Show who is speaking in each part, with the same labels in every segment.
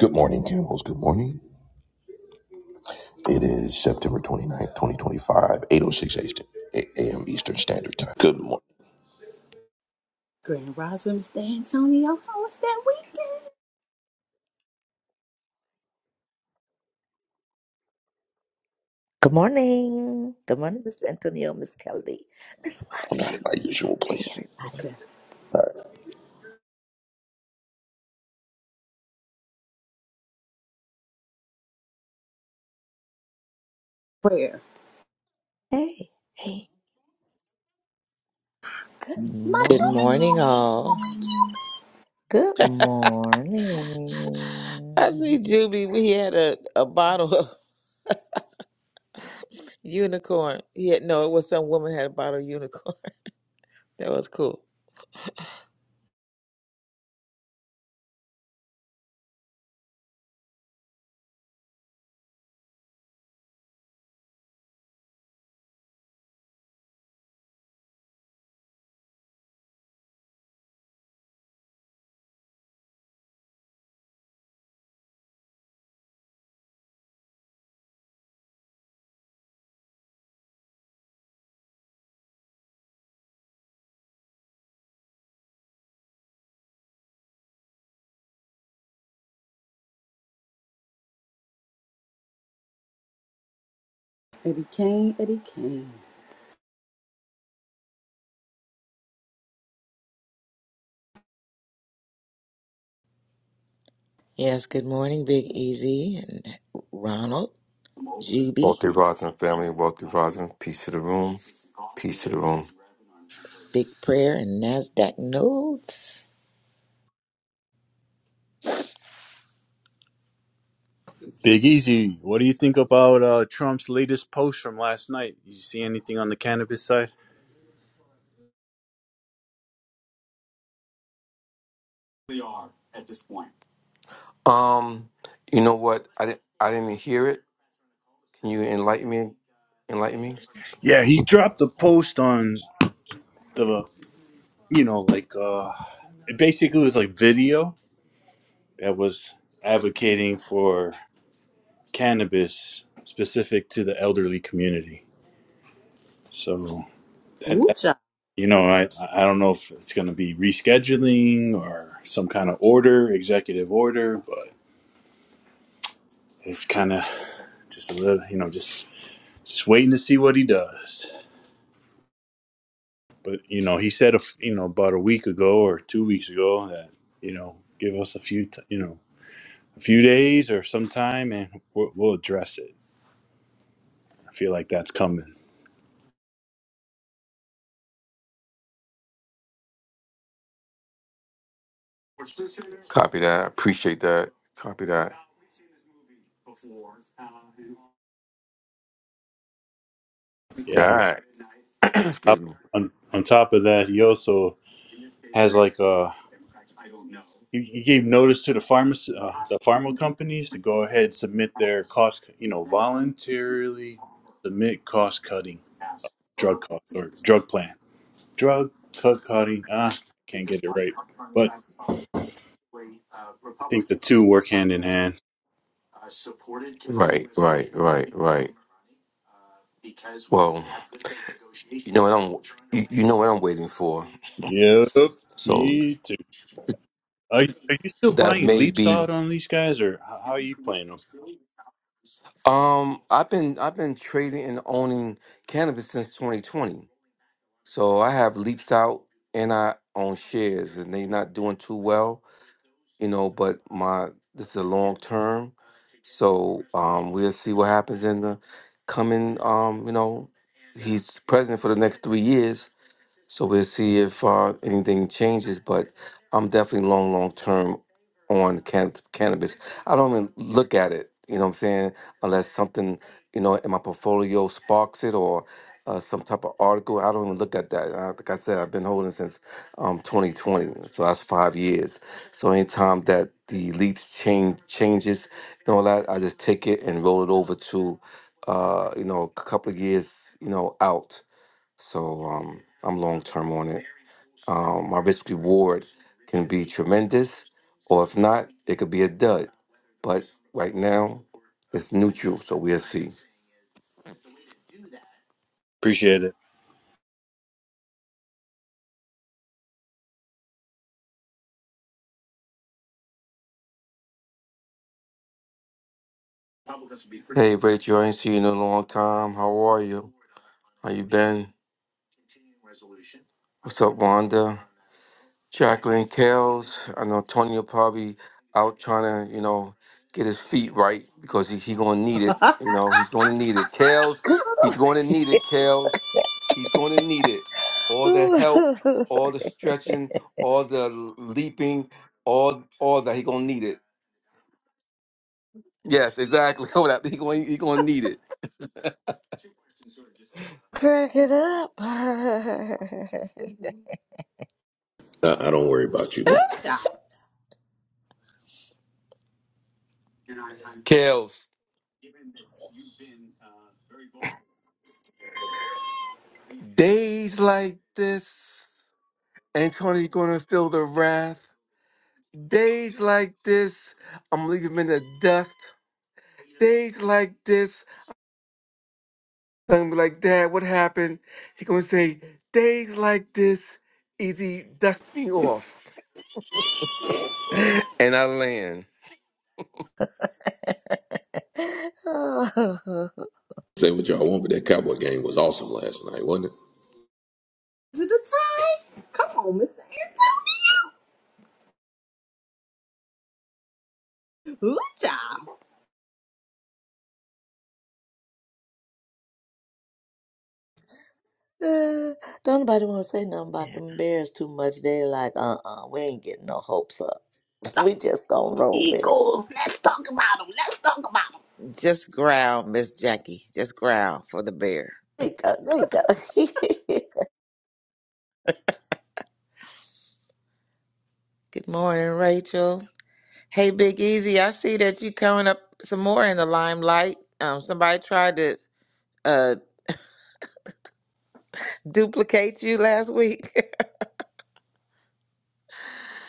Speaker 1: Good morning, Campbells. Good morning. It is September 29th, 2025, 806 a.m. Eastern Standard Time. Good morning.
Speaker 2: Grand Rising, Mr. Antonio. How was that weekend?
Speaker 3: Good morning. Good morning, Mr. Antonio, Miss Kelly, Miss
Speaker 1: I'm
Speaker 3: Wanda.
Speaker 1: not at my usual
Speaker 3: Hey,
Speaker 1: place.
Speaker 3: everybody.
Speaker 2: Okay. Prayer.
Speaker 3: Hey, hey. Good
Speaker 2: My
Speaker 4: Good
Speaker 2: Juby.
Speaker 4: morning, all.
Speaker 3: morning. Good
Speaker 4: I
Speaker 3: morning.
Speaker 4: see Juby. We had a, a bottle of unicorn. He had no, it was some woman had a bottle of unicorn. That was cool.
Speaker 2: Eddie Kane, Eddie Kane.
Speaker 4: Yes, good morning, Big Easy and Ronald, Juby,
Speaker 5: Wealthy Rising family, Wealthy Rising, peace to the room, peace to the room.
Speaker 4: Big Prayer, and NASDAQ Notes.
Speaker 6: Big Easy, what do you think about uh, Trump's latest post from last night? You see anything on the cannabis side?
Speaker 5: Um, you know what? I didn't, I didn't even hear it. Can you enlighten me? Enlighten me.
Speaker 6: Yeah, he dropped a post on the, you know, like, uh, it basically was like video that was advocating for cannabis specific to the elderly community. So, that,
Speaker 2: Ooh,
Speaker 6: that,
Speaker 2: child.
Speaker 6: you know, I, I don't know if it's going to be rescheduling or some kind of order, executive order, but it's kind of just a little, you know, just just waiting to see what he does. But you know, he said, a f you know, about a week ago or two weeks ago that you know, give us a few, t- you know, a few days or some time, and we'll, we'll address it. I feel like that's coming.
Speaker 5: Copy that. Appreciate that. Copy that.
Speaker 6: Yeah.
Speaker 5: That. Excuse
Speaker 6: Up-
Speaker 5: me.
Speaker 6: On, on top of that, he also has like uh he, he gave notice to the pharmacy, uh, the pharma companies to go ahead and submit their cost, you know, voluntarily submit cost cutting drug cost or drug plan, drug cut cutting. Ah, can't get it right, but I think the two work hand in hand
Speaker 5: Right, right, right, right. Well, you know what I'm, you, you know what I'm waiting for.
Speaker 6: Yep,
Speaker 5: So
Speaker 6: me too.
Speaker 5: th-
Speaker 6: Are, you- are you still
Speaker 5: that
Speaker 6: buying
Speaker 5: may
Speaker 6: leaps
Speaker 5: be.
Speaker 6: out on these guys, or how, how are you playing them?
Speaker 5: Um, I've been I've been trading and owning cannabis since 2020. So I have leaps out and I own shares and they're not doing too well, you know, but my this is a long term. So um we'll see what happens in the coming um, you know, he's president for the next three years. So we'll see if uh anything changes. But I'm definitely long, long term on can- cannabis. I don't even look at it, you know what I'm saying, unless something, you know, in my portfolio sparks it or uh, some type of article. I don't even look at that. I, like I said, I've been holding since um, 2020, so that's five years. So anytime that the leaps change changes and all that, I just take it and roll it over to, uh, you know, a couple of years, you know, out. So um, I'm long term on it um, my risk reward can be tremendous, or if not, it could be a dud. But right now, it's neutral, so we'll see.
Speaker 6: Appreciate it.
Speaker 5: Hey, Rachel, I ain't seen you in a long time. How are you? How you been? What's up, Wanda? Jacqueline Kales. I know Tony will probably out trying to, you know, get his feet right because he, he gonna need it. You know, he's gonna need it. Kels, he's
Speaker 3: Good.
Speaker 5: gonna need it, Kels. He's gonna need it. All the
Speaker 3: Ooh,
Speaker 5: help, all the stretching, all the leaping, all all that he gonna need it. Yes, exactly. Hold up. He gonna he gonna need it.
Speaker 3: Crack it up.
Speaker 1: I, I don't worry about you,
Speaker 2: Ooh,
Speaker 1: man.
Speaker 2: child.
Speaker 5: Kels. Days like this, Antonio's gonna feel the wrath. Days like this, I'm leaving him in the dust. Days like this, I'm gonna be like, Dad, what happened? He gonna say, days like this, easy dust me off. and I land.
Speaker 3: oh.
Speaker 1: Say what y'all want, but that Cowboy game was awesome last night, wasn't it?
Speaker 2: Is it a tie? Come on, Mr. Antonio. Ooh, child.
Speaker 3: Uh, don't nobody want to say nothing about them bears too much. They're like, uh uh we ain't getting no hopes up.
Speaker 2: Talk
Speaker 3: We just gonna
Speaker 2: those
Speaker 3: roll with it.
Speaker 2: Eagles. Let's talk about them. Let's talk about
Speaker 4: Just growl, Miss Jackie. Just growl for the bear.
Speaker 3: There you go. There you go.
Speaker 4: Good morning, Rachel. Hey, Big Easy, I see that you coming up some more in the limelight. Um, somebody tried to uh, duplicate you last week.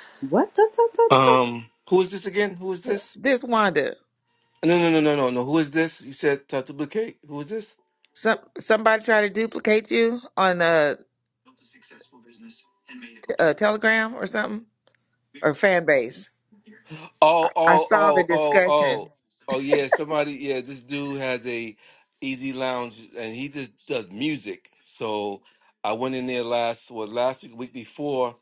Speaker 2: them. What? Ta, ta, ta, ta.
Speaker 5: Um, who is this again? Who is this?
Speaker 4: This Wanda,
Speaker 5: No, no, no, no, no, no. Who is this? You said Tata Blue Cake? Who is this?
Speaker 4: some somebody try to duplicate you on a, a Telegram or something or fan base.
Speaker 5: Oh,
Speaker 4: I
Speaker 5: oh,
Speaker 4: saw the
Speaker 5: oh, oh,
Speaker 4: discussion.
Speaker 5: oh. Oh yeah, somebody yeah, this dude has a easy lounge and he just does music. So I went in there last well last week, week before,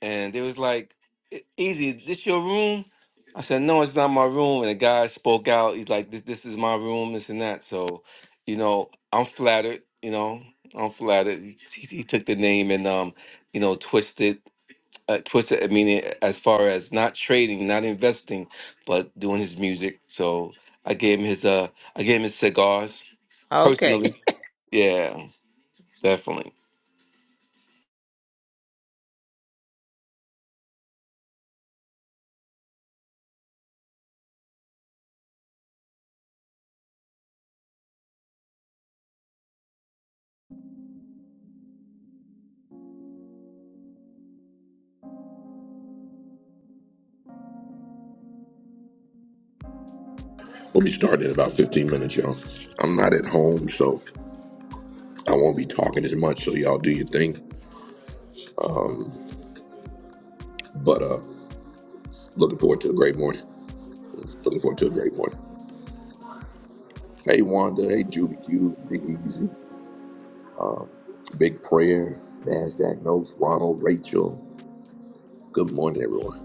Speaker 5: and they was like, "E- Easy, this your room? I said, No, it's not my room. And the guy spoke out, he's like, This this is my room, this and that. So, you know, I'm flattered, you know. I'm flattered. He, he took the name and um, you know, twisted uh, twisted. I mean, it- as far as not trading, not investing, but doing his music. So I gave him his uh, I gave him his cigars
Speaker 4: Okay,
Speaker 5: personally. Yeah, definitely.
Speaker 1: We'll be starting in about 15 minutes, y'all. I'm not at home, so I won't be talking as much, so y'all do your thing. But uh looking forward to a great morning. Looking forward to a great morning. Hey, Wanda. Hey, Judy Q. Big Easy. Big Prayer. NASDAQ Notes. Ronald. Rachel. Good morning, everyone.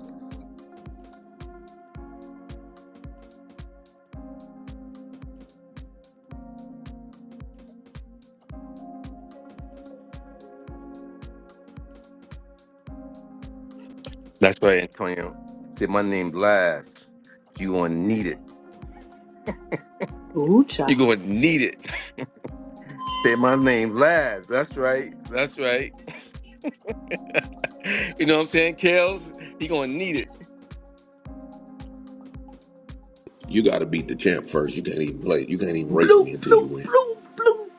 Speaker 5: That's right, Antonio. Say my name last. You gonna need it.
Speaker 2: Ooh,
Speaker 5: You
Speaker 2: child.
Speaker 5: gonna need it. Say my name last. That's right. That's right. You know what I'm saying, Kales? He gonna need it.
Speaker 1: You got to beat the champ first. You can't even play. You can't even race
Speaker 2: Blue,
Speaker 1: me until you
Speaker 2: blue,
Speaker 1: win.
Speaker 2: blue, blue.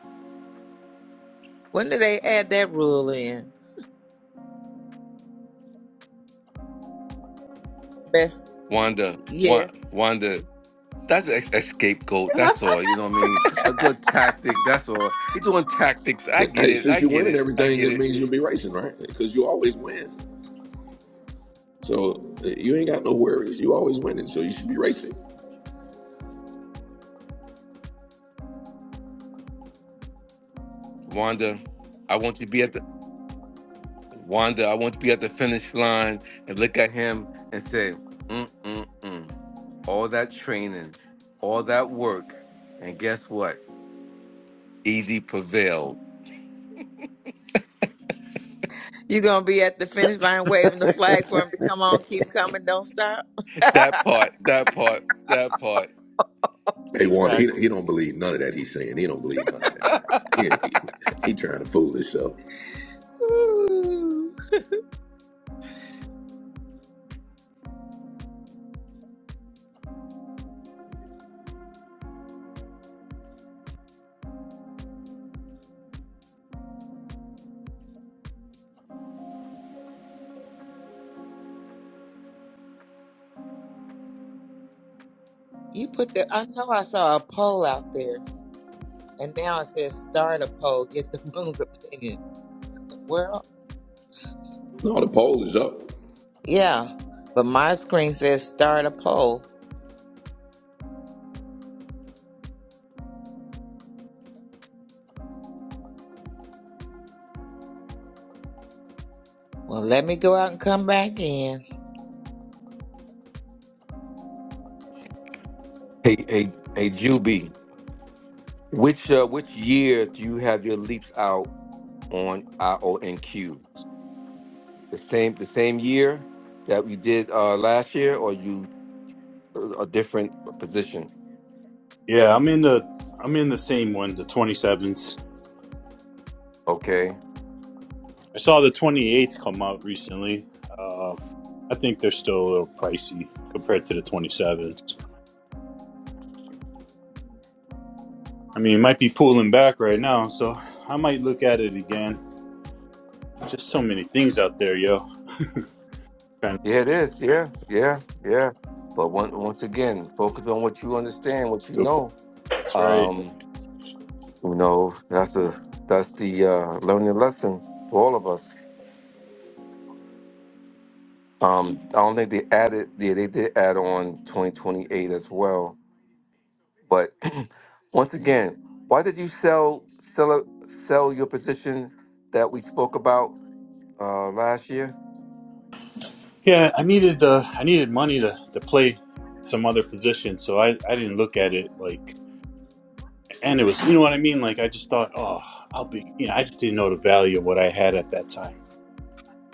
Speaker 4: when do they add that rule in? Best
Speaker 5: Wanda, Wanda,
Speaker 4: yes,
Speaker 5: Wanda. That's a, a scapegoat. That's all. You know what I mean? A good tactic. That's all. He doing tactics.
Speaker 1: So,
Speaker 5: I get
Speaker 1: hey,
Speaker 5: it.
Speaker 1: since
Speaker 5: I
Speaker 1: you
Speaker 5: get
Speaker 1: winning
Speaker 5: it. I
Speaker 1: everything,
Speaker 5: get
Speaker 1: that
Speaker 5: it.
Speaker 1: means you'll be racing, right? Because you always win. So uh, you ain't got no worries. You always winning, so you should be racing.
Speaker 5: Wanda, I want you to be at the Wanda. I want you to be at the finish line and look at him and say, mm mm mm. All that training, all that work, and guess what? Easy prevailed.
Speaker 4: you're gonna be at the finish line waving the flag for him to come on, keep coming, don't stop.
Speaker 5: That part. That part. That part.
Speaker 1: Hey, Wanda, he, he
Speaker 5: Exactly.
Speaker 1: don't believe none of that he's saying. He don't believe none of that.
Speaker 5: hey,
Speaker 1: He, he, trying to fool himself.
Speaker 4: Ooh. You put the. I know I saw a poll out there, and now it says start a poll, get the room's opinion. What the world?
Speaker 1: No, the poll is up.
Speaker 4: Yeah, but my screen says start a poll. Well, let me go out and come back in.
Speaker 5: hey, hey, Juby. Which uh, which year do you have your leaps out? on IONQ. The same the same year that we did uh, last year, or you uh, a different position?
Speaker 6: Yeah, I'm in the I'm in the same one, the 27s.
Speaker 5: Okay.
Speaker 6: I saw the 28s come out recently. Uh, I think they're still a little pricey compared to the 27s. I mean, it might be pulling back right now, so I might look at it again. Just so many things out there, yo. Kind of
Speaker 5: Yeah, it is. Yeah, yeah, yeah. But one, once again, focus on what you understand, what you
Speaker 6: good
Speaker 5: know.
Speaker 6: points, right?
Speaker 5: Um, you know that's a that's the uh, learning lesson for all of us. Um, I don't think they added. Yeah, they did add on 2028 as well But once again, why did you sell sell sell your position that we spoke about uh, last year?
Speaker 6: Yeah, I needed uh, I needed money to, to play some other position, so I, I didn't look at it like, and it was you know what I mean. Like I just thought, oh, I'll be you know I just didn't know the value of what I had at that time.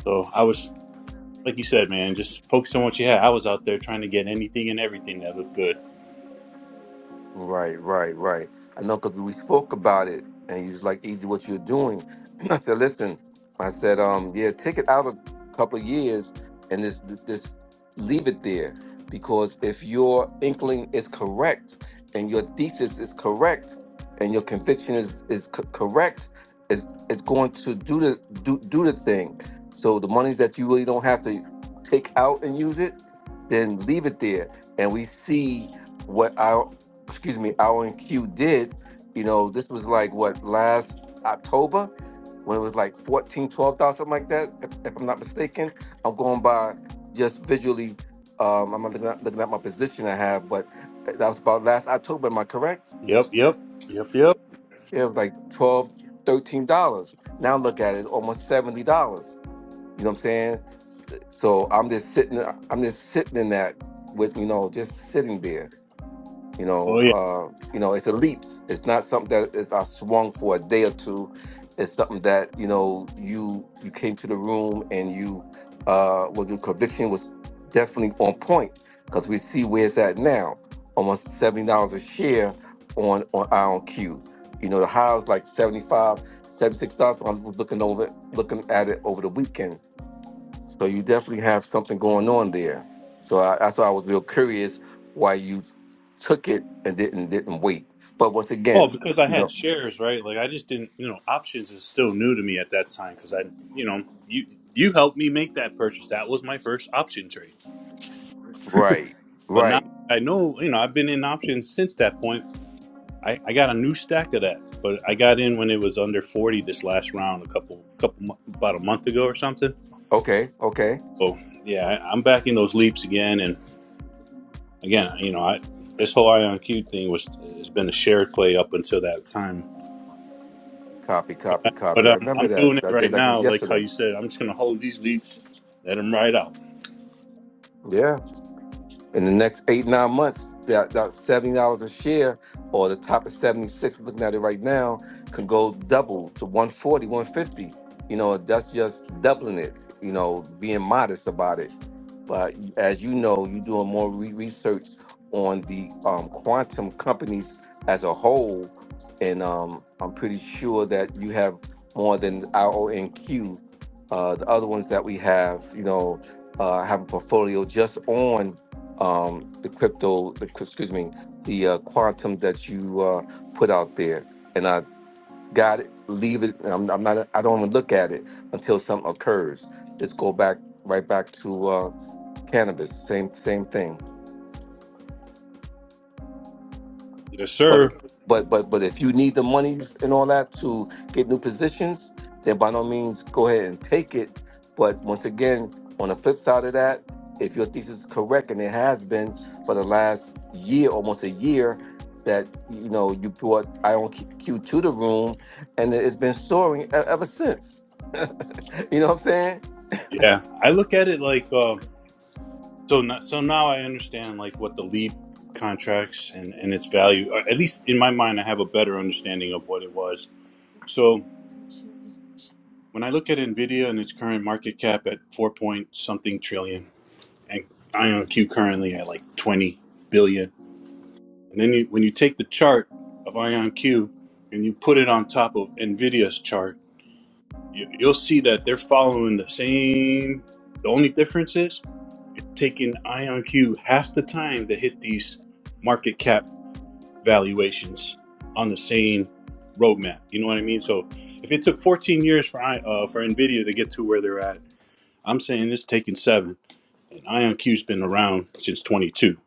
Speaker 6: So I was like you said, man, just focus on what you had. I was out there trying to get anything and everything that looked good.
Speaker 5: Right, right, right. I know because we spoke about it, and you was like, "Easy, what you're doing." I said, "Listen," I said, "Um, yeah, take it out a couple of years, and this, this, leave it there, because if your inkling is correct, and your thesis is correct, and your conviction is is co- correct, it's it's going to do the do do the thing. So the monies that you really don't have to take out and use it, then leave it there, and we see." what our excuse me, our Q did, you know, this was like what last October when it was like fourteen, twelve thousand, something like that, if, if I'm not mistaken. I'm going by just visually. Um, I'm not looking at, looking at my position I have, but that was about last October. Am I correct?
Speaker 6: Yep, yep, yep, yep.
Speaker 5: Yeah, it was like 12, 13 dollars. Now look at it, almost 70 dollars. You know what I'm saying? So I'm just sitting, I'm just sitting in that with, you know, just sitting there you
Speaker 6: Oh
Speaker 5: know,
Speaker 6: yeah.
Speaker 5: uh, you know, it's a leaps. It's not something that is I swung for a day or two. It's something that you know you you came to the room and you uh, well your conviction was definitely on point because we see where it's at now, almost seventy dollars a share on on IonQ. You know, the highs like 75, 76 dollars. I was looking over looking at it over the weekend so you definitely have something going on there. So I, that's why I was real curious why you took it and didn't didn't wait. But once
Speaker 6: Oh,
Speaker 5: again,
Speaker 6: because I
Speaker 5: you
Speaker 6: had
Speaker 5: know,
Speaker 6: shares, right? Like I just didn't, you know, options is still new to me at that time because I, you know, you you helped me make that purchase. That was my first option trade.
Speaker 5: right,
Speaker 6: But now
Speaker 5: right,
Speaker 6: I know, you know, I've been in options since that point. I, I got a new stack of that, but I got in when it was under 40 this last round, a couple, couple, mo- about a month ago or something.
Speaker 5: okay, okay,
Speaker 6: So yeah, I, I'm back in those leaps again. And again, you know, I, this whole Ion Cube thing was, has been a shared play up until that time.
Speaker 5: copy, copy,
Speaker 6: But
Speaker 5: copy. I
Speaker 6: I'm,
Speaker 5: remember
Speaker 6: I'm doing
Speaker 5: that
Speaker 6: it
Speaker 5: that day
Speaker 6: right
Speaker 5: like it
Speaker 6: now,
Speaker 5: was
Speaker 6: like how
Speaker 5: yesterday.
Speaker 6: you said, I'm just going to hold these leaps, let them ride out.
Speaker 5: Yeah. in the next eight nine months that, that seventy dollars a share or the top of 76 looking at it right now can go double to one forty one fifty. you know that's just doubling it you know being modest about it but as you know you're doing more re- research on the um, quantum companies as a whole and um, i'm pretty sure that you have more than ronq uh, the other ones that we have you know uh, have a portfolio just on um, the crypto, the, excuse me, the uh, quantum that you uh, put out there. And I got it, leave it. and I'm, I'm not, I don't even look at it until something occurs. Just go back, right back to uh, cannabis. Same, same thing.
Speaker 6: Yes, sir.
Speaker 5: But but but but if you need the money and all that to get new positions, then by no means go ahead and take it. But once again, on the flip side of that, if your thesis is correct and it has been for the last year, almost a year, that you know you brought Ion Q Q to the room, and it's been soaring e- ever since. You know what I'm saying?
Speaker 6: Yeah. I look at it like, uh, So no, so now I understand like what the lead contracts and and its value. or At least in my mind, I have a better understanding of what it was. So when I look at Nvidia and its current market cap at four point something trillion, and IonQ currently at like twenty billion, and then you, when you take the chart of IonQ and you put it on top of Nvidia's chart, you, you'll see that they're following the same. The only difference is It's taking IonQ half the time to hit these market cap valuations on the same roadmap. You know what I mean? So if it took 14 years for I- uh, for Nvidia to get to where they're at, I'm saying it's taking seven. And IonQ's been around since 22,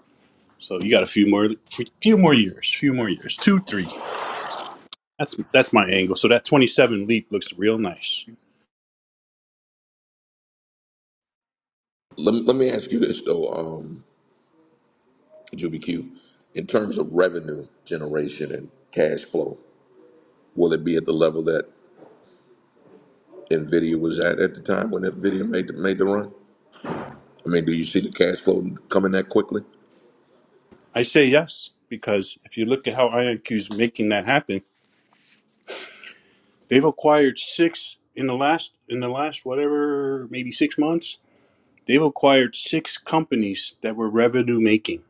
Speaker 6: so you got a few more few more years, few more years, two, three. That's that's my angle. So that 27 leap looks real nice.
Speaker 1: Let, me- let me ask you this, though, um, Juby Q. In terms of revenue generation and cash flow, will it be at the level that Nvidia was at at the time when Nvidia made the, made the run? I mean, do you see the cash flow coming that quickly?
Speaker 6: I say yes because if you look at how IonQ is making that happen They've acquired six in the last in the last whatever maybe six months. They've acquired six companies that were revenue making.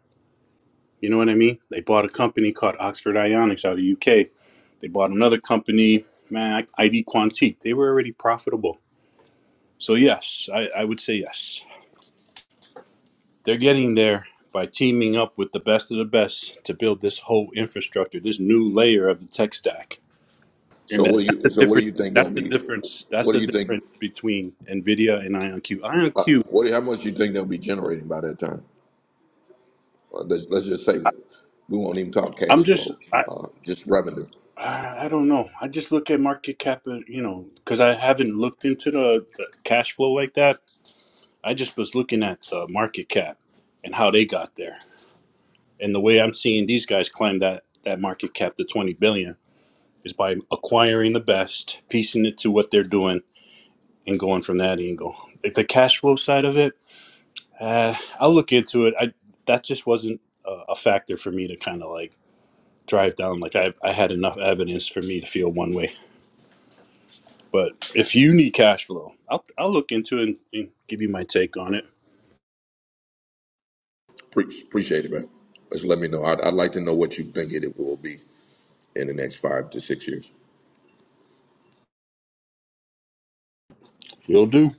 Speaker 6: You know what I mean? They bought a company called Oxford Ionics out of the UK. They bought another company, man, ID Quantique. They were already profitable. So yes, I, I would say yes. They're getting there by teaming up with the best of the best to build this whole infrastructure, this new layer of the tech stack. And
Speaker 1: So
Speaker 6: that,
Speaker 1: what do
Speaker 6: that's
Speaker 1: you
Speaker 6: the
Speaker 1: so what do
Speaker 6: difference.
Speaker 1: you think they'll
Speaker 6: That's the
Speaker 1: be?
Speaker 6: difference. That's
Speaker 1: What do
Speaker 6: the
Speaker 1: you think?
Speaker 6: difference between Nvidia and IonQ.
Speaker 1: Uh,
Speaker 6: IonQ,
Speaker 1: what do- how much do you think they'll be generating by that time? Uh, let's, let's just say we won't even talk
Speaker 6: I'm
Speaker 1: cash
Speaker 6: just,
Speaker 1: flow,
Speaker 6: I,
Speaker 1: uh, just revenue.
Speaker 6: I I don't know. I just look at market cap, uh, you know, because I haven't looked into the, the cash flow like that. I just was looking at the market cap and how they got there, and the way I'm seeing these guys climb that that market cap to 20 billion is by acquiring the best, piecing it to what they're doing, and going from that angle. Like the cash flow side of it. Uh, I'll look into it. I that just wasn't a, a factor for me to kind of like drive down. Like I I had enough evidence for me to feel one way. But if you need cash flow, I'll I'll look into it and, and give you my take on it.
Speaker 1: Pre- appreciate it, man. Just let me know. I'd, I'd like to know what you think it will be in the next five to six years.
Speaker 6: You'll do.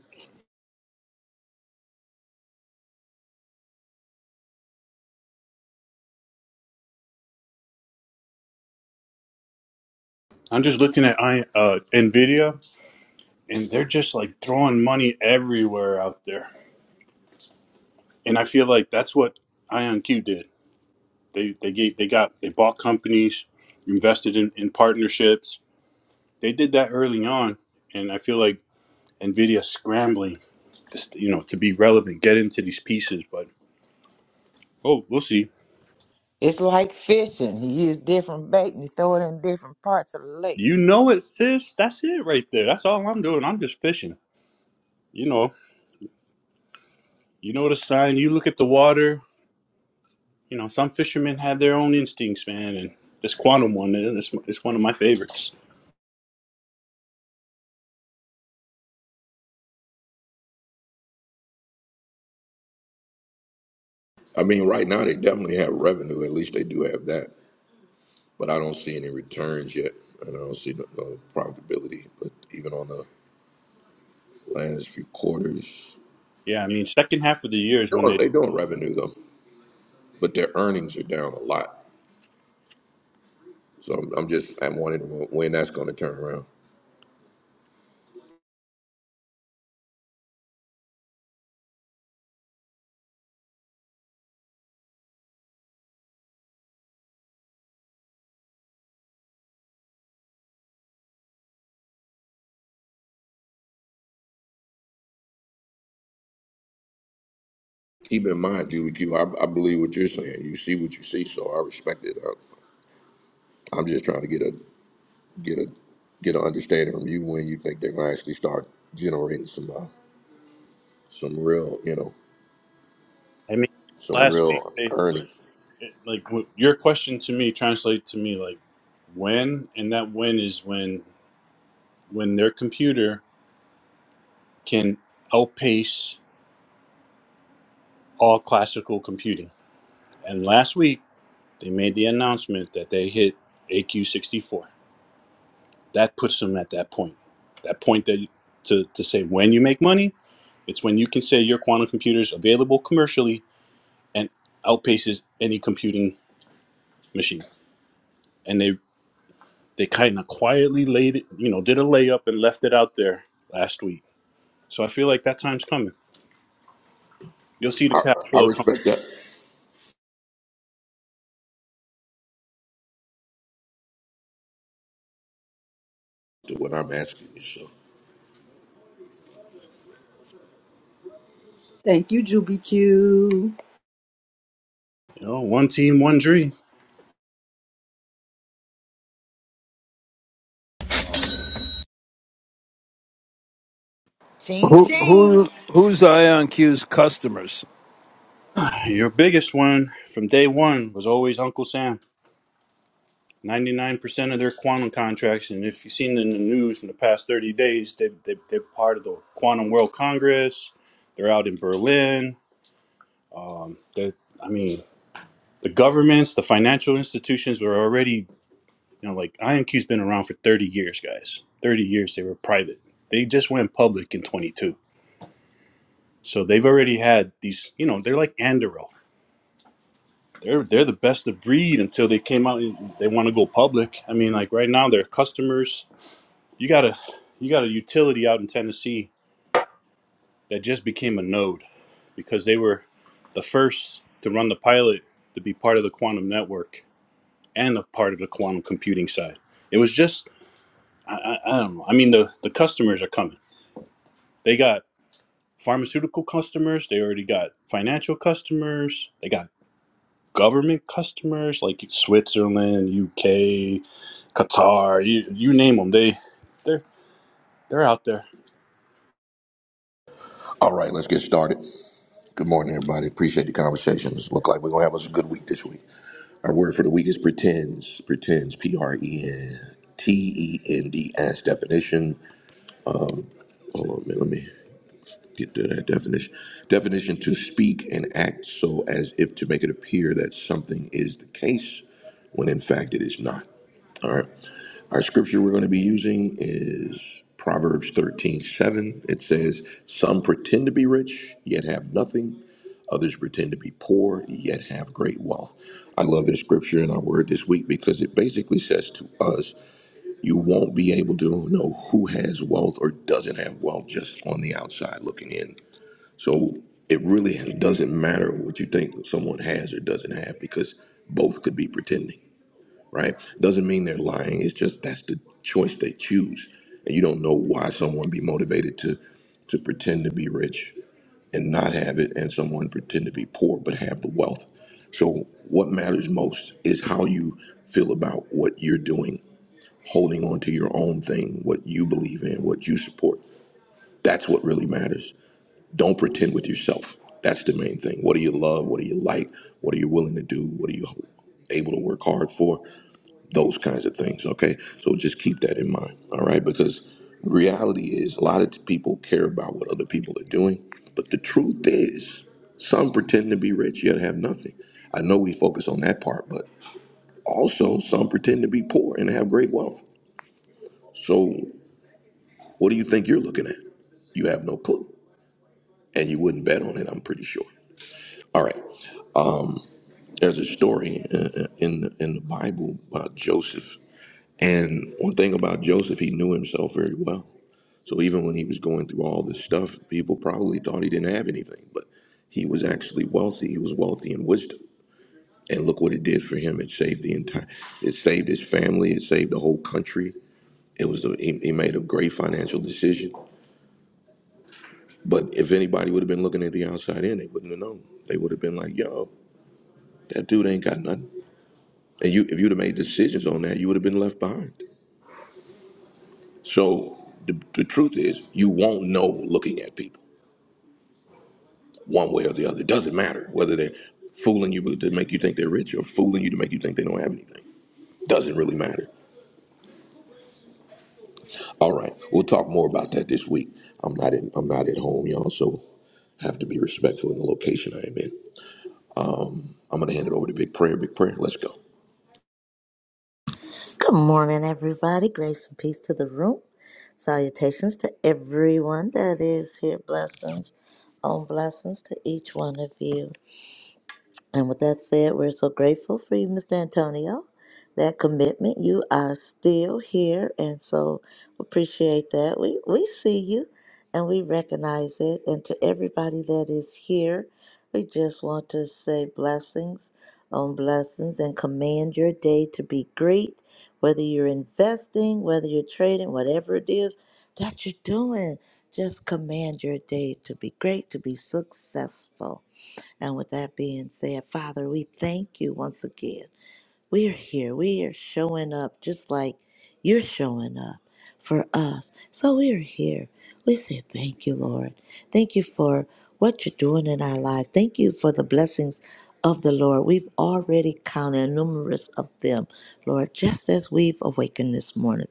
Speaker 6: I'm just looking at I uh, Nvidia, and they're just like throwing money everywhere out there. And I feel like that's what IonQ did. They they gave, they got they bought companies, invested in, in partnerships. They did that early on, and I feel like Nvidia scrambling, just you know, to be relevant, get into these pieces. But oh, we'll see.
Speaker 4: It's like fishing. You use different bait and you throw it in different parts of the lake.
Speaker 6: You know it, sis. That's it right there. That's all I'm doing. I'm just fishing. You know, you know the sign. You look at the water. You know, some fishermen have their own instincts, man. And this quantum one, eh, this it's one of my favorites.
Speaker 1: I mean, right now they definitely have revenue. At least they do have that. but I don't see any returns yet, and I don't see no, no profitability. But even on the last few quarters,
Speaker 6: Yeah, I mean, second half of the year is
Speaker 1: they're
Speaker 6: when they.
Speaker 1: doing, they doing revenue though, but their earnings are down a lot. So I'm, I'm just I'm wondering when that's going to turn around. Keep in mind, GBQ, I, I believe what you're saying. You see what you see, so I respect it. I, I'm just trying to get a get a get an understanding from you when you think they're going to actually start generating some uh, some real you know
Speaker 6: I mean,
Speaker 1: some
Speaker 6: last week
Speaker 1: real
Speaker 6: they
Speaker 1: earnings.
Speaker 6: it, like what- your question to me translate to me like when, and that when is when when their computer can outpace all classical computing. And last week, they made the announcement that they hit AQ64. That puts them at that point. That point that to, to say when you make money, it's when you can say your quantum computer is available commercially and outpaces any computing machine. And they they kind of quietly laid it, you know, did a layup and left it out there last week. So I feel like that time's coming. You'll see the
Speaker 1: I,
Speaker 6: cash
Speaker 1: I
Speaker 6: flow come.
Speaker 1: respect that to what I'm asking you. So.
Speaker 2: Thank you, Juby Q.
Speaker 6: You know, one team, one dream.
Speaker 4: Ching
Speaker 7: Who,
Speaker 4: ching.
Speaker 7: who who's IonQ's customers?
Speaker 6: Your biggest one from day one was always Uncle Sam 99% of their quantum contracts, and if you've seen in the news in the past 30 days, they, they, they're part of the Quantum World Congress. They're out in Berlin. Um, they I mean, the governments, the financial institutions were already, you know, like INQ's been around for 30 years, guys. 30 years they were private. They just went public in 22. So they've already had these, you know, they're like Anduril. they're they're the best of breed until they came out and they want to go public. I mean, like right now, their customers. You got a you got a utility out in Tennessee that just became a node because they were the first to run the pilot to be part of the quantum network and a part of the quantum computing side. It was just I, I, I don't know. I mean, the the customers are coming. They got pharmaceutical customers. They already got financial customers. They got government customers like Switzerland, UK Qatar, you you name them, they they're they're out there.
Speaker 1: All right, let's get started. Good morning, everybody. Appreciate the conversations. Look like we're gonna have us a good week this week. Our word for the week is pretends. Pretends. P R E N T E N D S. Definition. Hold on a minute. Let me get to that definition. Definition to speak and act so as if to make it appear that something is the case when in fact it is not. All right. Our scripture we're going to be using is Proverbs thirteen seven. It says, Some pretend to be rich, yet have nothing. Others pretend to be poor, yet have great wealth. I love this scripture in our word this week because it basically says to us, You won't be able to know who has wealth or doesn't have wealth just on the outside looking in. So it really doesn't matter what you think someone has or doesn't have because both could be pretending right? Doesn't mean they're lying. It's just that's the choice they choose. And you don't know why someone be motivated to to pretend to be rich and not have it and someone pretend to be poor but have the wealth. So what matters most is how you feel about what you're doing, holding on to your own thing, what you believe in, what you support. That's what really matters. Don't pretend with yourself. That's the main thing. What do you love? What do you like? What are you willing to do? What are you able to work hard for? those kinds of things. Okay, so just keep that in mind. All right, because reality is a lot of people care about what other people are doing, but the truth is, some pretend to be rich yet have nothing. I know we focus on that part, but also some pretend to be poor and have great wealth. So, what do you think you're looking at? You have no clue, and you wouldn't bet on it. I'm pretty sure. All right, there's a story uh, uh, in the, in the Bible about Joseph, and one thing about Joseph, he knew himself very well So even when he was going through all this stuff, people probably thought he didn't have anything, but he was actually wealthy. He was wealthy in wisdom. And look what it did for him. It saved the entire, it saved his family. It saved the whole country. It was, a, he, he made a great financial decision. But if anybody would have been looking at the outside in, they wouldn't have known. They would have been like, yo, that dude ain't got nothing. And you, if you'd have made decisions on that, you would have been left behind. So the, the truth is, you won't know looking at people. one way or the other. It doesn't matter whether they're fooling you to make you think they're rich or fooling you to make you think they don't have anything. Doesn't really matter. All right, we'll talk more about that this week. I'm not in, I'm not at home, y'all, so have to be respectful in the location I am in. I'm gonna hand it over to Big Prayer. Big Prayer, let's go.
Speaker 3: Good morning, everybody. Grace and peace to the room. Salutations to everyone that is here. Blessings on blessings to each one of you. And with that said, we're so grateful for you, Mr. Antonio. That commitment, you are still here, and so appreciate that. We we see you, and we recognize it. And to everybody that is here, we just want to say blessings on blessings and command your day to be great. Whether you're investing, whether you're trading, whatever it is that you're doing, just command your day to be great, to be successful. And with that being said, Father, we thank you once again. We are here. We are showing up just like you're showing up for us. So we are here. We say thank you, Lord. Thank you for what you're doing in our life. Thank you for the blessings of the Lord. We've already counted numerous of them, Lord, just as we've awakened this morning.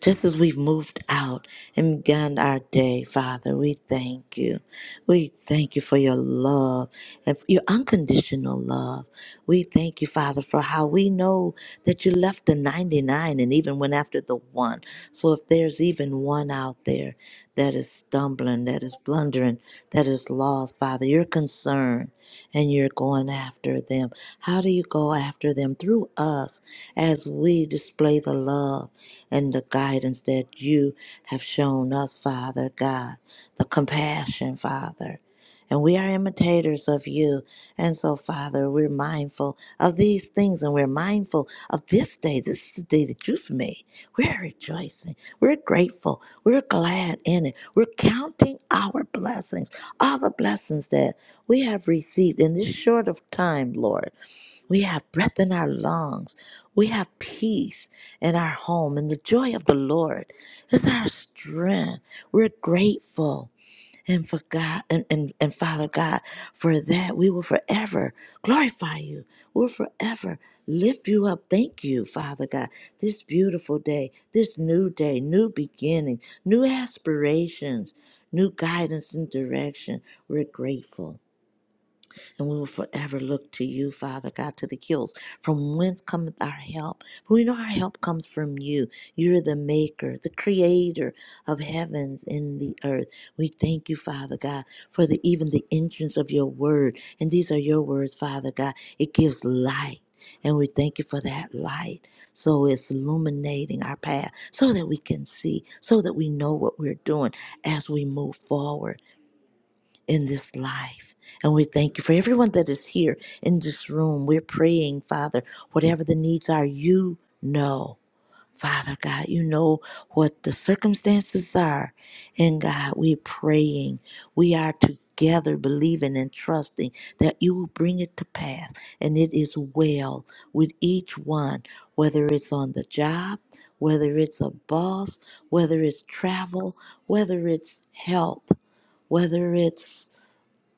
Speaker 3: Just as we've moved out and begun our day, Father, we thank you. We thank you for your love and for your unconditional love. We thank you, Father, for how we know that you left the 99 and even went after the one. So if there's even one out there that is stumbling, that is blundering, that is lost, Father, you're concerned and you're going after them. How do you go after them? Through us as we display the love and the guidance that you have shown us, Father God, the compassion, Father. And we are imitators of you. And so, Father, we're mindful of these things and we're mindful of this day. This is the day that you've made. We're rejoicing. We're grateful. We're glad in it. We're counting our blessings, all the blessings that we have received in this short of time, Lord. We have breath in our lungs. We have peace in our home, and the joy of the Lord is our strength. We're grateful. And for God and, and, and Father God, for that we will forever glorify you. We'll forever lift you up. Thank you, Father God. This beautiful day, this new day, new beginning, new aspirations, new guidance and direction. We're grateful and we will forever look to you, Father God, to the hills. From whence cometh our help? For we know our help comes from you. You're the maker, the creator of heavens and the earth. We thank you, Father God, for the even the entrance of your word. And these are your words, Father God. It gives light. And we thank you for that light. So it's illuminating our path so that we can see, so that we know what we're doing as we move forward in this life. And we thank you for everyone that is here in this room. We're praying, Father, whatever the needs are, you know. Father God, you know what the circumstances are. And God, we're praying. We are together believing and trusting that you will bring it to pass. And it is well with each one, whether it's on the job, whether it's a boss, whether it's travel, whether it's health, whether it's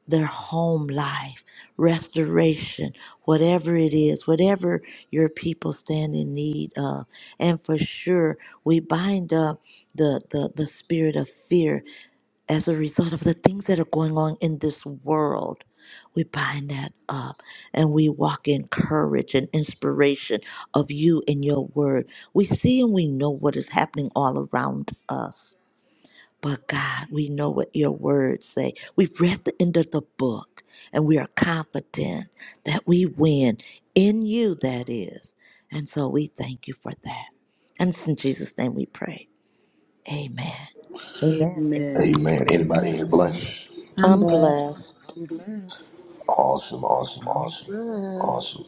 Speaker 3: their home life, restoration, whatever it is, whatever your people stand in need of. And for sure, we bind up the, the, the spirit of fear as a result of the things that are going on in this world. We bind that up and we walk in courage and inspiration of you and your word. We see and we know what is happening all around us but God, we know what your words say. We've read the end of the book and we are confident that we win in you, that is. And so we thank you for that. And it's in Jesus' name we pray. Amen. Amen. Amen.
Speaker 2: Amen.
Speaker 1: Amen.
Speaker 8: Amen.
Speaker 1: Anybody here
Speaker 8: Amen.
Speaker 1: blessed?
Speaker 8: I'm
Speaker 3: I'm
Speaker 8: blessed.
Speaker 3: blessed.
Speaker 9: I'm blessed.
Speaker 1: Awesome, awesome,
Speaker 4: I'm
Speaker 1: awesome,
Speaker 4: good.
Speaker 1: awesome.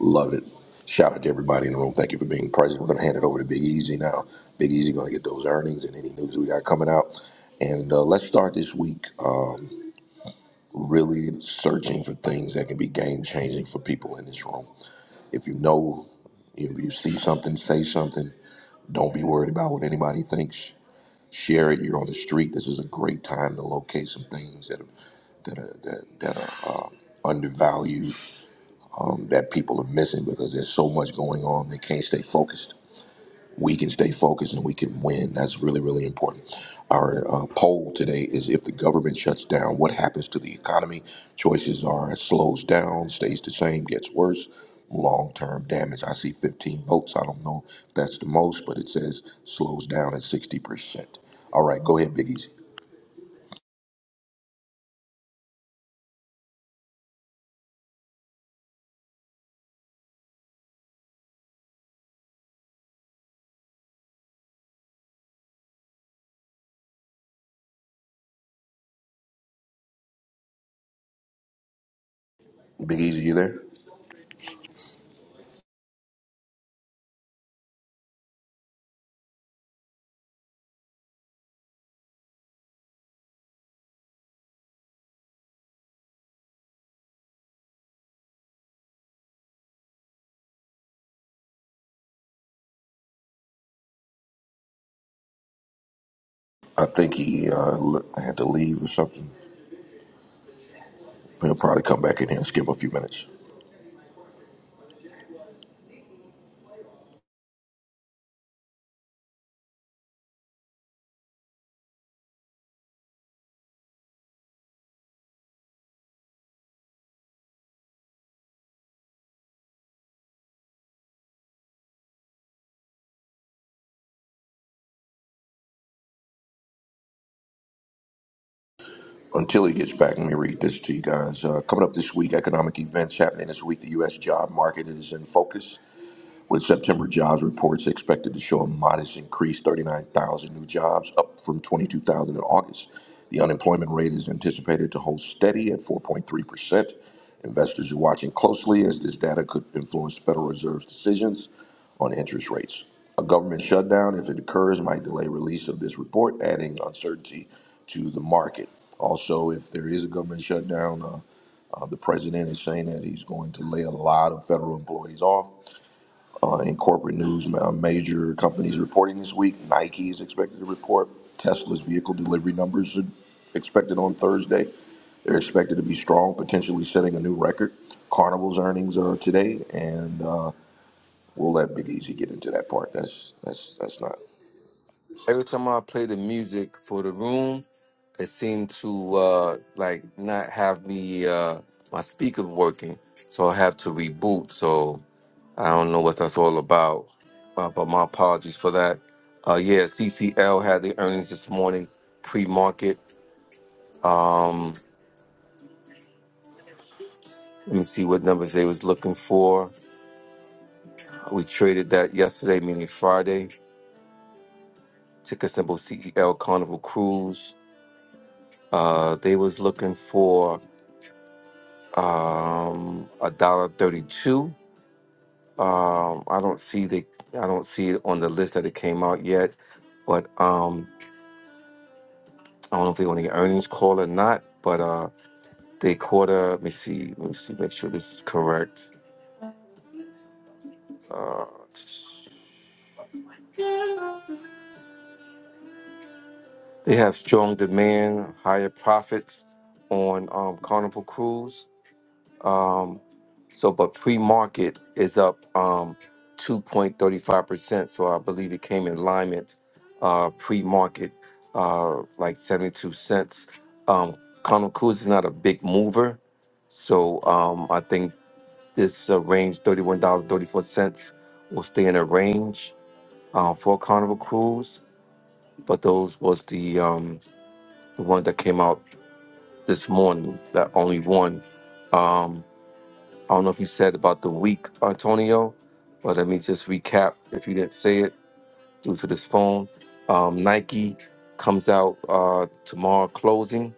Speaker 1: Love it. Shout out to everybody in the room. Thank you for being present. We're going to hand it over to Big Easy now. Big Easy going to get those earnings and any news we got coming out. And uh, let's start this week uh, really searching for things that can be game changing for people in this room. If you know, if you see something, say something. Don't be worried about what anybody thinks. Share it. You're on the street. This is a great time to locate some things that are that are that, that are uh, undervalued that people are missing because there's so much going on. They can't stay focused. We can stay focused and we can win. That's really, really important. Our uh, poll today is if the government shuts down, what happens to the economy? Choices are it slows down, stays the same, gets worse, long term damage. I see 15 votes. I don't know if that's the most, but it says slows down at 60%. All right, go ahead, Big Easy. Big Easy, you there? I think he uh, le- had to leave or something. He'll probably come back in here and skip a few minutes. until he gets back, let me read this to you guys. Uh, coming up this week, economic events happening this week. The U.S. job market is in focus with September jobs reports expected to show a modest increase, 39,000 new jobs, up from 22,000 in August. The unemployment rate is anticipated to hold steady at 4.3%. Investors are watching closely as this data could influence the Federal Reserve's decisions on interest rates. A government shutdown, if it occurs, might delay release of this report, adding uncertainty to the market. Also, if there is a government shutdown, uh, uh, the president is saying that he's going to lay a lot of federal employees off. Uh, in corporate news, major companies reporting this week. Nike is expected to report. Tesla's vehicle delivery numbers are expected on Thursday. They're expected to be strong, potentially setting a new record. Carnival's earnings are today, and uh, we'll let Big Easy get into that part. That's that's that's not.
Speaker 5: every time I play the music for the room, it seemed to uh, like not have me uh, my speaker working, so I have to reboot. So I don't know what that's all about, uh, but my apologies for that. Uh, yeah, CCL had the earnings this morning, pre-market. Um, let me see what numbers they was looking for. We traded that yesterday, meaning Friday. Ticker symbol CEL Carnival Cruise. Uh, they was looking for. um a dollar 32 um i don't see the i don't see it on the list that it came out yet but um i don't know if they're going to get earnings call or not but uh they quarter let me see let me see make sure this is correct uh they have strong demand higher profits on um carnival cruise Um, so, but pre-market is up um, 2.35%. So I believe it came in alignment uh, pre-market, uh, like 72 cents. Um, Connell Cruz is not a big mover. So um, I think this uh, range, $31.34, will stay in a range uh, for Carnival Cruise. But those was the, um, the one that came out this morning, that only one. Um, I don't know if you said about the week, Antonio, but let me just recap if you didn't say it due to this phone. Um, Nike comes out uh, tomorrow closing.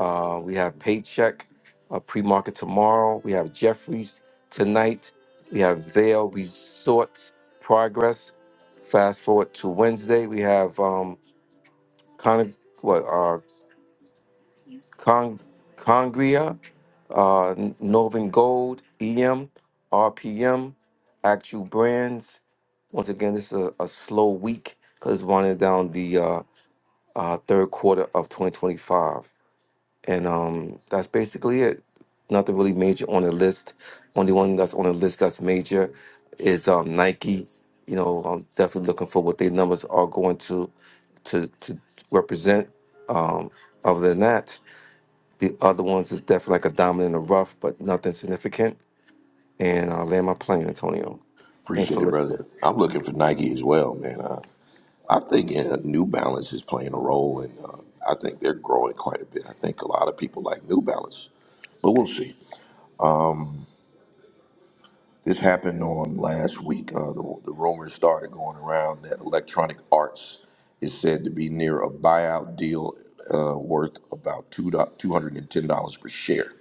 Speaker 5: Uh, we have Paycheck, uh, pre market tomorrow. We have Jeffries tonight. We have Vail Resorts Progress. Fast forward to Wednesday. We have um, Con- what, uh, Con- Congria. uh, Northern Gold, EM, RPM, Actual Brands. Once again, this is a, a slow week because it's winding down the uh, uh, third quarter of 2025. And um, that's basically it. Nothing really major on the list. Only one that's on the list that's major is um, Nike. You know, I'm definitely looking for what their numbers are going to to, to represent. Um, other than that, the other ones is definitely like a diamond in the rough, but nothing significant. And I'll land my plane, Antonio. Thanks for
Speaker 1: Appreciate it, brother.
Speaker 5: listening.
Speaker 1: I'm looking for Nike as well, man. Uh, I think uh, New Balance is playing a role, and uh, I think they're growing quite a bit. I think a lot of people like New Balance, but we'll see. This happened on last week. Uh, the, the rumors started going around that Electronic Arts is said to be near a buyout deal uh, worth about two two hundred and ten dollars per share.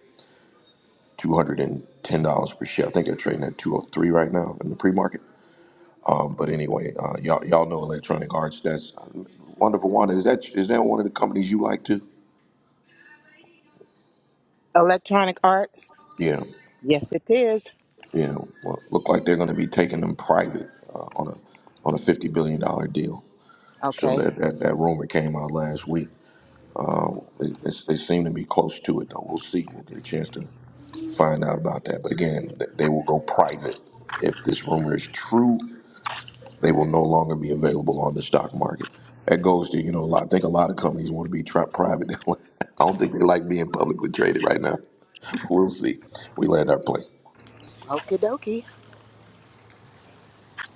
Speaker 1: Two hundred and ten dollars per share. I think they're trading at two hundred three right now in the pre-market. Um, but anyway, uh, y'all y'all know Electronic Arts. That's uh, wonderful. Wanda, is that is that one of the companies you like too?
Speaker 4: Electronic arts?
Speaker 1: Yeah,
Speaker 4: Yes, it is.
Speaker 1: yeah. Well, look like they're going to be taking them private uh, on a on a fifty billion dollar deal. So
Speaker 4: Okay.
Speaker 1: that, that, that rumor came out last week. They, they, they seem to be close to it, though. We'll see. We'll get a chance to find out about that. But again, th- they will go private. If this rumor is true, they will no longer be available on the stock market. That goes to, you know, a lot, I think a lot of companies want to be tra- private. I don't think they like being publicly traded right now. We'll see. We land our plane.
Speaker 4: Okie dokie.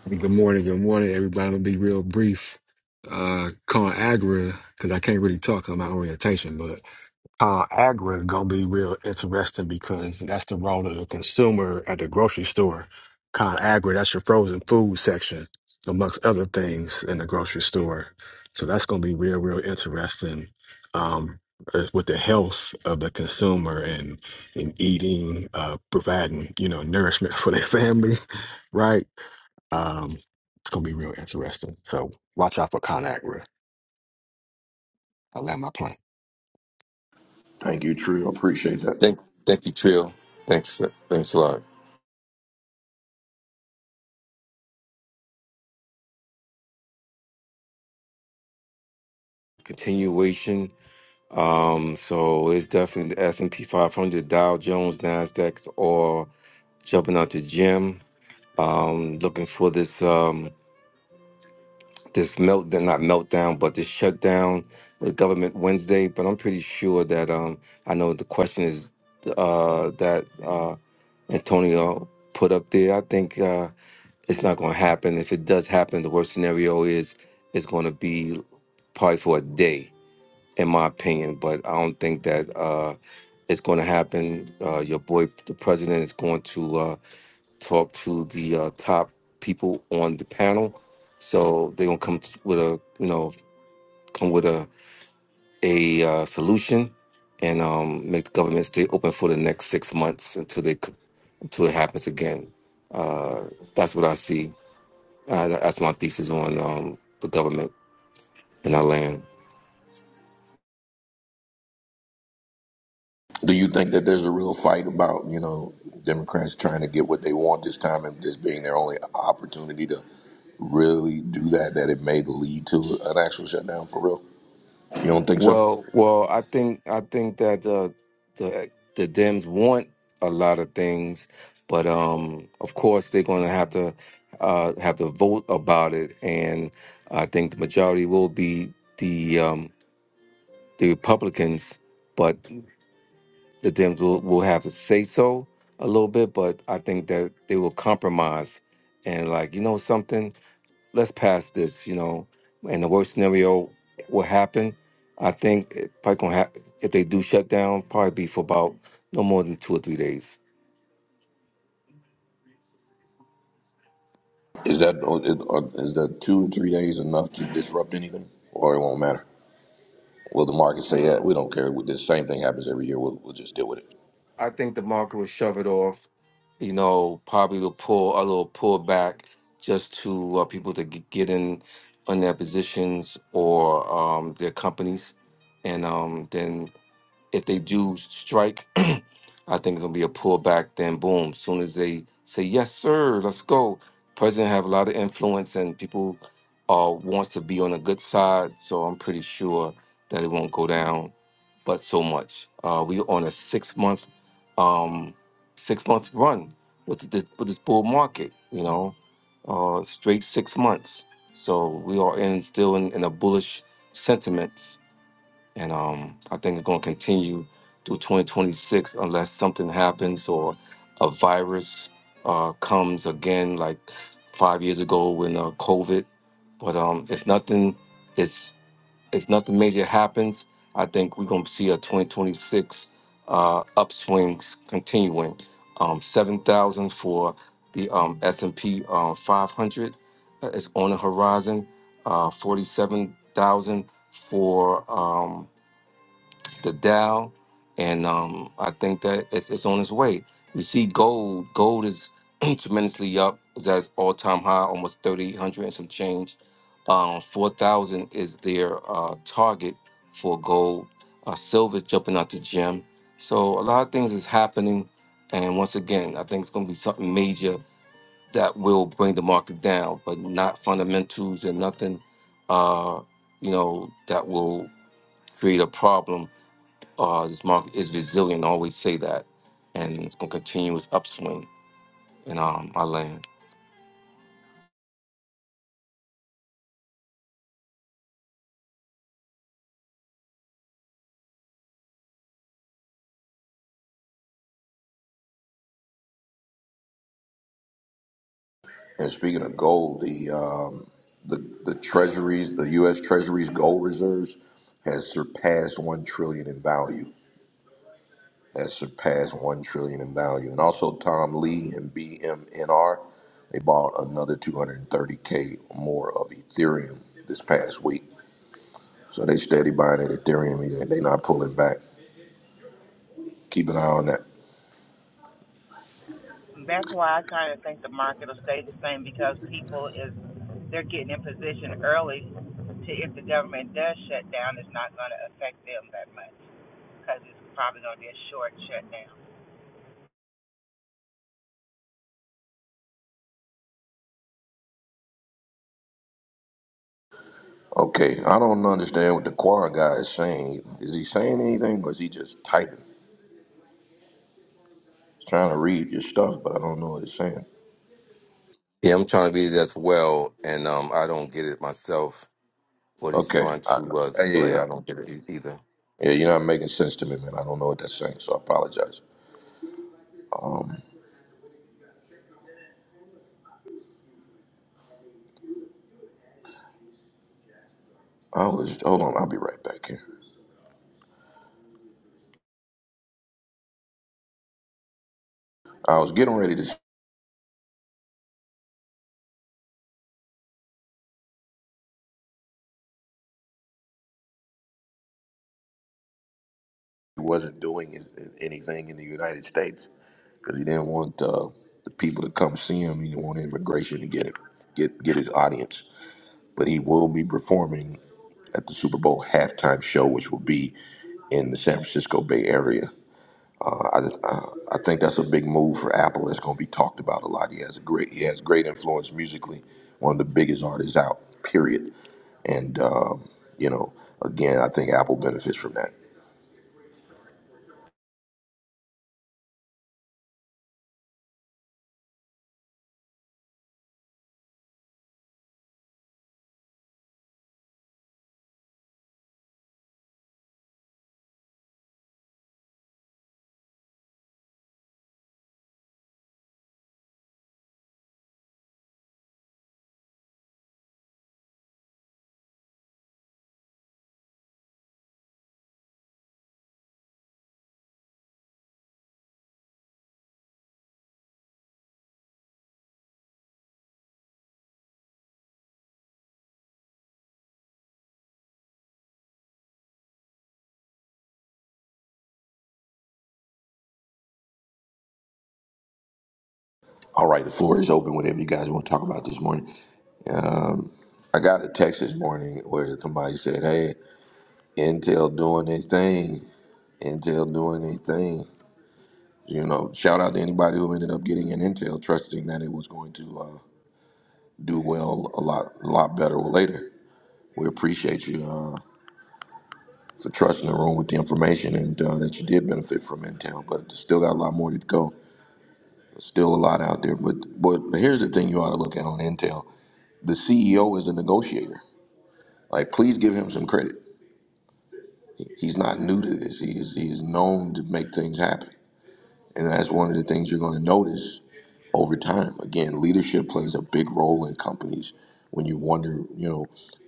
Speaker 10: Good morning, good morning, everybody. I'll be real brief. Uh, calling Agra because I can't really talk on my orientation, but. Uh, Agra is gonna be real interesting because that's the role of the consumer at the grocery store. ConAgra, that's your frozen food section, amongst other things in the grocery store. So that's gonna be real, real interesting um, uh, with the health of the consumer and and eating, uh, providing you know nourishment for their family, right? Um, it's gonna be real interesting. So watch out for ConAgra. I land my plane.
Speaker 1: Thank you, True. I appreciate that.
Speaker 5: Thank, thank you, Trill. Thanks, thanks a lot. Continuation. Um, so it's definitely the S and P 500, Dow Jones, Nasdaq, all jumping out the gym. Um, looking for this um this meltdown, not meltdown, but this shutdown with government Wednesday. But I'm pretty sure that um I know the question is uh that. uh Antonio put up there. I think uh, it's not going to happen. If it does happen, the worst scenario is it's going to be probably for a day, in my opinion. But I don't think that uh, it's going to happen. Uh, your boy, the president, is going to uh, talk to the uh, top people on the panel, so they're going to come t- with a you know come with a a uh, solution. And um, make the government stay open for the next six months until they c- until it happens again. Uh, that's what I see. Uh, tha- that's my thesis on um, the government in our land.
Speaker 1: Do you think that there's a real fight about you know Democrats trying to get what they want this time and this being their only opportunity to really do that? That it may lead to an actual shutdown for real? You don't think so?
Speaker 5: Well, well, I think I think that uh, the the Dems want a lot of things, but um, of course they're going to have to uh, have to vote about it, and I think the majority will be the um, the Republicans. But The Dems will, will have to say so a little bit, but I think that they will compromise and like, you know something, let's pass this, you know, and the worst scenario will happen. I think it probably gonna happen if they do shut down, probably be for about no more than two or three days.
Speaker 1: Is that oh, is that two to three days enough to disrupt anything, or it won't matter? Will the market say, "Yeah, we don't care. The same thing happens every year. We'll, we'll just deal with it."
Speaker 5: I think the market will shove it off, you know, probably will pull a little pullback just to uh, people to g- get in on their positions or um, their companies, and um, then If they do strike, I think it's gonna be a pullback. Then boom, as soon as they say yes, sir, let's go. President have a lot of influence, and people uh, wants to be on the good side. So I'm pretty sure that it won't go down, but so much. Uh, we on a six month, um, six month run with this with this bull market. You know, uh, straight six months. So we are in still in, in a bullish sentiment and um, I think it's going to continue through 2026 unless something happens or a virus uh, comes again, like five years ago when uh, COVID. But um, if nothing, it's if nothing major happens, I think we're going to see a 2026 uh, upswing s- continuing. Um, Seven thousand for the um, S and P uh, 500 is on the horizon. Uh, Forty-seven thousand for. Um, the Dow, and um, I think that it's, it's on its way. We see gold. Gold is tremendously up. It's at its all time high, almost thirty eight hundred and some change. Um, Four thousand is their uh, target for gold. Uh, silver jumping out the gym. So a lot of things is happening, and once again, I think it's going to be something major that will bring the market down, but not fundamentals and nothing, uh, you know, that will create a problem uh, this market is resilient. I always say that, and it's going to continue its upswing in um, our land.
Speaker 1: And speaking of gold, the um, the the treasuries, the U.S. Treasury's gold reserves has surpassed one trillion in value. that surpassed one trillion in value. And also Tom Lee and BMNR, they bought another 230k more of Ethereum this past week. So they steady buying that Ethereum. Either they not pulling back. Keep an eye on that. Okay, I don't understand what the Quar guy is saying. Is he saying anything, or is he just typing? He's trying to read your stuff, but I don't know what he's saying.
Speaker 5: Yeah, I'm trying to read it as well, and um, I don't get it myself. What he's
Speaker 1: Okay,
Speaker 5: trying
Speaker 1: I,
Speaker 5: to uh,
Speaker 1: yeah, yeah,
Speaker 5: display,
Speaker 1: yeah.
Speaker 5: I don't get it e- either.
Speaker 1: Yeah, you're not making sense to me, man. I don't know what that's saying, so I apologize. Um, I was hold on. I'll be right back here. I was getting ready to say he wasn't doing his, anything in the United States because he didn't want uh, the people to come see him. He didn't want immigration to get him, get get his audience. But he will be performing at the Super Bowl halftime show, which will be in the San Francisco Bay Area. Uh, I, just- uh, I think that's a big move for Apple. That's going to be talked about a lot. He has a great he has great influence musically. One of the biggest artists out. Period. And uh, you know, again, I think Apple benefits from that. All right, the floor is open. Whatever you guys want to talk about this morning. Um, I got a text this morning where somebody said, "Hey, Intel doing their thing. Intel doing their thing." You know, shout out to anybody who ended up getting an Intel, trusting that it was going to uh, do well a lot, a lot better later. We appreciate you uh, for trusting the room with the information and uh, that you did benefit from Intel, but it's still got a lot more to go. Still a lot out there, but but here's the thing you ought to look at on Intel: the CEO is a negotiator Like, please give him some credit. He's not new to this. He is he is known to make things happen, and that's one of the things you're going to notice over time. Again, leadership plays a big role in companies when you wonder, you know,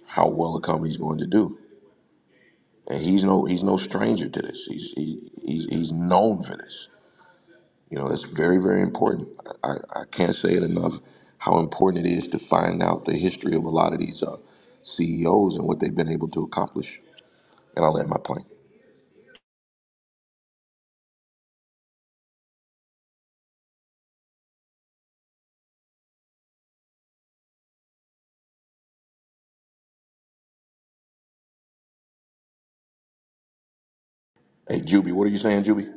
Speaker 1: how well a company's going to do. And he's no he's no stranger to this. He's he, he's he's known for this. You know, that's very very important. I, I can't say it enough how important it is to find out the history of a lot of these uh, CEOs and what they've been able to accomplish. And I'll land my plane. Hey, Juby, what are you saying, Juby?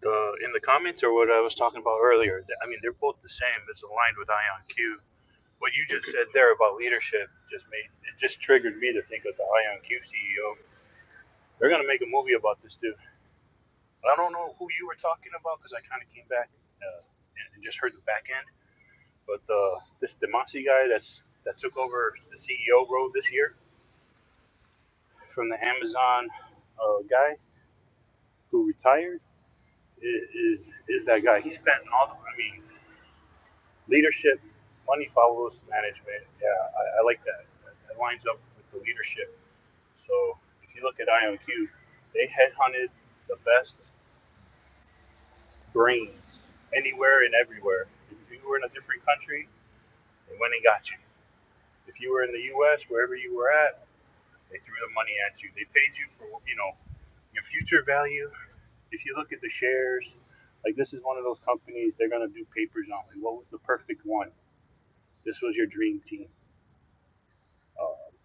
Speaker 6: The in the comments or what I was talking about earlier. I mean, they're both the same. It's aligned with IonQ. What you just said there about leadership just made it just triggered me to think of the Ion CEO. They're gonna make a movie about this dude. I don't know who you were talking about because I kind of came back uh, and, and just heard the back end. But uh, this Demasi guy that's that took over the CEO role this year from the Amazon uh, guy who retired. is is, that guy. He spent all. The, I mean, leadership, money follows management. Yeah, I, I like that. that. lines up with the leadership. So if you look at IonQ, they headhunted the best brains anywhere and everywhere. If you were a free country, they went and got. If you're in the U.S., wherever you were at, they threw the money at you. They paid you for you know your future value. If you look at the shares, like this is one of those companies they're gonna do papers on. Like, what was the perfect one? This was your dream team You.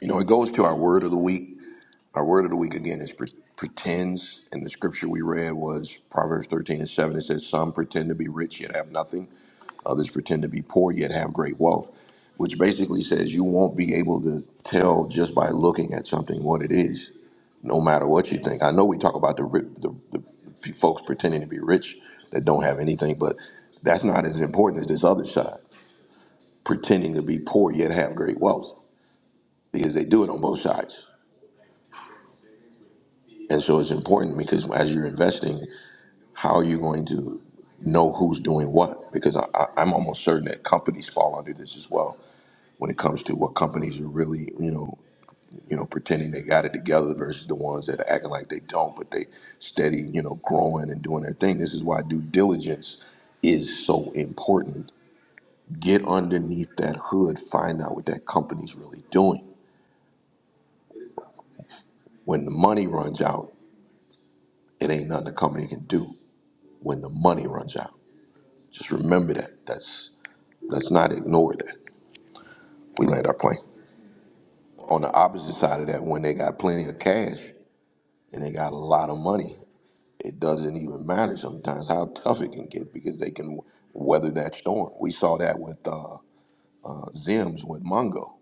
Speaker 1: You know, it goes to our word of the week. Our word of the week again is pre- pretends, and the scripture we read was Proverbs 13 and 7. It says, Some pretend to be rich yet have nothing, others pretend to be poor yet have great wealth, which basically says you won't be able to tell just by looking at something what it is, no matter what you think. I know we talk about the, ri- the, the p- folks pretending to be rich that don't have anything, but that's not as important as this other side, pretending to be poor yet have great wealth because they do it on both sides. And so it's important because as you're investing, how are you going to know who's doing what? Because I, I, I'm almost certain that companies fall under this as well when it comes to what companies are really, you know, you know, pretending they got it together versus the ones that are acting like they don't, but they steady, you know, growing and doing their thing. This is why due diligence is so important. Get underneath that hood, find out what that company's really doing. When the money runs out, it ain't nothing the company can do when the money runs out. Just remember that. That's let's not ignore that. We land our plane. On the opposite side of that, when they got plenty of cash and they got a lot of money, it doesn't even matter sometimes how tough it can get because they can weather that storm. We saw that with uh, Zims with Mongo.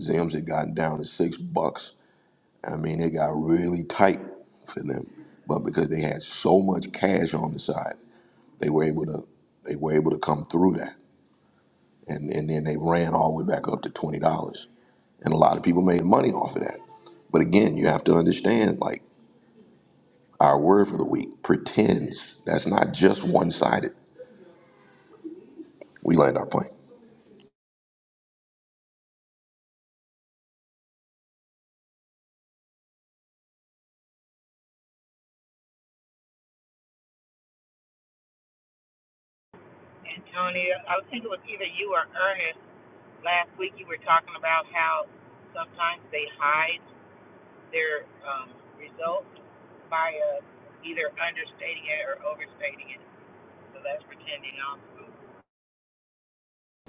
Speaker 1: Zims had gotten down to six bucks. I mean, it got really tight for them, but because they had so much cash on the side, they were able to they were able to come through that. and, and then they ran all the way back up to twenty dollars. And a lot of people made money off of that. But again, you have to understand like our word for the week, pretends. That's not just one sided. We land our plane.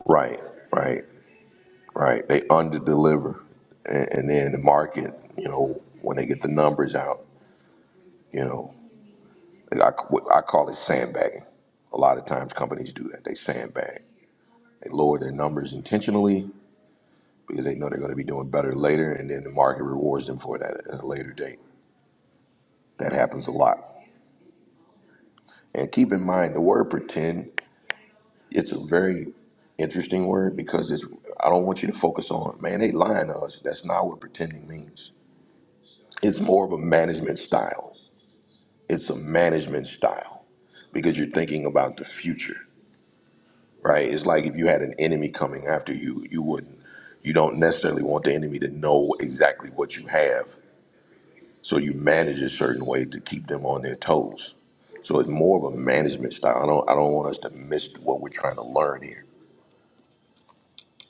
Speaker 1: Right, right, right. They under deliver. And, and then the market, you know, when they get the numbers out, you know, I, I call it sandbagging. A lot of times companies do that. They sandbag. They lower their numbers intentionally because they know they're going to be doing better later, and then the market rewards them for that at a later date. That happens a lot. And keep in mind, the word pretend, it's a very interesting word because it's, I don't want you to focus on, man, they lying to us. That's not what pretending means. It's more of a management style. It's a management style because you're thinking about the future, right? It's like if you had an enemy coming after you, you wouldn't, you don't necessarily want the enemy to know exactly what you have So you manage a certain way to keep them on their toes. So it's more of a management style. I don't I don't want us to miss what we're trying to learn here.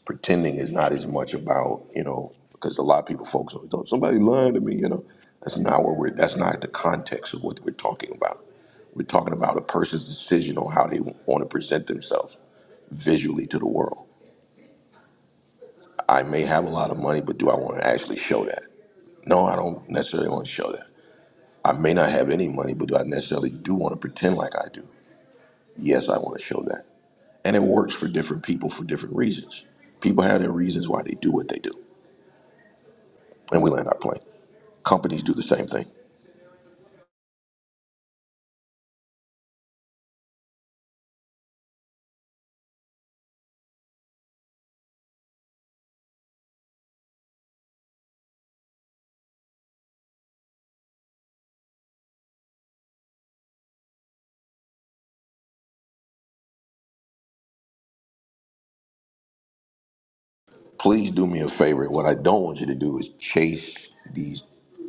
Speaker 1: Pretending is not as much about, you know, because a lot of people focus on "Don't somebody lying to me, you know. That's not what we're that's not the context of what we're talking about. We're talking about a person's decision on how they want to present themselves visually to the world. I may have a lot of money, but do I want to actually show that? No, I don't necessarily want to show that. I may not have any money, but do I necessarily do want to pretend like I do? Yes, I want to show that. And it works for different people for different reasons. People have their reasons why they do what they do. And we land our plane. Companies do the same thing. Please do me a favor. What I don't want you to do is chase these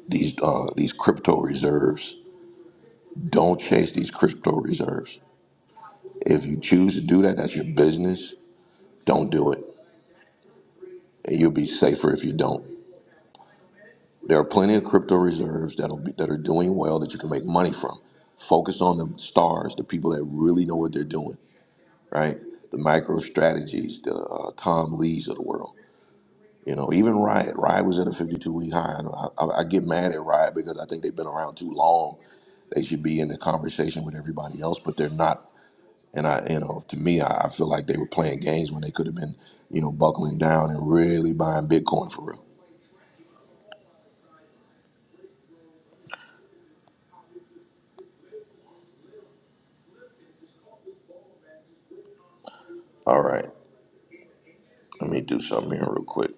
Speaker 1: these uh, these crypto reserves. Don't chase these crypto reserves. If you choose to do that, that's your business. Don't do it. And you'll be safer if you don't. There are plenty of crypto reserves that'll be, that are doing well that you can make money from. Focus on the stars, the people that really know what they're doing, right? The micro strategies, the uh, Tom Lees of the world. You know, even Riot. Riot was at a 52 week high. And I, don't- I, I get mad at Riot because I think they've been around too long. They should be in the conversation with everybody else, but they're not. And I, you know, to me, I, I feel like they were playing games when they could have been, you know, buckling down and really buying Bitcoin for real. All right, let me do something here real quick.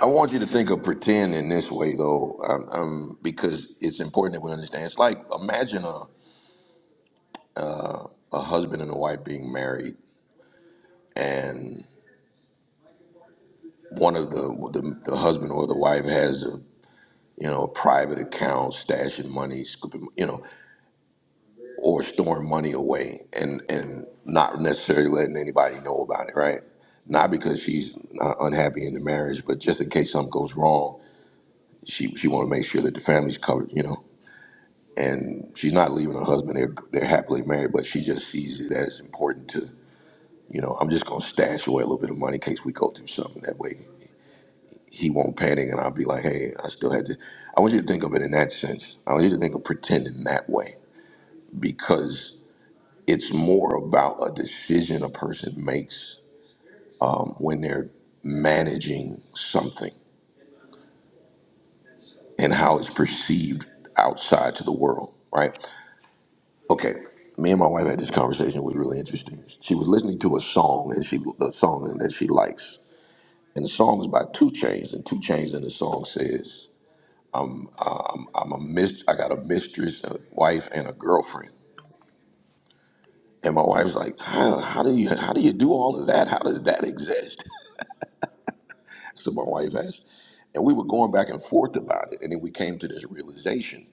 Speaker 1: I want you to think of pretend in this way, though, um, um, because it's important that we understand. It's like imagine a, a husband and a wife being married, and one of the, the the husband or the wife has a you know a private account stashing money, scooping you know, or storing money away, and and not necessarily letting anybody know about it, right? Not because she's uh, unhappy in the marriage, but just in case something goes wrong, she she want to make sure that the family's covered, you know. and she's not leaving her husband. They're they're happily married, but she just sees it as important to you know. I'm just gonna stash away a little bit of money in case we go through something. That way, he won't panic, and I'll be like, hey, I still had to. I want you to think of it in that sense. I want you to think of pretending that way because it's more about a decision a person makes um, when they're managing something and how it's perceived outside to the world, right? okay me and my wife had this conversation it was really interesting she was listening to a song and she a song that she likes and the song is by two Chainz, and two Chainz, in the song says i'm a mist i got a mistress a wife and a girlfriend and my wife's like how, how do you how do you do all of that how does that exist so my wife asked and we were going back and forth about it and then we came to this realization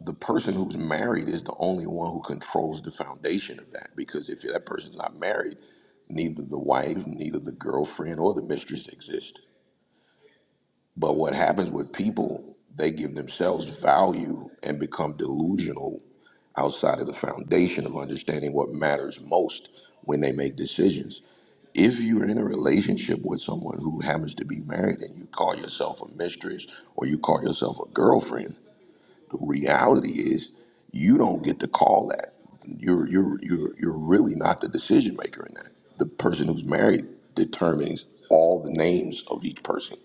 Speaker 1: the person who's married is the only one who controls the foundation of that because if that person's not married neither the wife neither the girlfriend or the mistress exist but what happens with people they give themselves value and become delusional outside of the foundation of understanding what matters most when they make decisions if you're in a relationship with someone who happens to be married and you call yourself a mistress or you call yourself a girlfriend the reality is you don't get to call that. You're you're you're you're really not the decision maker in that. The person who's married determines all the names of each person.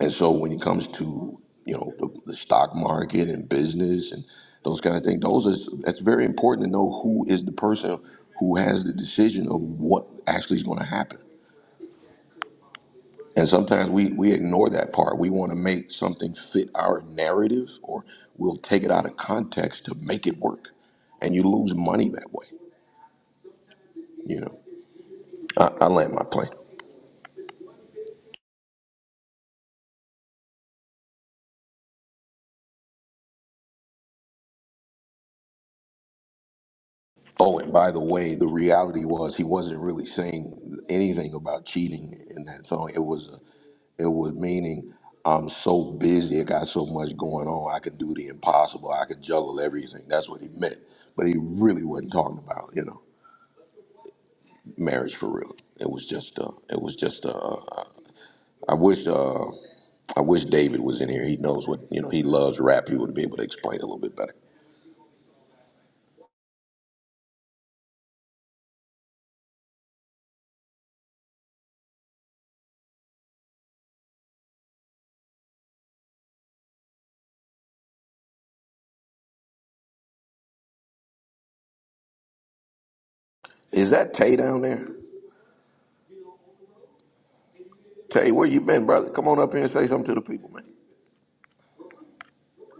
Speaker 1: And so when it comes to you know the, the stock market and business and those kind of things, those is that's very important to know who is the person who has the decision of what actually is going to happen. And sometimes we, we ignore that part. We want to make something fit our narrative or we'll take it out of context to make it work. And you lose money that way, you know. I, I land my plane. Oh, and by the way, the reality was he wasn't really saying anything about cheating in that song. It was a, it was meaning I'm so busy, I got so much going on, I can do the impossible, I can juggle everything. That's what he meant. But he really wasn't talking about, you know. marriage for real. It was just uh it was just uh I wish uh I wish David was in here. He knows what you know, he loves rap. He would be able to explain it a little bit better. Is that Tay down there? Tay, where you been, brother? Come on up here and say something to the people, man.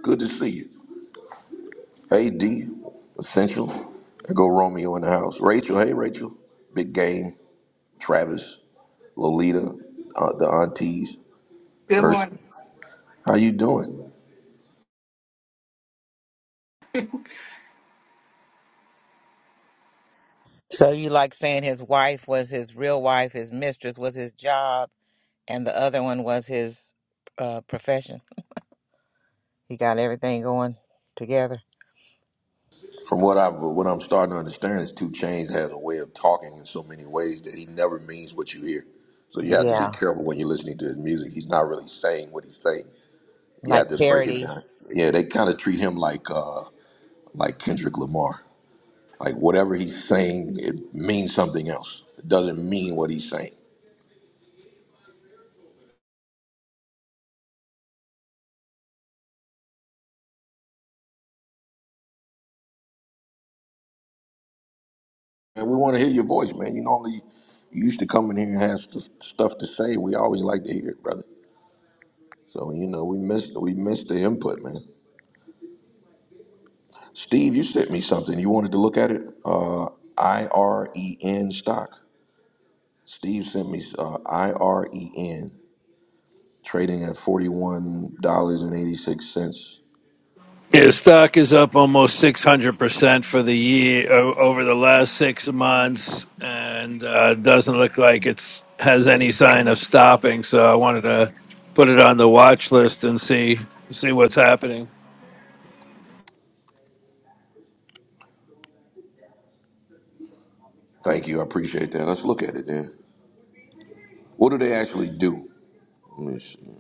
Speaker 1: Good to see you. Hey D, Essential. There go Romeo in the house. Rachel, hey Rachel. Big game, Travis, Lolita, uh, the aunties,
Speaker 11: Good
Speaker 1: Urs.
Speaker 11: morning.
Speaker 1: How you doing?
Speaker 4: So you like saying his wife was his real wife, his mistress was his job, and the other one was his uh, profession. He got everything going together.
Speaker 1: From what I've what I'm starting to understand is Two Chainz has a way of talking in so many ways that he never means what you hear. So you have to be
Speaker 4: Yeah,
Speaker 1: careful when you're listening to his music. He's not really saying what he's saying. You
Speaker 4: like
Speaker 1: have to break it down.
Speaker 4: charities.
Speaker 1: Yeah, they kind of treat him like uh, like Kendrick Lamar. Like whatever he's saying, it means something else. It doesn't mean what he's saying. And we want to hear your voice, man. You normally you used to come in here and have st- stuff to say. We always like to hear it, brother. So you know we missed we missed the input, man. Steve, you sent me something. You wanted to look at it? Uh, IREN stock. Steve sent me uh, IREN trading at $41.86.
Speaker 7: His stock is up almost six hundred percent for the year o- over the last six months, and uh, doesn't look like it's has any sign of stopping. So I wanted to put it on the watch list and see see what's happening.
Speaker 1: Thank you. I appreciate that. Let's look at it then. What do they actually do? Let me see.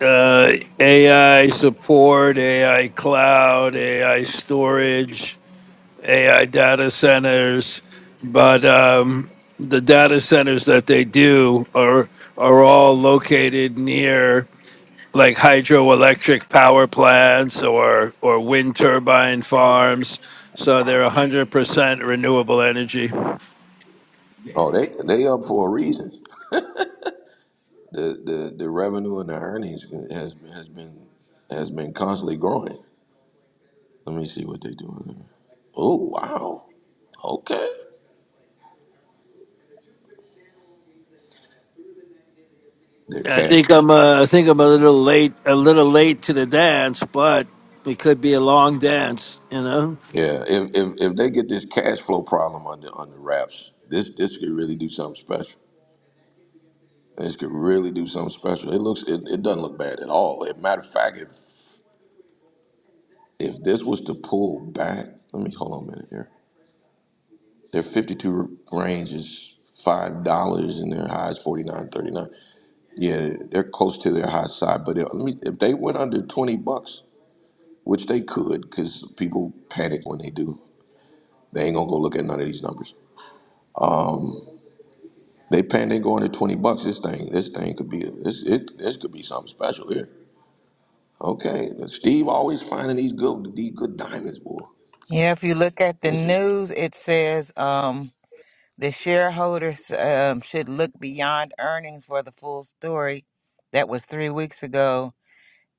Speaker 7: Uh, AI support, AI cloud, AI storage AI data centers, but um, the data centers that they do are are all located near like hydroelectric power plants or or wind turbine farms. So they're 100% renewable energy.
Speaker 1: Oh, they they up for a reason. The the, the revenue and the earnings has has been has been constantly growing. Let me see what they doing. Oh wow. Okay. They're
Speaker 7: I
Speaker 1: cash.
Speaker 7: think I'm uh, I think I'm a little late a little late to the dance, but it could be a long dance, you know.
Speaker 1: Yeah, if if if they get this cash flow problem under under wraps, this this could really do something special. This could really do something special. It looks it, it doesn't look bad at all. As a matter of fact, if if this was to pull back, let me hold on a minute here. Their fifty two range is five dollars and their high is forty nine thirty nine. Yeah, they're close to their high side, but it, let me, if they went under twenty bucks, which they could, because people panic when they do, they ain't gonna go look at none of these numbers. They paying they going to twenty bucks. This thing, this thing could be this it this could be something special here. Okay, Steve always finding these good these good diamonds, boy.
Speaker 4: Yeah, if you look at the
Speaker 1: This is-
Speaker 4: news, it says. um The shareholders um, should look beyond earnings for the full story. That was three weeks ago.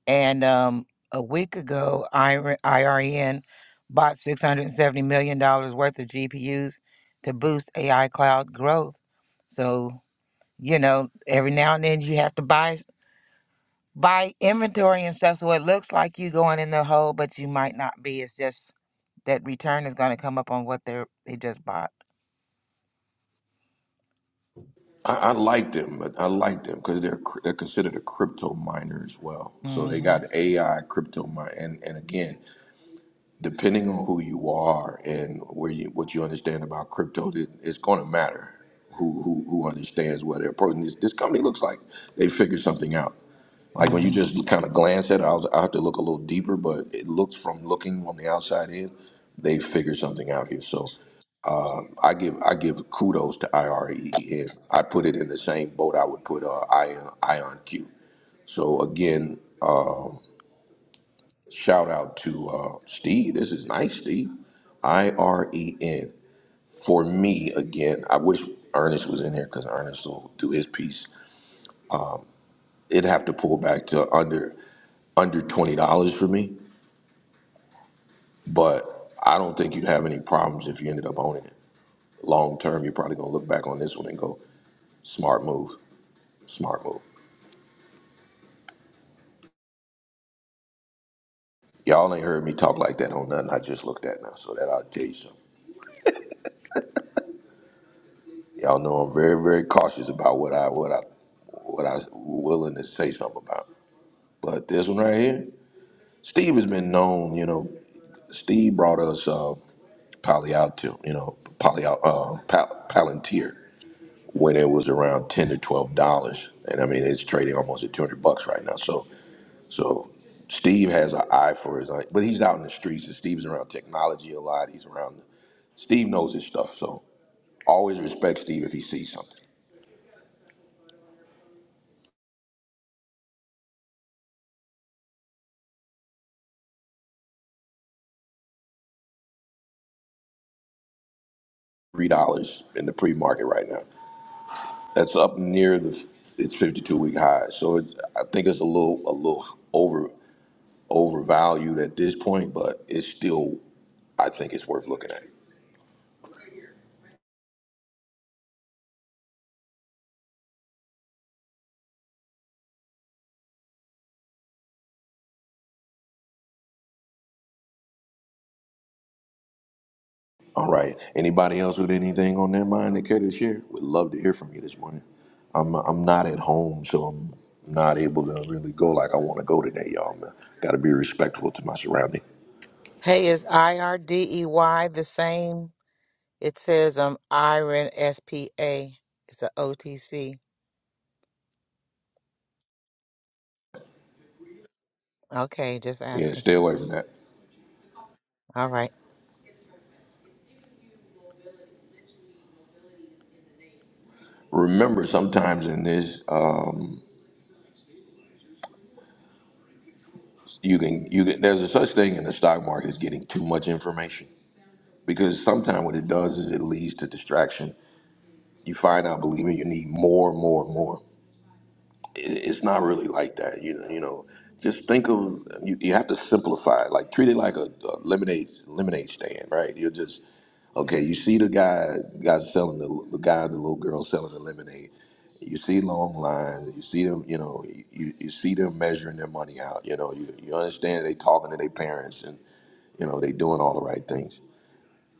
Speaker 4: And um, a week ago, IR- IRN bought $670 million dollars worth of GPUs to boost AI cloud growth. So, you know, every now and then you have to buy buy inventory and stuff. So it looks like you going in the hole, but you might not be. It's just that return is going to come up on what they are they just bought.
Speaker 1: I, I like them, but I like them because they're cr- they're considered a crypto miner as well. So they
Speaker 4: hmm
Speaker 1: got AI crypto mine, and and again, depending on who you are and where you what you understand about crypto, it, it's going to matter who, who who understands what their pro. and This, this company looks like they figured something out. Like when you
Speaker 4: hmm
Speaker 1: just kind of glance at it, I'll, I'll have to look a little deeper, but it looks from looking on the outside in, they figured something out here. So I give I give kudos to IRE, and I put it in the same boat I would put uh, Ion Ion Q. So again, shout out to uh, Steve. This is nice, Steve. I R E N. For me, again, I wish Ernest was in here because Ernest will do his piece. It'd have to pull back to under under twenty dollars for me. But I don't think you'd have any problems if you ended up owning it. Long term, you're probably gonna look back on this one and go, smart move, smart move. Y'all ain't heard me talk like that on nothing I just looked at now, so that I'll tell you something. Y'all know I'm very, very cautious about what I what I what I willing to say something about. But this one right here, Steve has been known, you know, Steve brought us uh Palo Alto, you know, Palo, uh, Pal- Palantir. when it was around ten to twelve dollars, and I mean it's trading almost at two hundred bucks right now. So so Steve has an eye for his, but he's out in the streets, and Steve's around technology a lot. He's around. Steve knows his stuff, so always respect Steve if he sees something. Three dollars in the pre-market right now. That's up near the its 52-week high. So it's, I think it's a little a little over overvalued at this point, but it's still I think it's worth looking at. All right. Anybody else with anything on their mind that care to share? Would love to hear from you this morning. I'm I'm not at home, so I'm not able to really go like I want to go today, y'all. Got to be respectful to my surrounding.
Speaker 4: Hey, is I R D E Y the same? It says um Iron S P A. It's a O T C. Okay, just
Speaker 1: Yeah,
Speaker 4: asking.
Speaker 1: stay away from that.
Speaker 4: All right.
Speaker 1: Remember, sometimes in this, um, you can you can. There's a such thing in the stock market as getting too much information because sometimes what it does is it leads to distraction. You find out believing you need more, more, more. it- it's not really like that. You know, you know, just think of you, you have to simplify it. Like treat it like a, a lemonade lemonade stand, right? You're just okay. You see the guy, guy selling the, the guy, the little girl selling the lemonade. You see long lines. You see them. You know, you, you see them measuring their money out. You know, you, you understand they talking to their parents, and you know they doing all the right things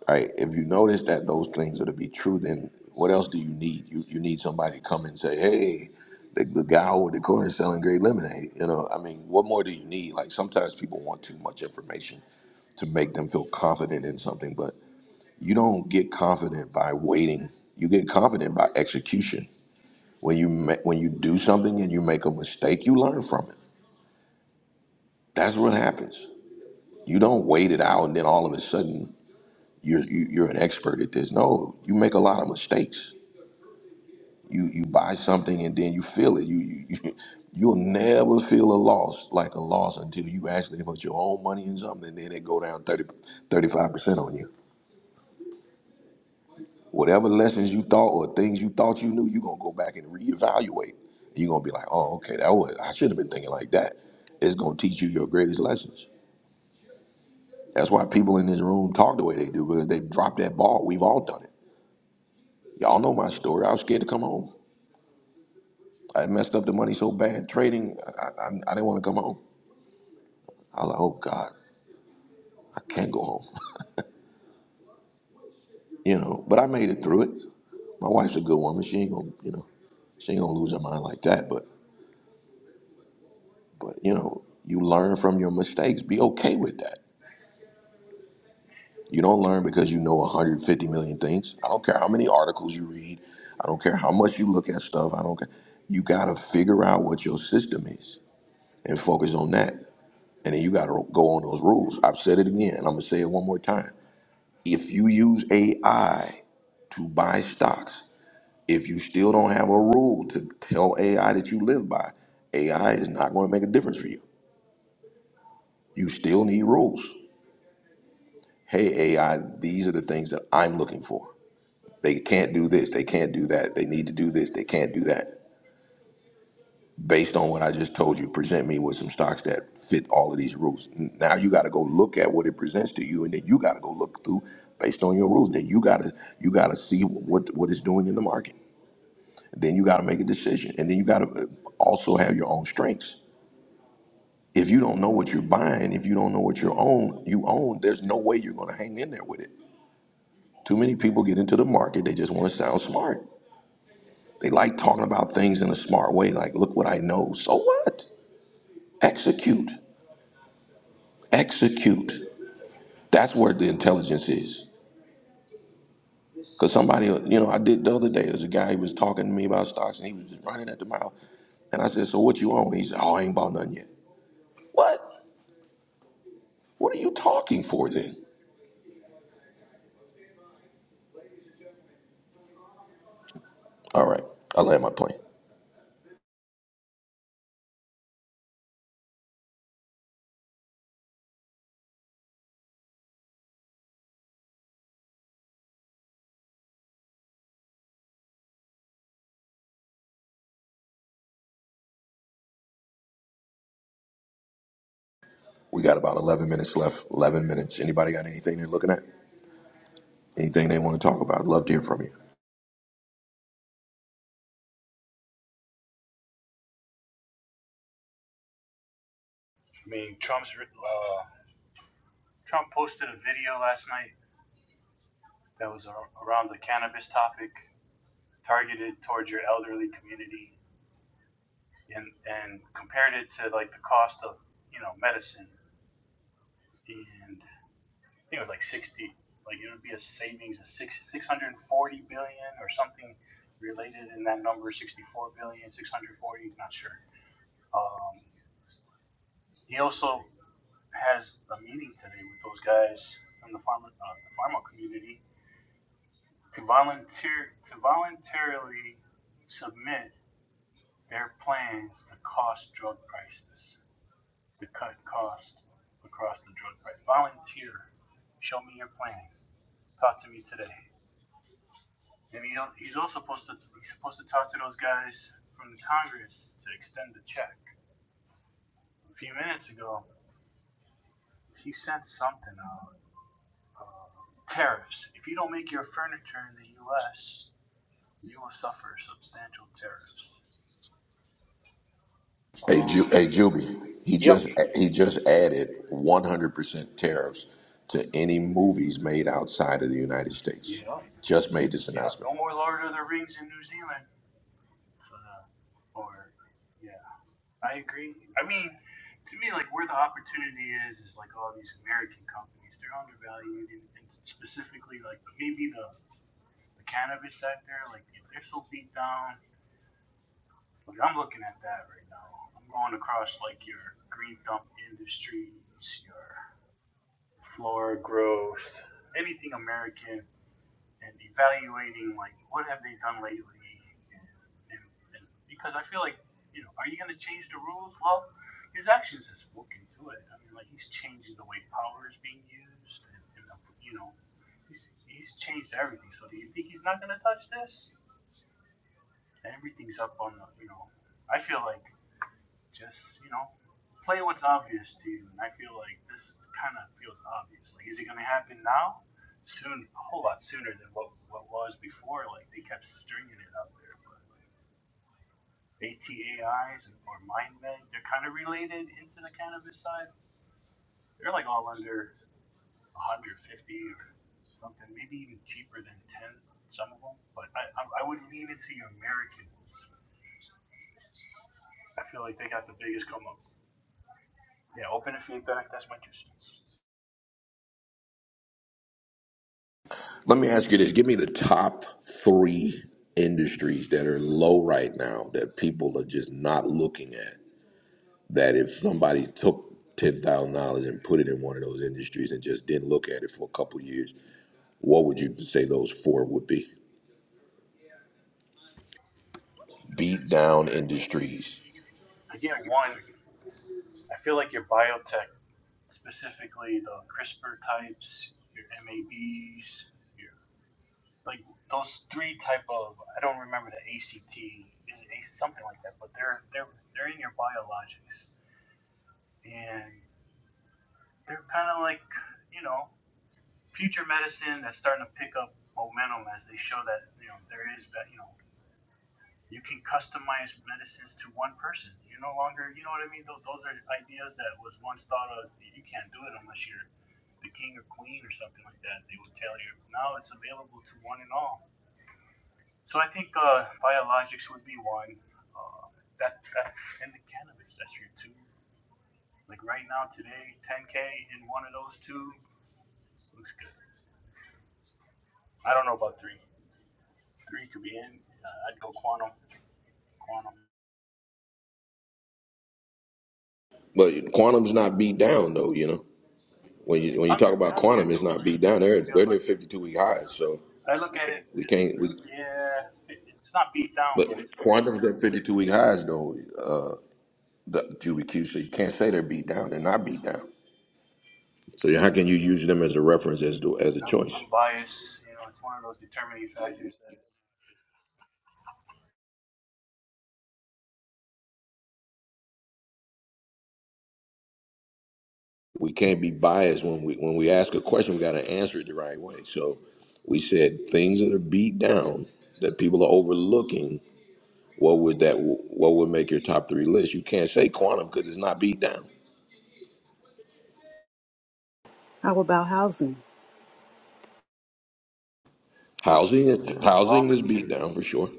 Speaker 1: right? If you notice that those things are to be true, then what else do you need? You you need somebody to come and say, hey, the, the guy over the corner selling great lemonade. You know, I mean, what more do you need? Like sometimes people want too much information to make them feel confident in something, but you don't get confident by waiting. You get confident by execution. When you ma- when you do something and you make a mistake, you learn from it. That's what happens. You don't wait it out and then all of a sudden you're you, you're an expert at this. No, you make a lot of mistakes You you buy something and then you feel it. You you, you you'll never feel a loss like a loss until you actually put your own money in something and then it go down 30 35 percent on you. Whatever lessons you thought or things you thought you knew, you're gonna go back and reevaluate. You're gonna be like, oh, okay, that was I should have been thinking like that. It's gonna teach you your greatest lessons. That's why people in this room talk the way they do because they dropped that ball. We've all done it. Y'all know my story. I was scared to come home. I messed up the money so bad trading. I, I, I didn't want to come home. I was like, oh God, I can't go home. You know, but I made it through it. My wife's a good woman. She ain't gonna, you know, she ain't gonna lose her mind like that. But but you know, you learn from your mistakes. Be okay with that. You don't learn because you know 150 million things. I don't care how many articles you read. I don't care how much you look at stuff. I don't care. You gotta figure out what your system is and focus on that. And then you gotta go on those rules. I've said it again, and I'm gonna say it one more time. If you use AI to buy stocks, If you still don't have a rule to tell AI that you live by, AI is not going to make a difference for you. You still need rules. Hey, AI, these are the things that I'm looking for. They can't do this. They can't do that. They need to do this. They can't do that. Based on what I just told you, present me with some stocks that fit all of these rules. Now you got to go look at what it presents to you, and then you got to go look through based on your rules. Then you got to you got to see what what it's doing in the market. Then you got to make a decision, and then you got to also have your own strengths. If you don't know what you're buying, if you don't know what you own, you own, there's no way you're going to hang in there with it. Too many people get into the market, they just want to sound smart. They like talking about things in a smart way, like, look what I know. So what? Execute. Execute. That's where the intelligence is. Because somebody, you know, I did the other day, there's a guy, he was talking to me about stocks and he was just running at the mouth. And I said, So what you own? He said, Oh, I ain't bought nothing yet. What? What are you talking for then? All right, I land my plane. We got about 11 minutes left. 11 minutes. Anybody got anything they're looking at? Anything they want to talk about? Love to hear from you. Hey, Ju- hey, Juby. He just he just added 100% tariffs to any movies made outside of the United States. Just made this announcement. Let me ask you this: Give me the top three industries that are low right now that people are just not looking at. That if somebody took ten thousand dollars and put it in one of those industries and just didn't look at it for a couple years, What would you say those four would be? Beat down industries. But quantum's not beat down though, you know. When you when you talk about quantum, it's not beat down. They're they're near fifty two week highs, so we can't we but quantum's at fifty two week highs though, uh the QBQ, so you can't say they're beat down. They're not beat down. So how can you use them as a reference as to, as a choice? We can't be biased when we when we ask a question, we gotta answer it the right way. So we said things that are beat down that people are overlooking What would that? What would make your top three list? You can't say quantum because it's not beat down.
Speaker 2: How about housing?
Speaker 1: Housing, housing is beat down for sure.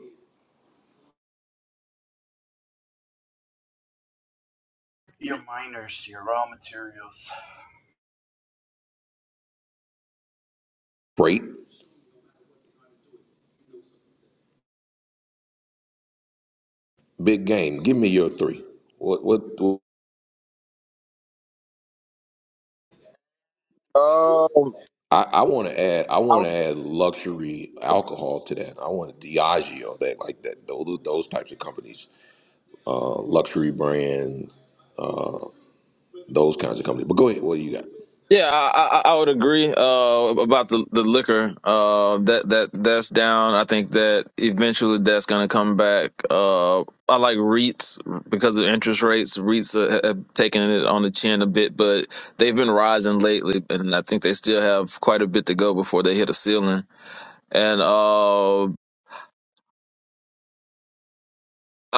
Speaker 1: Freight, big game. Give me your three. What? What? what
Speaker 12: Um,
Speaker 1: I, I want to add. I
Speaker 12: I,
Speaker 1: want
Speaker 12: would-
Speaker 1: to add luxury alcohol to that. I want Diageo, that like that. Those those types of companies, uh, luxury brands, uh, those kinds of companies. But go ahead. What do you got?
Speaker 12: yeah, I, I, I would agree uh, about the the liquor. Uh, that that that's down. I think that eventually that's going to come back. Uh, I like REITs because of interest rates. REITs are, have taken it on the chin a bit, but they've been rising lately, and I think they still have quite a bit to go before they hit a ceiling. And uh, I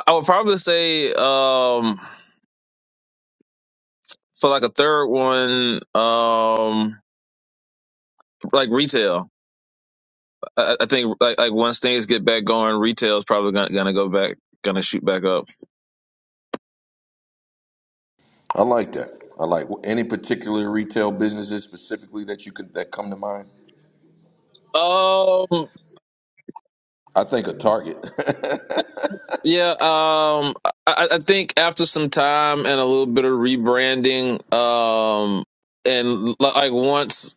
Speaker 12: I would probably say um, for like a third one, um, like retail. I, I think like like once things get back going, retail's probably gonna, gonna go back, gonna shoot back up.
Speaker 1: I like that. I like any particular retail businesses specifically that you could that come to mind.
Speaker 12: Um,
Speaker 1: I think a Target.
Speaker 12: yeah. Um, I, I think after some time and a little bit of rebranding, um, and li- like once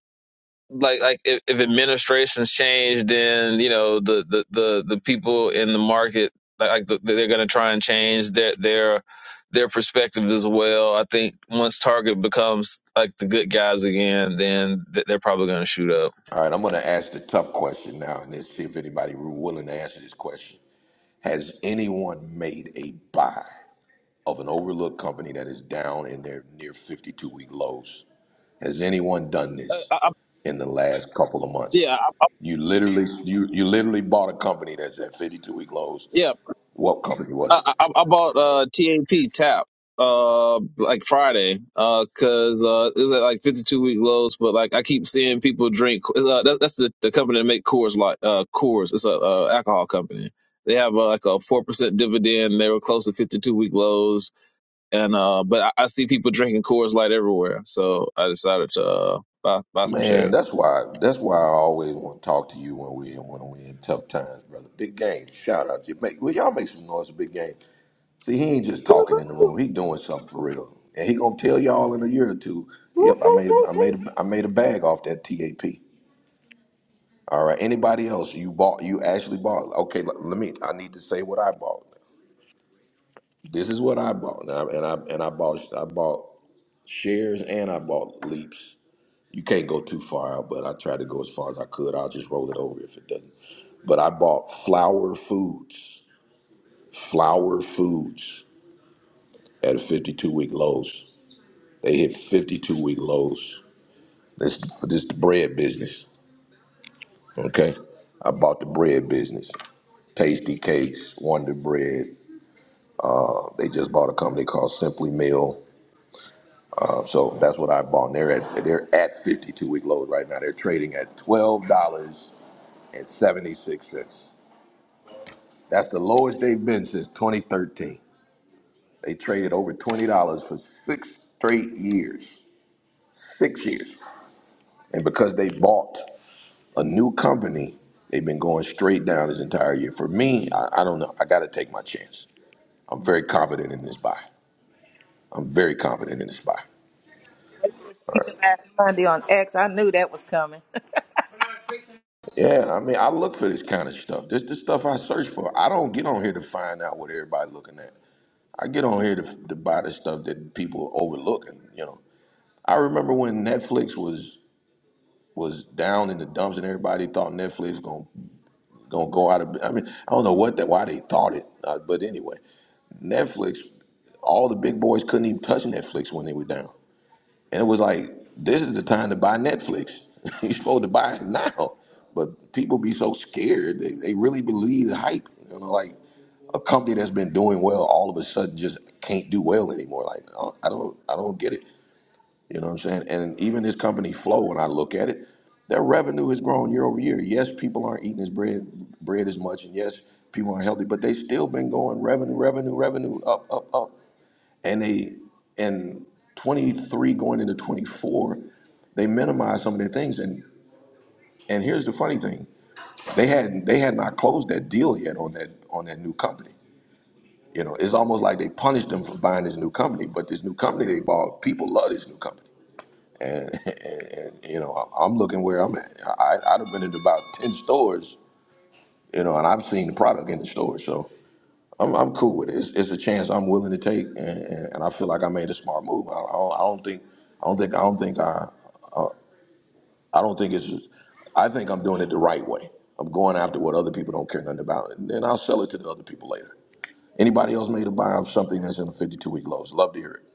Speaker 12: like like if, if administrations change, then you know the the the, the people in the market like like, the, they're going to try and change their their their perspective as well. I think once Target becomes like the good guys again, then th- they're probably going to shoot up.
Speaker 1: All right, I'm going to ask the tough question now and let's see if anybody willing to answer this question. Has anyone made a buy of an overlooked company that is down in their near 52 week lows? Has anyone done
Speaker 12: Uh,
Speaker 1: this
Speaker 12: I, I-
Speaker 1: in the last couple of months?
Speaker 12: yeah, I-
Speaker 1: You literally you, you literally bought a company that's at 52 week lows.
Speaker 12: yeah.
Speaker 1: What company was it?
Speaker 12: I, I, I bought uh TAP tap uh like Friday uh because uh it was at like 52 week lows but like I keep seeing people drink uh, that, that's the, the company that make Coors Light. uh Coors it's a uh, alcohol company they have uh, like a four percent dividend they were close to 52 week lows and uh but I, I see people drinking Coors Light everywhere so I decided to uh, buy buy some shares.
Speaker 1: Man, that's why that's why I always want to talk to you when we when we in tough times, brother. Big game, shout out to you. Make, will y'all make some noise, for big game? See, he ain't just talking in the room. He doing something for real, and he gonna tell y'all in a year or two.
Speaker 2: Woo,
Speaker 1: Yep, I
Speaker 2: woo,
Speaker 1: made
Speaker 2: woo,
Speaker 1: I
Speaker 2: woo.
Speaker 1: made a, I made a bag off that TAP. All right. Anybody else you bought? You actually bought? Okay. Let, let me. I need to say what I bought. This is what I bought, and I and I, and I bought I bought shares and I bought leaps. You can't go too far out, but I tried to go as far as I could. I'll just roll it over if it doesn't. But I bought Flower Foods. Flower Foods at a 52 week lows. They hit 52 week lows. This this bread business. Okay, I bought the bread business. Tasty Cakes, Wonder Bread. Uh, They just bought a company called Simply Meal. Uh, so that's what I bought. And they're at they're at 52 week lows right now. They're trading at twelve dollars and seventy six cents. That's the lowest they've been since 2013. They traded over twenty dollars for six straight years. Six years. And because they bought a new company, they've been going straight down this entire year. For me, I, I don't know. I got to take my chance. I'm very confident in this buy. I'm very confident in this buy. Yeah, I mean, I look for this kind of stuff. This the stuff I search for. I don't get on here to find out what everybody looking at. I get on here to, to buy the stuff that people overlook. And you know, I remember when Netflix was was down in the dumps, and everybody thought Netflix gonna gonna go out of. I mean, I don't know what that why they thought it, uh, but anyway. Netflix, all the big boys couldn't even touch Netflix when they were down. And it was like, this is the time to buy Netflix. You're supposed to buy it now. But people be so scared. They, they really believe the hype. You know, like a company that's been doing well all of a sudden just can't do well anymore. Like I don't I don't get it. You know what I'm saying? And even this company Flow, when I look at it, their revenue has grown year over year. Yes, people aren't eating as bread bread as much, and yes, people aren't healthy, but they still been going revenue, revenue, revenue up, up, up and they in 23 going into 24 they minimized some of their things and and here's the funny thing they had they had not closed that deal yet on that on that new company you know it's almost like they punished them for buying this new company but this new company they bought people love this new company and, and, and you know I- i'm looking where i'm at I, i'd have been in about 10 stores you know and i've seen the product in the store so I'm I'm cool with it. It's, it's a chance I'm willing to take, and, and and I feel like I made a smart move. I, I, don't, I don't think I don't think I don't think I I don't think it's. I think I'm doing it the right way. I'm going after what other people don't care nothing about, and then I'll sell it to the other people later. Anybody else made a buy of something that's in the 52 week lows? Love to hear it.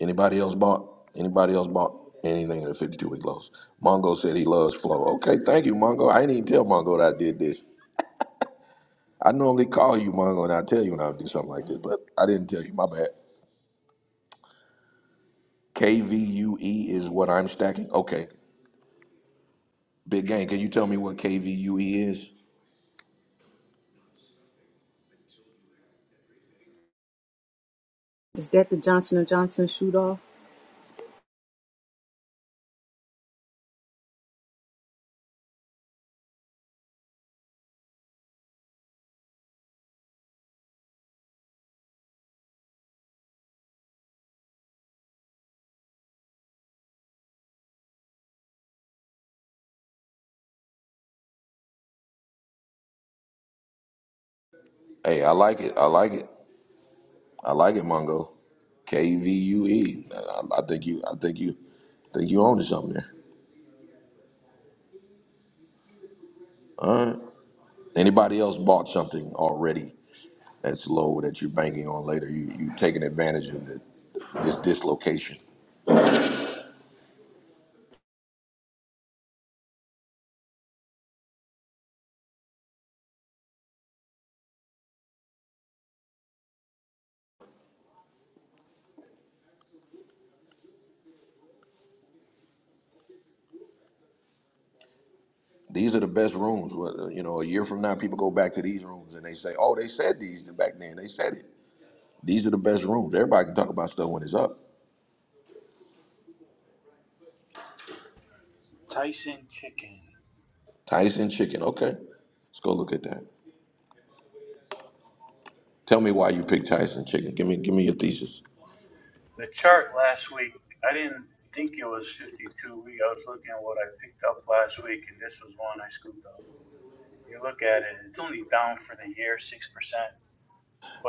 Speaker 1: Anybody else bought? Anybody else bought anything in the 52 week lows? Mongo said he loves flow. Okay, thank you, Mongo. I didn't even tell Mongo that I did this. I normally call you Mongo and I tell you when I do something like this, but I didn't tell you. My bad. KVUE is what I'm stacking. Okay. Big gang. Can you tell me what KVUE is?
Speaker 2: Is that the Johnson& and Johnson shoot-off?
Speaker 1: Hey, I like it. I like it. I like it, Mongo. KVUE. I, I think you. I think you. Think you own something there. Anybody else bought something already that's low that you're banking on later? You you taking advantage of it. This dislocation. These are the best rooms. Well, You know, a year from now, people go back to these rooms and they say, "Oh, they said these back then. They said it." These are the best rooms. Everybody can talk about stuff when it's up. Tyson chicken. Okay, let's go look at that. Tell me why you picked Tyson chicken. Give me, give me your thesis.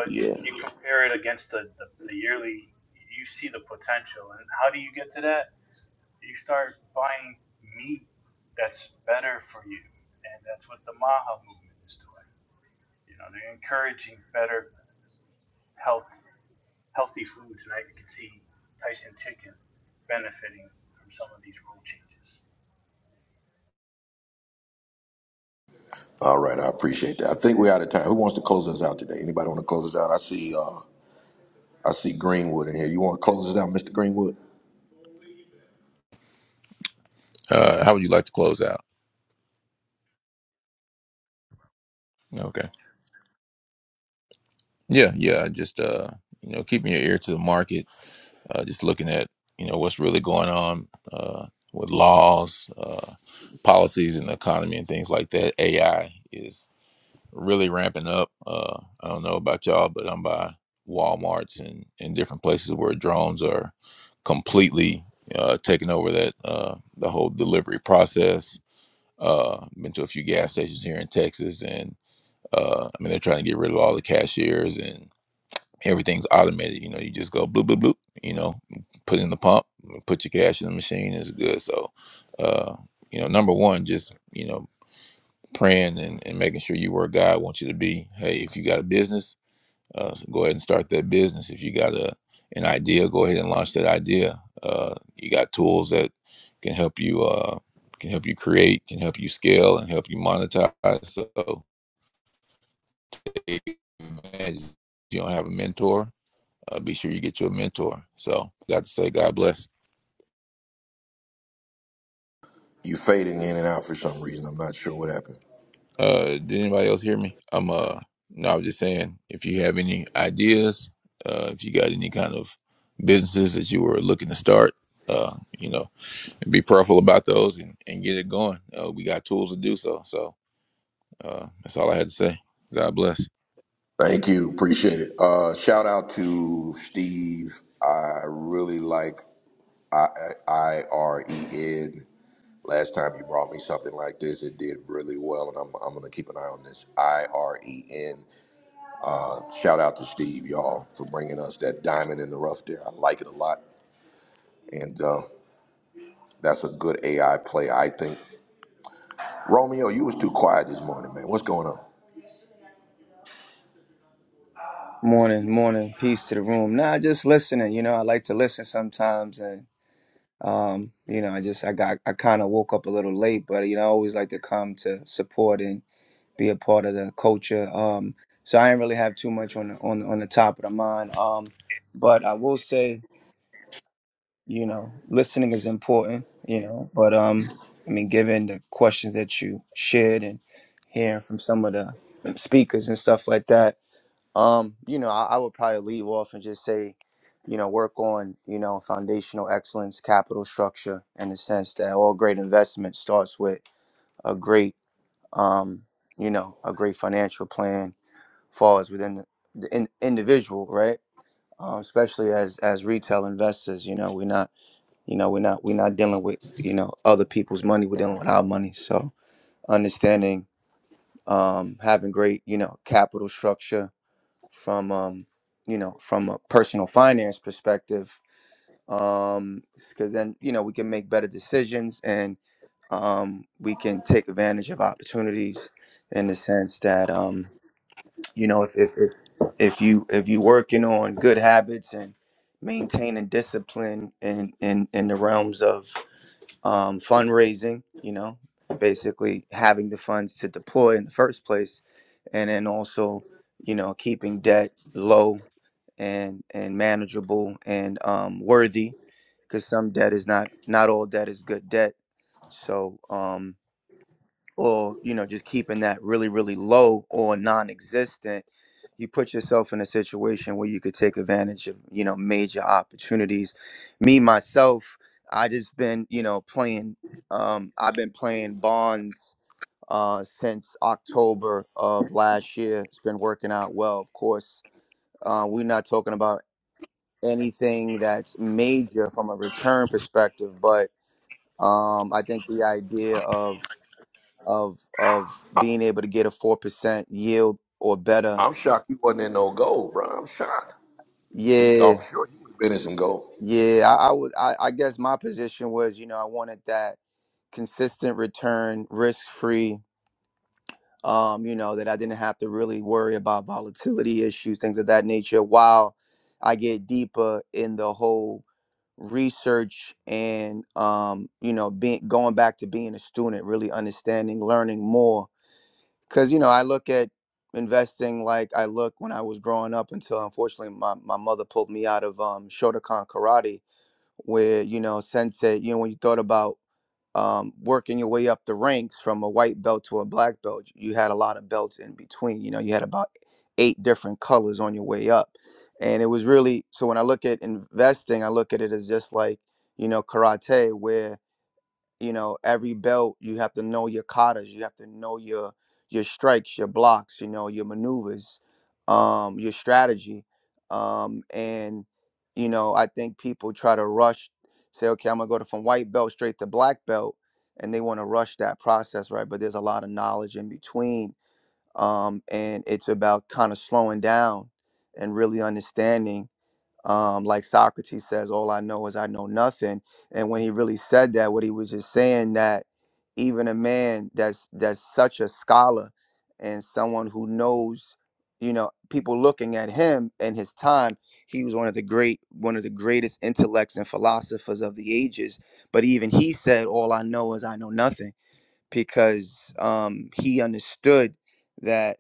Speaker 1: Yeah. All right, I appreciate that. I think we're out of time. Who wants to close us out today? Anybody want to close us out? I see, uh, I see Greenwood in here. You want to close us out, Mr. Greenwood?
Speaker 13: Uh, how would you like to close out? Okay. Yeah, yeah. Just uh, you know, keeping your ear to the market. Uh, just looking at you know what's really going on uh, with laws, uh, policies, and the economy, and things like that. AI is really ramping up. Uh, I don't know about y'all, but I'm by WalMarts and and different places where drones are completely uh, taking over that uh, the whole delivery process. Uh, been to a few gas stations here in Texas, Uh, I mean, they're trying to get rid of all the cashiers and everything's automated. You know, you just go bloop, bloop, bloop, you know, put in the pump, put your cash in the machine, it's good. So, uh, you know, number one, just, you know, praying and, and making sure you where God wants you to be. Hey, if you got a business, uh, so go ahead and start that business. If you got a an idea, go ahead and launch that idea. Uh, you got tools that can help you uh, can help you create, can help you scale, and help you monetize. So advantage. You don't have a mentor, uh, be sure you get you a mentor. So got to say, God bless.
Speaker 1: You fading in and out for some reason. I'm not sure what happened.
Speaker 13: Uh, did anybody else hear me? I'm uh, no, I was just saying, if you have any ideas, uh, if you got any kind of businesses that you were looking to start, uh, you know, be prayerful about those and, and get it going. Uh, we got tools to do so. So uh, that's all I had to say. God bless.
Speaker 1: Thank you. Appreciate it. Uh, shout out to Steve. I really like I I R E N. Last time you brought me something like this, it did really well, and I'm, I'm going to keep an eye on this. I R E N. Shout out to Steve, y'all, for bringing us that diamond in the rough there. I like it a lot, and uh, that's a good AI play, I think. Romeo, you was too quiet this morning, man. What's going on?
Speaker 14: Morning, morning. Peace to the room. Nah, just listening. You know, I like to listen sometimes, and um, you know, I just I got I kind of woke up a little late, but you know, I always like to come to support and be a part of the culture. Um, so I didn't really have too much on the, on on the top of the mind. Um, but I will say, you know, listening is important. You know, but um, I mean, given the questions that you shared and hearing from some of the speakers and stuff like that um, you know, I, I would probably leave off and just say, you know, work on, you know, foundational excellence, capital structure, in the sense that all great investment starts with a great, um, you know, a great financial plan falls within the, the in, individual, right? Um, especially as as retail investors, you know, we're not, you know, we're not we're not dealing with, you know, other people's money. We're dealing with our money. So understanding, um, having great, you know, capital structure from um you know from a personal finance perspective um because then you know we can make better decisions and um we can take advantage of opportunities in the sense that um you know if if if, if you if you working on good habits and maintaining discipline in in in the realms of um fundraising you know basically having the funds to deploy in the first place and then also you know keeping debt low and and manageable and um, worthy because some debt is not not all debt is good debt so um or you know just keeping that really really low or non-existent you put yourself in a situation where you could take advantage of you know major opportunities me myself i just been you know playing um i've been playing bonds uh since october of last year it's been working out well of course uh, we're not talking about anything that's major from a return perspective, but um, I think the idea of of of being able to get a four percent yield or better,
Speaker 1: I'm shocked you wasn't in no gold, bro. I'm shocked.
Speaker 14: yeah,
Speaker 1: Thought for sure you would have been in some gold.
Speaker 14: yeah. I, I would, I, I guess my position was, you know, I wanted that consistent return, risk free. Um, you know, that I didn't have to really worry about volatility issues, things of that nature, while I get deeper in the whole research and um you know being going back to being a student really understanding learning more because you know i look at investing like i look when i was growing up until unfortunately my, my mother pulled me out of um shotokan karate where you know sensei you know when you thought about um, working your way up the ranks from a white belt to a black belt, you had a lot of belts in between. You know, you had about eight different colors on your way up. And it was really so when I look at investing, I look at it as just like, you know, karate, where you know every belt you have to know your katas you have to know your your strikes your blocks you know your maneuvers um your strategy um and you know i think people try to rush say okay i'm gonna go to, from white belt straight to black belt and they want to rush that process right but there's a lot of knowledge in between um and it's about kind of slowing down and really understanding um, like Socrates says, "All I know is I know nothing." And when he really said that, what he was just saying that even a man that's that's such a scholar and someone who knows, you know, people looking at him and his time, he was one of the great, one of the greatest intellects and philosophers of the ages. But even he said, "All I know is I know nothing." because um, he understood that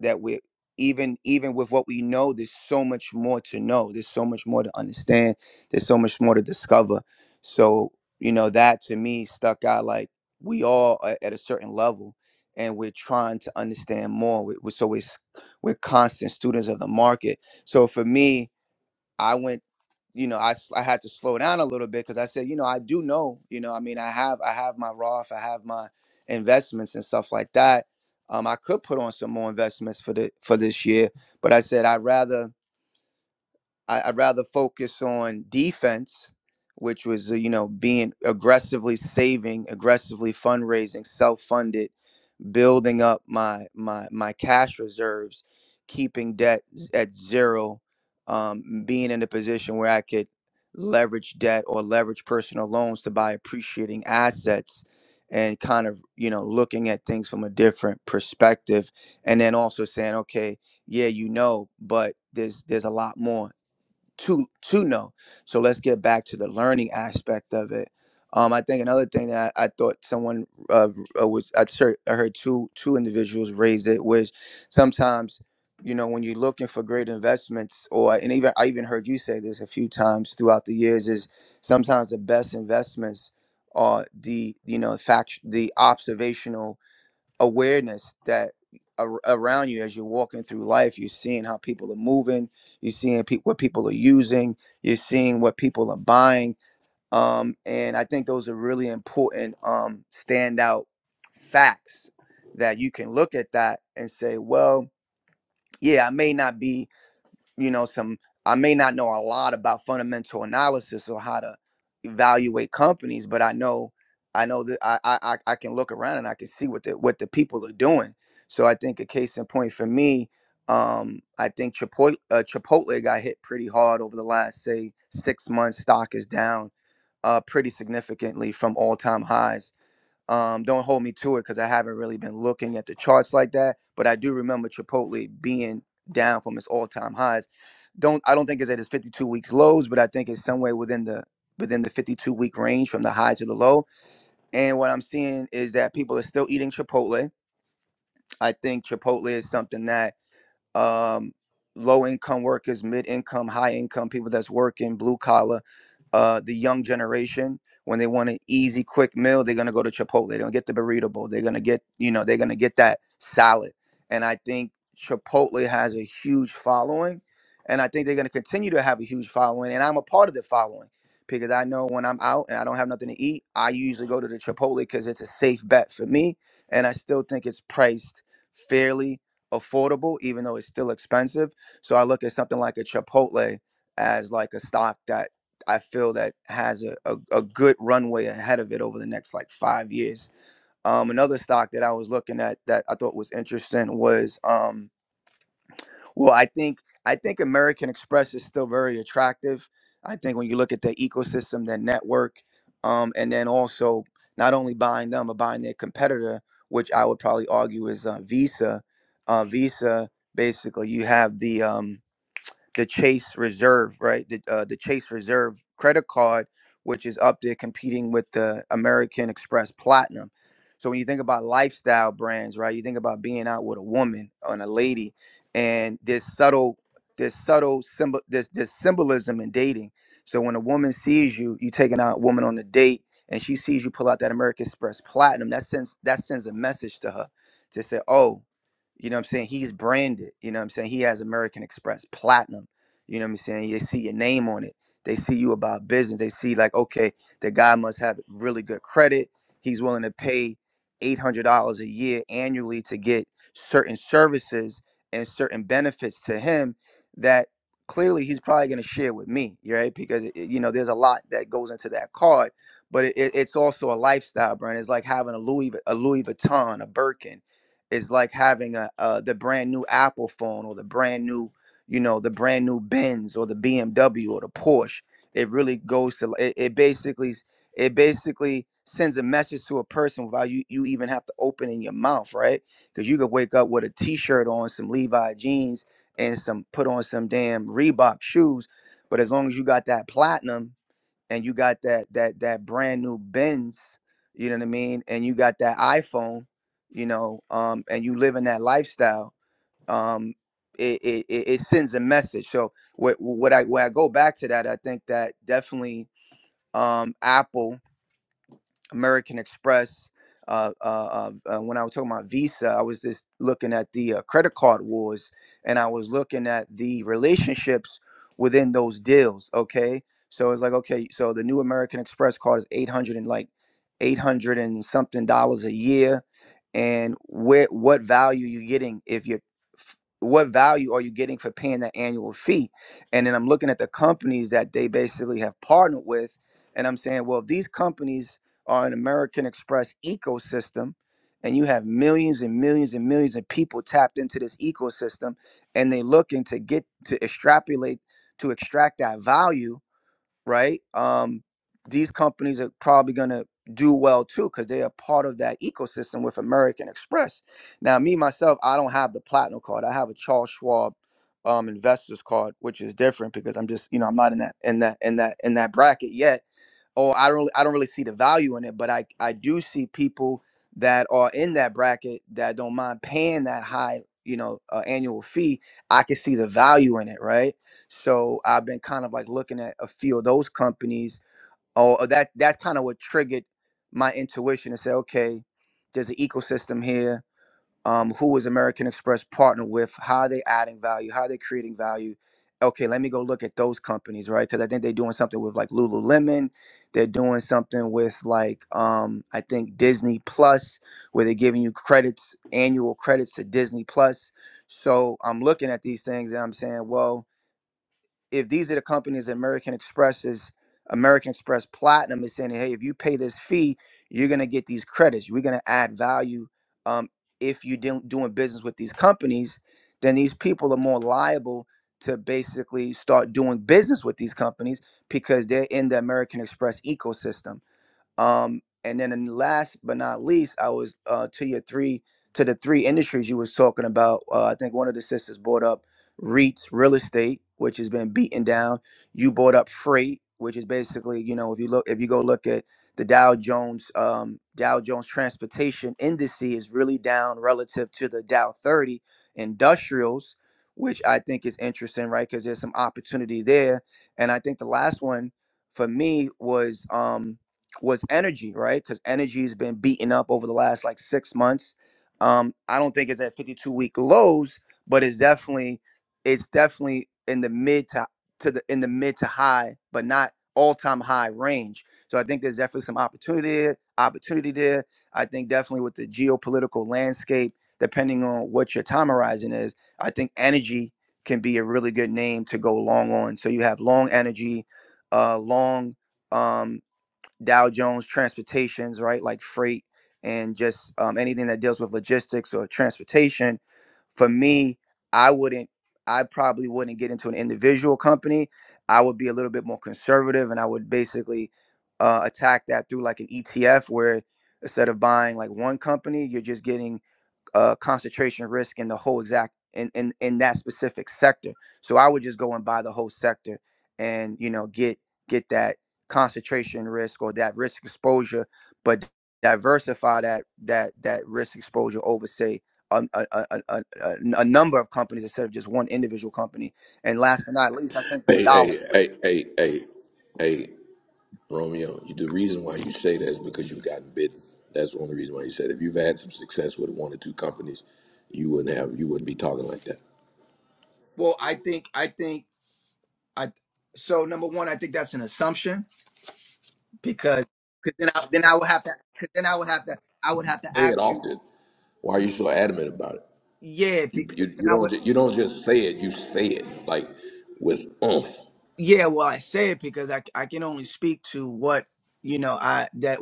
Speaker 14: that we even even with what we know, there's so much more to know. There's so much more to understand. There's so much more to discover. So you know that to me stuck out like we all are at a certain level, and we're trying to understand more. We, we, so we're s- we're constant students of the market. So for me. I went, you know, I I had to slow down a little bit because I said, you know, I do know, you know, I mean, I have I have my Roth, I have my investments and stuff like that. Um, I could put on some more investments for the for this year, but I said I'd rather I, I'd rather focus on defense, which was uh, you know being aggressively saving, aggressively fundraising, self-funded, building up my my my cash reserves, keeping debt z- at zero, um, being in a position where I could leverage debt or leverage personal loans to buy appreciating assets and kind of you know looking at things from a different perspective and then also saying okay yeah you know but there's there's a lot more to to know. So let's get back to the learning aspect of it. Um, I think another thing that I, I thought someone uh, uh, was I heard, I heard two two individuals raise it which sometimes you know when you're looking for great investments or and even I even heard you say this a few times throughout the years is sometimes the best investments are the you know fact the observational awareness that ar- around you as you're walking through life you're seeing how people are moving you're seeing pe- what people are using you're seeing what people are buying um, and i think those are really important um, standout facts that you can look at that and say well yeah i may not be you know some i may not know a lot about fundamental analysis or how to evaluate companies but i know i know that i i, I I can look around and i can see what the what the people are doing so i think a case in point for me um i think chipotle, uh, chipotle got hit pretty hard over the last say six months stock is down uh pretty significantly from all-time highs um, don't hold me to it because I haven't really been looking at the charts like that. But I do remember Chipotle being down from its all-time highs. Don't I don't think it's at its 52 weeks lows, but I think it's somewhere within the within the 52 week range from the high to the low. And what I'm seeing is that people are still eating Chipotle. I think Chipotle is something that um, low income workers, mid income, high income people that's working blue collar uh, the young generation when they want an easy, quick meal, they're gonna go to Chipotle. They're gonna get the burrito bowl. They're gonna get, you know, they're gonna get that salad. And I think Chipotle has a huge following, and I think they're gonna continue to have a huge following. And I'm a part of the following because I know when I'm out and I don't have nothing to eat, I usually go to the Chipotle because it's a safe bet for me, and I still think it's priced fairly affordable even though it's still expensive so i look at something like a chipotle as like a stock that I feel that has a, a, a good runway ahead of it over the next like five years. Um, another stock that I was looking at that I thought was interesting was um, well, I think I think American Express is still very attractive. I think when you look at the ecosystem, their network, um, and then also not only buying them but buying their competitor, which I would probably argue is uh, Visa. Uh, Visa, basically, you have the um, the Chase Reserve, right? The uh, the Chase Reserve credit card, which is up there competing with the American Express Platinum. So when you think about lifestyle brands, right? You think about being out with a woman and a lady, and there's subtle, there's subtle symbol, there's, there's symbolism in dating. So when a woman sees you, you taking out a woman on a date, and she sees you pull out that American Express Platinum, that sends that sends a message to her to say, oh, you know what I'm saying? He's branded. You know what I'm saying? He has American Express Platinum you know what I'm saying? They see your name on it. They see you about business. They see like, okay, the guy must have really good credit. He's willing to pay eight hundred dollars a year annually to get certain services and certain benefits to him that clearly he's probably going to share with me, right? Because it, you know, there's a lot that goes into that card, but it, it, it's also a lifestyle brand. It's like having a Louis Vu- a Louis Vuitton, a Birkin. It's like having a, a the brand new Apple phone or the brand new you know, the brand new Benz or the BMW or the Porsche. It really goes to it, it basically it basically sends a message to a person without you you even have to open in your mouth, right? Because you could wake up with a t-shirt on, some Levi jeans, and some put on some damn Reebok shoes. But as long as you got that platinum and you got that that that brand new Benz, you know what I mean, and you got that iPhone, you know, um, and you live in that lifestyle, um, it, it, it sends a message. So what what I when I go back to that, I think that definitely um, Apple, American Express. Uh, uh, uh, uh, when I was talking about Visa, I was just looking at the uh, credit card wars, and I was looking at the relationships within those deals. Okay, so it's like okay, so the new American Express card is eight hundred and like eight hundred and something dollars a year and where what value you getting if you're f- what value are you getting for paying that annual fee and then i'm looking at the companies that they basically have partnered with and i'm saying well if these companies are an american express ecosystem and you have millions and millions and millions of people tapped into this ecosystem and they looking to get to extrapolate to extract that value right? Um, these companies are probably going to do well too because they are part of that ecosystem with American Express. Now, me myself, I don't have the platinum card. I have a Charles Schwab um, investors card, which is different because I'm just you know I'm not in that in that in that in that bracket yet. Or I don't really, I don't really see the value in it, but I I do see people that are in that bracket that don't mind paying that high you know uh, annual fee. I can see the value in it, right? So I've been kind of like looking at a few of those companies. Or that that's kind of what triggered my intuition to say, okay, there's an ecosystem here. Um, who is American Express partnered with? How are they adding value? How are they creating value? Okay, let me go look at those companies, right? Because I think they're doing something with like Lululemon. They're doing something with like um, I think Disney Plus, where they're giving you credits, annual credits to Disney Plus. So I'm looking at these things and I'm saying, well, if these are the companies that American Express is American Express Platinum is saying, hey, if you pay this fee, you're gonna get these credits. We're gonna add value. Um, if you do doing business with these companies, then these people are more liable to basically start doing business with these companies because they're in the American Express ecosystem. Um, and then, and last but not least, I was uh, to your three to the three industries you was talking about. Uh, I think one of the sisters brought up REITs, real estate, which has been beaten down. You brought up freight, which is basically, you know, if you look, if you go look at the Dow Jones, um, Dow Jones Transportation Index is really down relative to the Dow 30 Industrials, which I think is interesting, right? Because there's some opportunity there. And I think the last one for me was. Um, was energy, right? Because energy has been beaten up over the last like six months. Um, I don't think it's at 52 week lows, but it's definitely it's definitely in the mid to to the in the mid to high, but not all time high range. So I think there's definitely some opportunity there, opportunity there. I think definitely with the geopolitical landscape, depending on what your time horizon is, I think energy can be a really good name to go long on. So you have long energy, uh, long. Um, Dow Jones transportations, right? Like freight and just um, anything that deals with logistics or transportation. For me, I wouldn't, I probably wouldn't get into an individual company. I would be a little bit more conservative and I would basically uh, attack that through like an ETF where instead of buying like one company, you're just getting uh, concentration risk in the whole exact in, in in that specific sector. So I would just go and buy the whole sector, and you know get get that concentration risk or that risk exposure, but diversify that that that risk exposure over say a, a, a, a, a a number of companies instead of just one individual company. And last but not least, I think the
Speaker 1: Hey,
Speaker 14: dollar.
Speaker 1: hey, hey, hey, hey, hey. Romeo, you- the reason why you say that is because you've gotten bitten. That's the only reason why you said if you've had some success with one or two companies, you wouldn't have you wouldn't be talking like that.
Speaker 14: Well, I think I think I so number one, I think that's an assumption because cause then I then I would have to cause then I would have to I would have to
Speaker 1: Say it
Speaker 14: ask you
Speaker 1: often. Why are
Speaker 14: y-
Speaker 1: you so adamant about it?
Speaker 14: yeah
Speaker 1: You
Speaker 14: because
Speaker 1: you,
Speaker 14: then
Speaker 1: you
Speaker 14: I
Speaker 1: don't
Speaker 14: would
Speaker 1: ju- you don't just say it. You say it like with oomph.
Speaker 14: yeah well I said because I I can only speak to what you know I that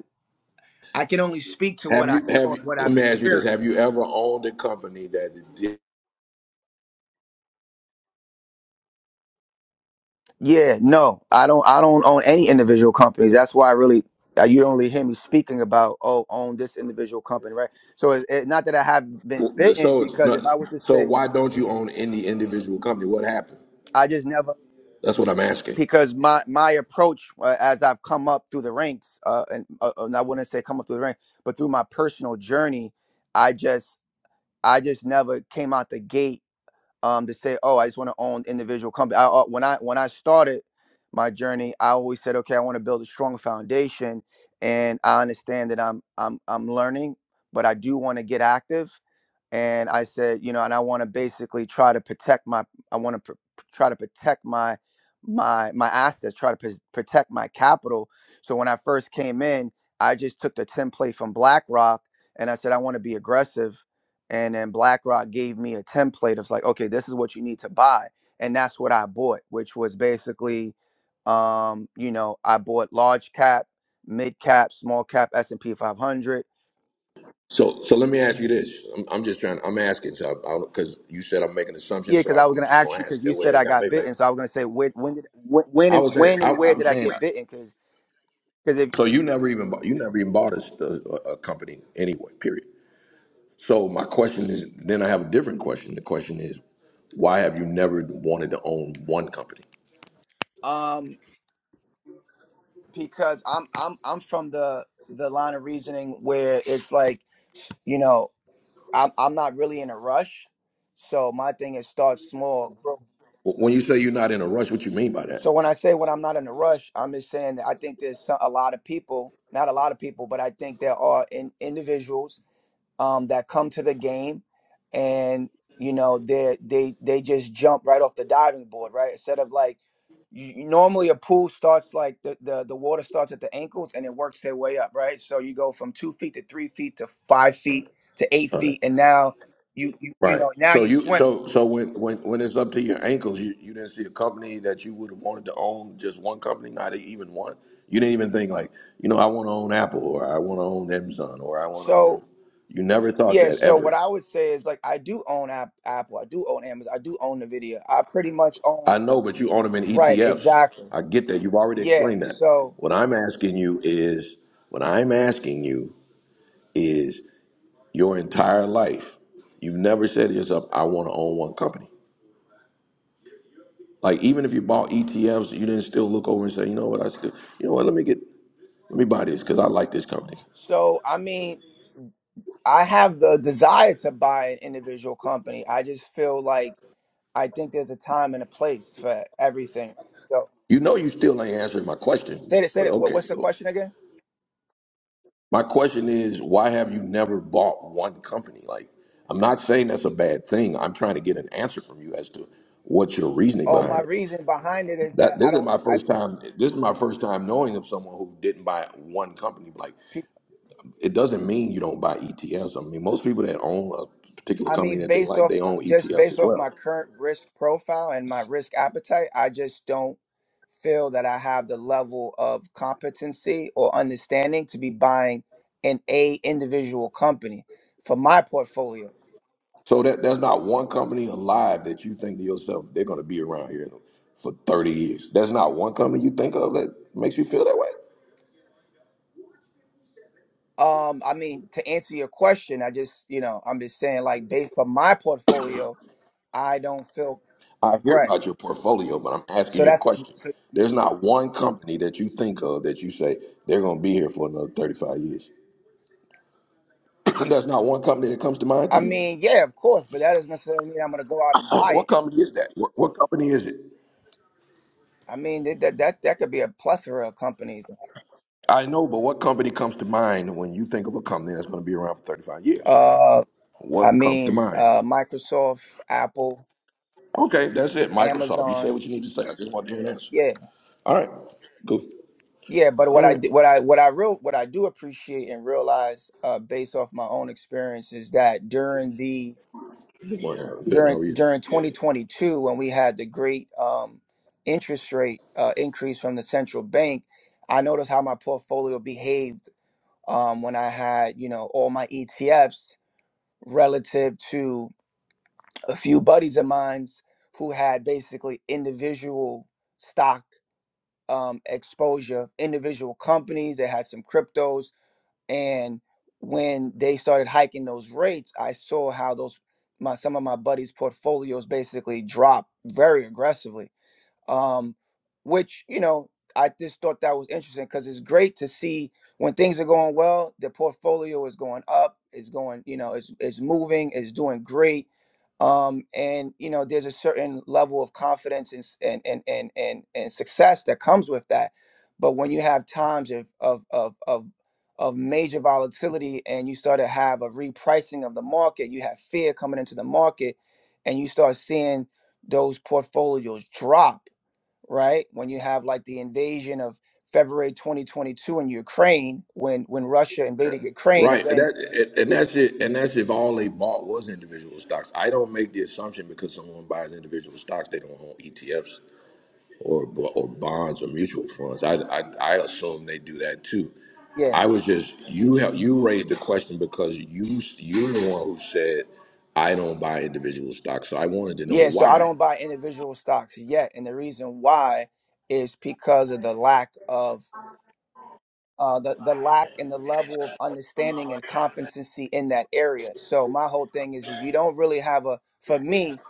Speaker 14: I can only speak to
Speaker 1: Have
Speaker 14: what I
Speaker 1: you have
Speaker 14: know and
Speaker 1: you?
Speaker 14: what
Speaker 1: Let
Speaker 14: I've
Speaker 1: me ask you this:
Speaker 14: experienced.
Speaker 1: Have you ever owned a company that did?
Speaker 14: Yeah, no, I don't I don't own any individual companies. That's why I really uh, you only hear me speaking about oh own this individual company right. So it's it, it- not that I have been bitten
Speaker 1: So it's
Speaker 14: because
Speaker 1: not,
Speaker 14: if I was to
Speaker 1: so
Speaker 14: say
Speaker 1: why don't you own any individual company? What happened?
Speaker 14: I just never.
Speaker 1: That's what I'm asking.
Speaker 14: because my my approach uh, as I've come up through the ranks, uh, and, uh, uh, and I wouldn't say come up through the ranks, but through my personal journey, I just I just never came out the gate um, to say, oh, I just want to own individual company. I, uh, when I when I started my journey, I always said, okay, I want to build a strong foundation, and I understand that I'm I'm I'm learning, but I do want to get active and I said, you know, and I want to basically try to protect my, I want to pr- try to protect my, my, my assets, try to pres- protect my capital. So when I first came in, I just took the template from BlackRock, and I said I want to be aggressive, and then BlackRock gave me a template of like, okay, this is what you need to buy, and that's what I bought, which was basically, um, you know, I bought large cap, mid cap, small cap, S and P 500
Speaker 1: So, so let me ask you this. I'm, I'm just trying. I'm asking, so I, I, because you said I'm making
Speaker 14: Yeah,
Speaker 1: assumptions, so
Speaker 14: because
Speaker 1: I'm,
Speaker 14: I was
Speaker 1: I'm
Speaker 14: gonna
Speaker 1: just
Speaker 14: ask
Speaker 1: gonna
Speaker 14: you because
Speaker 1: ask
Speaker 14: you
Speaker 1: that way.
Speaker 14: said
Speaker 1: I
Speaker 14: I
Speaker 1: got
Speaker 14: got
Speaker 1: make, make.
Speaker 14: bitten, so I was gonna say when, when did when, when
Speaker 1: I
Speaker 14: and
Speaker 1: was saying,
Speaker 14: when
Speaker 1: I,
Speaker 14: and where
Speaker 1: I'm
Speaker 14: did I
Speaker 1: saying,
Speaker 14: get bitten? Because because if
Speaker 1: so you never even bought, you never even bought a, a, a company anyway. Period. So my question is, then I have a different question. The question is, why have you never wanted to own one company?
Speaker 14: um because I'm I'm I'm from the the line of reasoning where it's like you know I'm I'm not really in a rush, so my thing is start small. grow.
Speaker 1: Wh- When you say you're not in a rush, what you mean by
Speaker 14: So when I say when I'm not in a rush, I'm just saying that I think there's some, a lot of people, not a lot of people, but I think there are in, individuals um, that come to the game and you know they they they just jump right off the diving board right instead of like you, you- normally a pool starts like the, the the water starts at the ankles and it works their way up right so you go from two feet to three feet to five feet to eight
Speaker 1: that?
Speaker 14: feet and now you you, you
Speaker 1: Right.
Speaker 14: know now
Speaker 1: So
Speaker 14: you're
Speaker 1: you
Speaker 14: swimming
Speaker 1: so so when when when it's up to your ankles, you, you didn't see a company that you would have wanted to own just one company, not even one. You didn't even think like, you know, I want to own Apple or I want to own Amazon or I want to
Speaker 14: so
Speaker 1: own. You never thought
Speaker 14: yeah
Speaker 1: that
Speaker 14: so what
Speaker 1: ever.
Speaker 14: i would say is like i do own App, apple i do own amazon i do own the video i pretty much own
Speaker 1: I know, but you own them in
Speaker 14: right
Speaker 1: ETFs.
Speaker 14: exactly
Speaker 1: I get that. You've already
Speaker 14: yeah
Speaker 1: explained that.
Speaker 14: so
Speaker 1: What I'm asking you is, what I'm asking you is, your entire life, you've never said to yourself, "I want to own one company." Like even if you bought ETFs, you didn't still look over and say, you know what, I still, you know what, let me get, let me buy this because I like this company.
Speaker 14: so I mean I have the desire to buy an individual company. I just feel like I think there's a time and a place for everything. So,
Speaker 1: You know, you still ain't answering my question,
Speaker 14: say
Speaker 1: but,
Speaker 14: it. Say
Speaker 1: but
Speaker 14: it. What,
Speaker 1: okay,
Speaker 14: what's the
Speaker 1: cool.
Speaker 14: question again?
Speaker 1: My question is, why have you never bought one company? Like, I'm not saying that's a bad thing. I'm trying to get an answer from you as to what's your reasoning
Speaker 14: Oh, my
Speaker 1: behind it.
Speaker 14: reason behind it is that
Speaker 1: That
Speaker 14: I
Speaker 1: this is
Speaker 14: don't.
Speaker 1: my
Speaker 14: I.
Speaker 1: first time. This is my first time knowing of someone who didn't buy one company. Like,
Speaker 14: pe-
Speaker 1: it doesn't mean you don't buy ETFs. I mean, most people that own a particular
Speaker 14: I
Speaker 1: company
Speaker 14: mean,
Speaker 1: that they
Speaker 14: based
Speaker 1: like,
Speaker 14: off
Speaker 1: they
Speaker 14: my,
Speaker 1: own
Speaker 14: just
Speaker 1: ETFs
Speaker 14: based
Speaker 1: as
Speaker 14: off
Speaker 1: well.
Speaker 14: my current risk profile and my risk appetite, I just don't feel that I have the level of competency or understanding to be buying an a individual company for my portfolio.
Speaker 1: So that there's not one company alive that you think to yourself they're going to be around here for 30 years. There's not one company you think of that makes you feel that way.
Speaker 14: Um, I mean, to answer your question, I just, you know, I'm just saying, like, based for my portfolio, I don't feel
Speaker 1: I hear
Speaker 14: right.
Speaker 1: about your portfolio, but I'm
Speaker 14: So
Speaker 1: asking you a
Speaker 14: that's,
Speaker 1: question.
Speaker 14: so,
Speaker 1: There's not one company that you think of that you say they're going to be here for another 35 years. there's not one company that comes to mind to
Speaker 14: I
Speaker 1: you.
Speaker 14: mean, yeah, of course, but that doesn't necessarily mean I'm going to go out and buy
Speaker 1: what
Speaker 14: it.
Speaker 1: company is that? What, what company is it?
Speaker 14: I mean, that that that that could be a plethora of companies.
Speaker 1: I know, but what company comes to mind when you think of a company that's going to be around for 35 years?
Speaker 14: Uh, I
Speaker 1: What comes to
Speaker 14: mean,
Speaker 1: mind?
Speaker 14: uh, Microsoft, Apple,
Speaker 1: Okay, that's it. Microsoft. You said
Speaker 14: Amazon.
Speaker 1: what you need to say. I just want to hear an answer.
Speaker 14: Yeah,
Speaker 1: All right, cool.
Speaker 14: yeah. But what
Speaker 1: All
Speaker 14: I
Speaker 1: right.
Speaker 14: did, what I what I real what I do appreciate and realize, uh, based off my own experience, is that during the
Speaker 1: Good morning. Harold. Good. How
Speaker 14: during
Speaker 1: are you?
Speaker 14: during 2022 when we had the great um, interest rate uh, increase from the central bank, I noticed how my portfolio behaved um, when I had you know all my ETFs relative to a few buddies of mine's who had basically individual stock um, exposure, individual companies. They had some cryptos and when they started hiking those rates, I saw how those my some of my buddies' portfolios basically dropped very aggressively um, which you know I just thought that was interesting because it's great to see when things are going well, the portfolio is going up, it's going, you know, it's it's moving, it's doing great, um, and you know, there's a certain level of confidence and s- and and and and, and success that comes with that. But when you have times of of of of of major volatility and you start to have a repricing of the market, you have fear coming into the market, and you start seeing those portfolios drop right? When you have like the invasion of February 2022 in Ukraine, when when Russia invaded Ukraine, and
Speaker 1: Right. And
Speaker 14: then
Speaker 1: that and that's it. And that's if all they bought was individual stocks. I don't make the assumption because someone buys individual stocks, they don't own ETFs or or bonds or mutual funds. I I, I assume they do that too.
Speaker 14: yeah,
Speaker 1: I was just you have you raised the question because you you're the one who said I don't buy individual stocks. So I wanted to know
Speaker 14: yeah. So I
Speaker 1: why.
Speaker 14: don't buy individual stocks yet, and the reason why is because of the lack of uh, the the lack and the level of understanding and competency in that area. So my whole thing is, if you don't really have a, for me,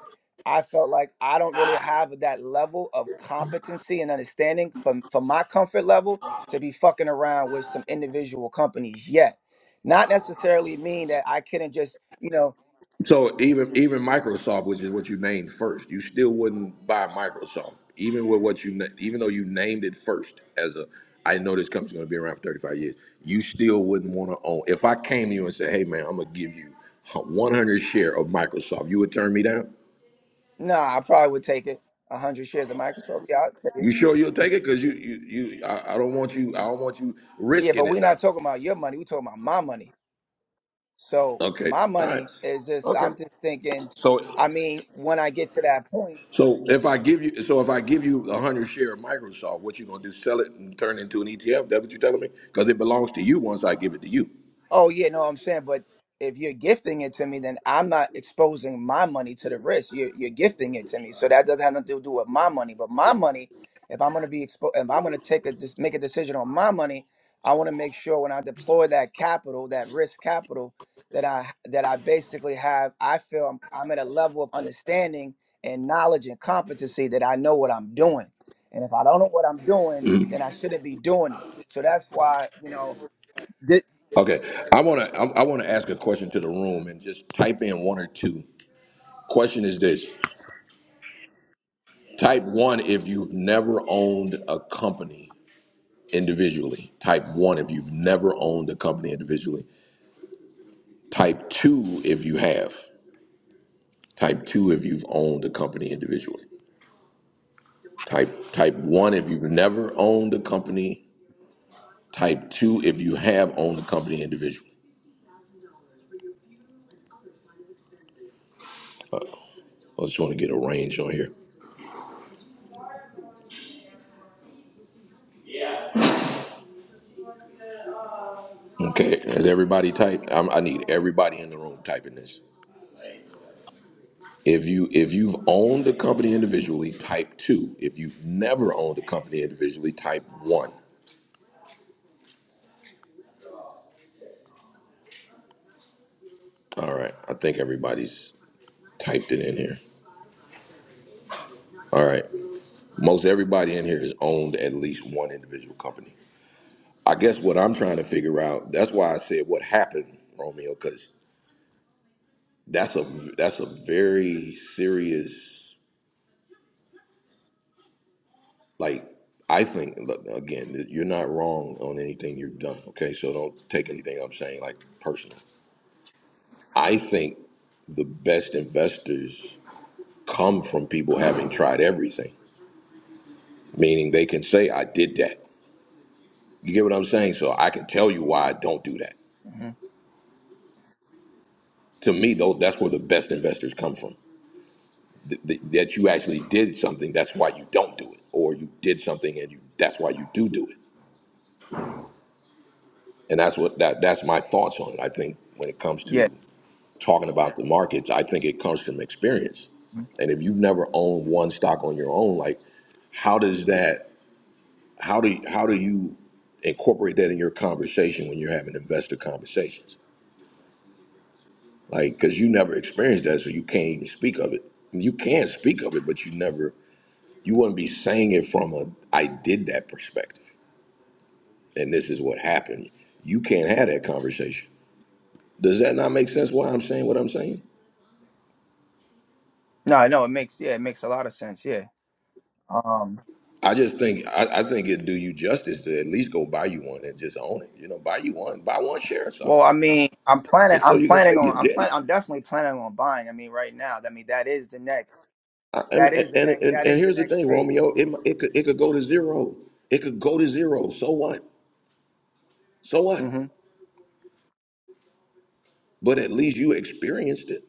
Speaker 14: I felt like I don't really have that level of competency and understanding for for my comfort level to be fucking around with some individual companies yet. Not necessarily mean that I couldn't just, you know,
Speaker 1: So even even Microsoft, which is what you named first, you still wouldn't buy Microsoft, even with what you na- even though you named it first as a. I know this company's going to be around for 35 years. You still wouldn't want to own. If I came to you and said, "Hey man, I'm going to give you 100 share of Microsoft," you would turn me down.
Speaker 14: nah, I probably would take it. a hundred shares of Microsoft, yeah, I'll take
Speaker 1: You
Speaker 14: it.
Speaker 1: sure you'll take it? Because you you you. I, I don't want you. I don't want you
Speaker 14: Yeah,
Speaker 1: risking
Speaker 14: but we're
Speaker 1: it now.
Speaker 14: not talking about your money. We're talking about my money. So
Speaker 1: Okay.
Speaker 14: my
Speaker 1: All right.
Speaker 14: money is just
Speaker 1: Okay.
Speaker 14: I'm just thinking,
Speaker 1: So
Speaker 14: I mean, when I get to that point,
Speaker 1: So if I give you, so if I give you a hundred share of Microsoft, what you gonna do? Sell it and turn it into an ETF? That what you're telling me? Because it belongs to you once I give it to you.
Speaker 14: Oh yeah, no, I'm saying, but if you're gifting it to me, then I'm not exposing my money to the risk. You're you're gifting it to me, so that doesn't have nothing to do with my money. But my money, if I'm gonna be exposed, if I'm gonna take a dis- make a decision on my money, I want to make sure when I deploy that capital, that risk capital, that I that I basically have, I feel I'm, I'm at a level of understanding and knowledge and competency that I know what I'm doing. And if I don't know what I'm doing, then I shouldn't be doing it. So that's why you know. Thi-
Speaker 1: Okay, I wanna I, I wanna ask a question to the room and just type in one or two. Question is this: Type one if you've never owned a company individually. Type one if you've never owned a company individually. Type two if you have. Type two if you've owned a company individually. Type type one if you've never owned a company Type two if you have owned the company individually. Uh, I just want to get a range on here. Okay, has everybody typed? I'm, I need everybody in the room typing this. If you if you've owned the company individually, type two. If you've never owned the company individually, type one. All right, I think everybody's typed it in here. All right, most everybody in here has owned at least one individual company. I guess what I'm trying to figure out. That's why I said what happened, Romeo, because. that's a that's a very serious like I think look, again you're not wrong on anything you've done okay so don't take anything I'm saying like personal I think the best investors come from people having tried everything meaning they can say I did that you get what I'm saying so I can tell you why I don't do that
Speaker 14: Mhm.
Speaker 1: to me though that's where the best investors come from Th- th- that you actually did something that's why you don't do it or you did something and you that's why you do do it and that's what that that's my thoughts on it. I think when it comes to talking about the markets, I think it comes from experience.
Speaker 14: Mm-hmm.
Speaker 1: And if you've never owned one stock on your own, like how does that how do how do you incorporate that in your conversation when you're having investor conversations? Like because you never experienced that, so you can't even speak of it. You can speak of it, but you never you wouldn't be saying it from a I did that perspective, and this is what happened. You can't have that conversation Does that not make sense? Why I'm saying what I'm saying?
Speaker 14: No, I know it makes yeah, it makes a lot of sense. Yeah. Um.
Speaker 1: I just think I, I think it'd do you justice to at least go buy you one and just own it. You know, buy you one, buy one share of something,
Speaker 14: Well, I mean, I'm planning.
Speaker 1: just so
Speaker 14: I'm
Speaker 1: you can say
Speaker 14: planning
Speaker 1: you
Speaker 14: on. I'm
Speaker 1: did
Speaker 14: plan.
Speaker 1: it.
Speaker 14: I'm definitely planning on buying. I mean, right now. I mean, that is the next.
Speaker 1: I, I
Speaker 14: That
Speaker 1: mean,
Speaker 14: is the
Speaker 1: and,
Speaker 14: next.
Speaker 1: and
Speaker 14: That
Speaker 1: and
Speaker 14: is the
Speaker 1: here's the
Speaker 14: next
Speaker 1: thing, Romeo.
Speaker 14: phase.
Speaker 1: It mi- it could it could go to zero. It could go to zero. So what? So what?
Speaker 14: hmm
Speaker 1: But at least you experienced it.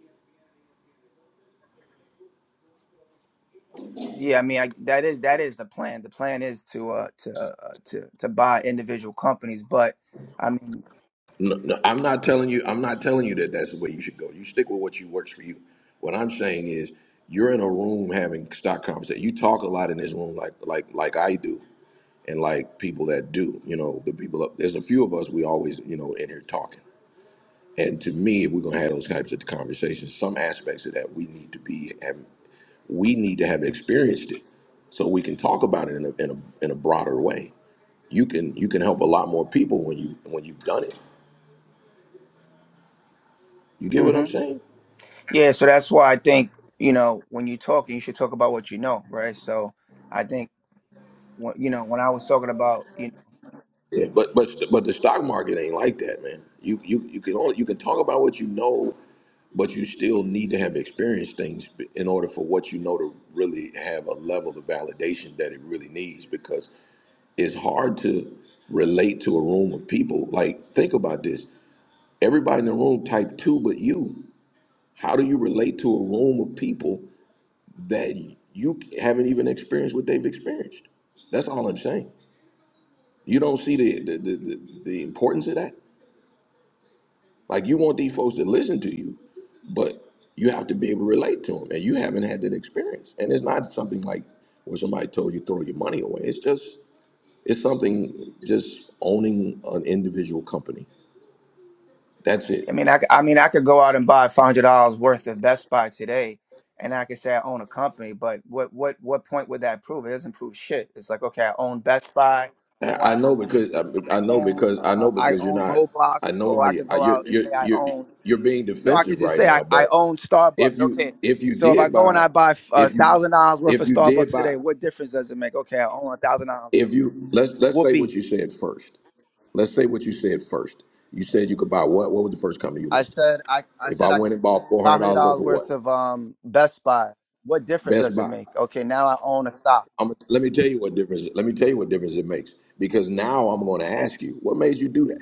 Speaker 14: Yeah. I mean, I, that is that is the plan. The plan is to uh to uh, to to buy individual companies, but I mean,
Speaker 1: No, no, I'm not telling you. I'm not telling you that that's the way you should go. You stick with what you works for you. What I'm saying is, you're in a room having stock conversation. You talk a lot in this room, like like like I do. and like people that do, you know, the people up there's a few of us we always, you know, in here talking. And to me, if we're gonna have those types of conversations, some aspects of that we need to be have we need to have experienced it so we can talk about it in a in a in a broader way. You can you can help a lot more people when you when you've done it. You get what I'm
Speaker 14: hmm
Speaker 1: saying?
Speaker 14: Yeah, so that's why I think you know when you're talking, you should talk about what you know, right? So I think when- you know when I was talking about you know
Speaker 1: Yeah, but but but the stock market ain't like that, man. You you you can only you can talk about what you know, but you still need to have experienced things b- in order for what you know to really have a level of validation that it really needs. Because it's hard to relate to a room of people. Like think about this: everybody in the room type two, but you. How do you relate to a room of people that you haven't even experienced what they've experienced? That's all I'm saying. You don't see the the the, the, the importance of that. Like you want these folks to listen to you, but you have to be able to relate to them, and you haven't had that experience. And it's not something like where somebody told you throw your money away. It's just it's something just owning an individual company. That's it.
Speaker 14: I mean, I, c- I mean, I could go out and buy five hundred dollars worth of Best Buy today, and I could say I own a company. But what, what, what point would that prove? It doesn't prove shit. It's like, okay, I own Best Buy, or
Speaker 1: I I
Speaker 14: I
Speaker 1: know
Speaker 14: own,
Speaker 1: because I I
Speaker 14: I
Speaker 1: know
Speaker 14: own,
Speaker 1: because I
Speaker 14: uh,
Speaker 1: know
Speaker 14: I
Speaker 1: because you're
Speaker 14: own
Speaker 1: not. I
Speaker 14: Roblox,
Speaker 1: know
Speaker 14: or
Speaker 1: why
Speaker 14: I
Speaker 1: you
Speaker 14: could
Speaker 1: I-
Speaker 14: go out
Speaker 1: you're
Speaker 14: and
Speaker 1: you're
Speaker 14: say I
Speaker 1: you're
Speaker 14: own.
Speaker 1: you're being
Speaker 14: No, I could
Speaker 1: defensive
Speaker 14: just
Speaker 1: right
Speaker 14: say I,
Speaker 1: now.
Speaker 14: I
Speaker 1: But
Speaker 14: own
Speaker 1: if
Speaker 14: Starbucks. Okay,
Speaker 1: you if you
Speaker 14: so if I
Speaker 1: did
Speaker 14: go and
Speaker 1: buy
Speaker 14: I buy a
Speaker 1: if you
Speaker 14: thousand dollars worth
Speaker 1: if
Speaker 14: of
Speaker 1: you did
Speaker 14: Starbucks
Speaker 1: buy
Speaker 14: today, what difference does it make? Okay, I own a thousand dollars.
Speaker 1: If you let's let's say what
Speaker 14: Whoopee!
Speaker 1: you said first. Let's say what you said first. You said you could buy what? What was the first company you
Speaker 14: I
Speaker 1: listed?
Speaker 14: said I, I
Speaker 1: If
Speaker 14: said
Speaker 1: I
Speaker 14: I
Speaker 1: went and bought four hundred
Speaker 14: five hundred
Speaker 1: dollars worth
Speaker 14: dollars
Speaker 1: of what?
Speaker 14: worth of um Best Buy, what difference
Speaker 1: Best
Speaker 14: does it
Speaker 1: Buy.
Speaker 14: make? Okay, now I own a stock
Speaker 1: I'm, let me tell you what difference. Let me tell you what difference it makes. Because now I'm going to ask you, what made you do that?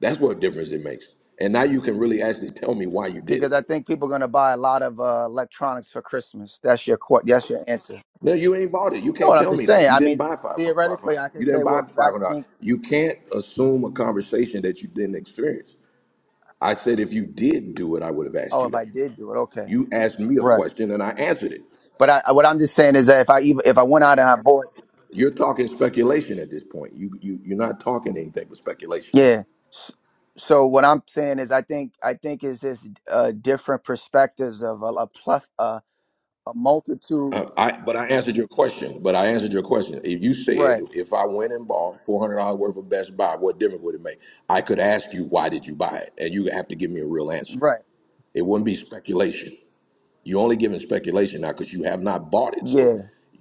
Speaker 1: That's what difference it makes. And now you can really actually tell me why you did it.
Speaker 14: because I think people are gonna buy a lot of uh, electronics for Christmas. That's your court. That's your answer.
Speaker 1: No, you ain't bought it. You
Speaker 14: No,
Speaker 1: can't
Speaker 14: what I'm
Speaker 1: tell
Speaker 14: just
Speaker 1: me
Speaker 14: saying.
Speaker 1: that. You
Speaker 14: I mean,
Speaker 1: didn't buy five
Speaker 14: theoretically,
Speaker 1: hundred.
Speaker 14: I can
Speaker 1: You didn't
Speaker 14: say,
Speaker 1: buy
Speaker 14: well, because I
Speaker 1: five hundred.
Speaker 14: think,
Speaker 1: You can't assume a conversation that you didn't experience. I said if you did do it, I would have asked
Speaker 14: oh,
Speaker 1: you
Speaker 14: if
Speaker 1: that.
Speaker 14: I did do it, okay,
Speaker 1: You asked me a
Speaker 14: right.
Speaker 1: question and I answered it.
Speaker 14: But I, what I'm just saying is that if I even if I went out and I bought,
Speaker 1: You're talking speculation at this point. You you you're not talking anything but speculation.
Speaker 14: yeah. S- So what I'm saying is, I think I think is this uh, different perspectives of a, a plus a, a multitude,
Speaker 1: Uh, I but I answered your question. But I answered your question. If you said
Speaker 14: right?
Speaker 1: if I went and bought four hundred dollars worth of Best Buy, what difference would it make? I could ask you why did you buy it, and you have to give me a real answer.
Speaker 14: Right.
Speaker 1: It wouldn't be speculation. You're only giving speculation now because you have not bought it,
Speaker 14: Yeah,
Speaker 1: so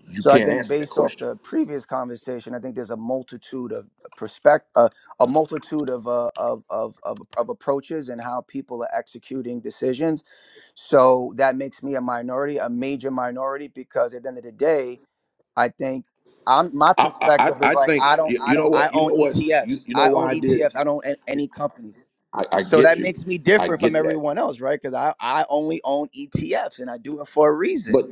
Speaker 1: you
Speaker 14: So I
Speaker 1: can't
Speaker 14: think
Speaker 1: answer that
Speaker 14: based off
Speaker 1: question.
Speaker 14: the previous conversation, I think there's a multitude of perspect, uh, a multitude of, uh, of of of of approaches and how people are executing decisions. So that makes me a minority, a major minority, because at the end of the day, I think I'm my
Speaker 1: I, I, I
Speaker 14: perspective is
Speaker 1: I
Speaker 14: like
Speaker 1: think
Speaker 14: I don't
Speaker 1: you,
Speaker 14: I
Speaker 1: you know
Speaker 14: don't I
Speaker 1: what you
Speaker 14: own
Speaker 1: know what you
Speaker 14: ETFs.
Speaker 1: you know
Speaker 14: I own
Speaker 1: why I did.
Speaker 14: ETFs. I don't own any companies.
Speaker 1: I, I
Speaker 14: So
Speaker 1: get
Speaker 14: that
Speaker 1: you.
Speaker 14: makes me
Speaker 1: I
Speaker 14: different from
Speaker 1: get that.
Speaker 14: everyone else, right? Because I I only own ETFs and I do it for a reason.
Speaker 1: But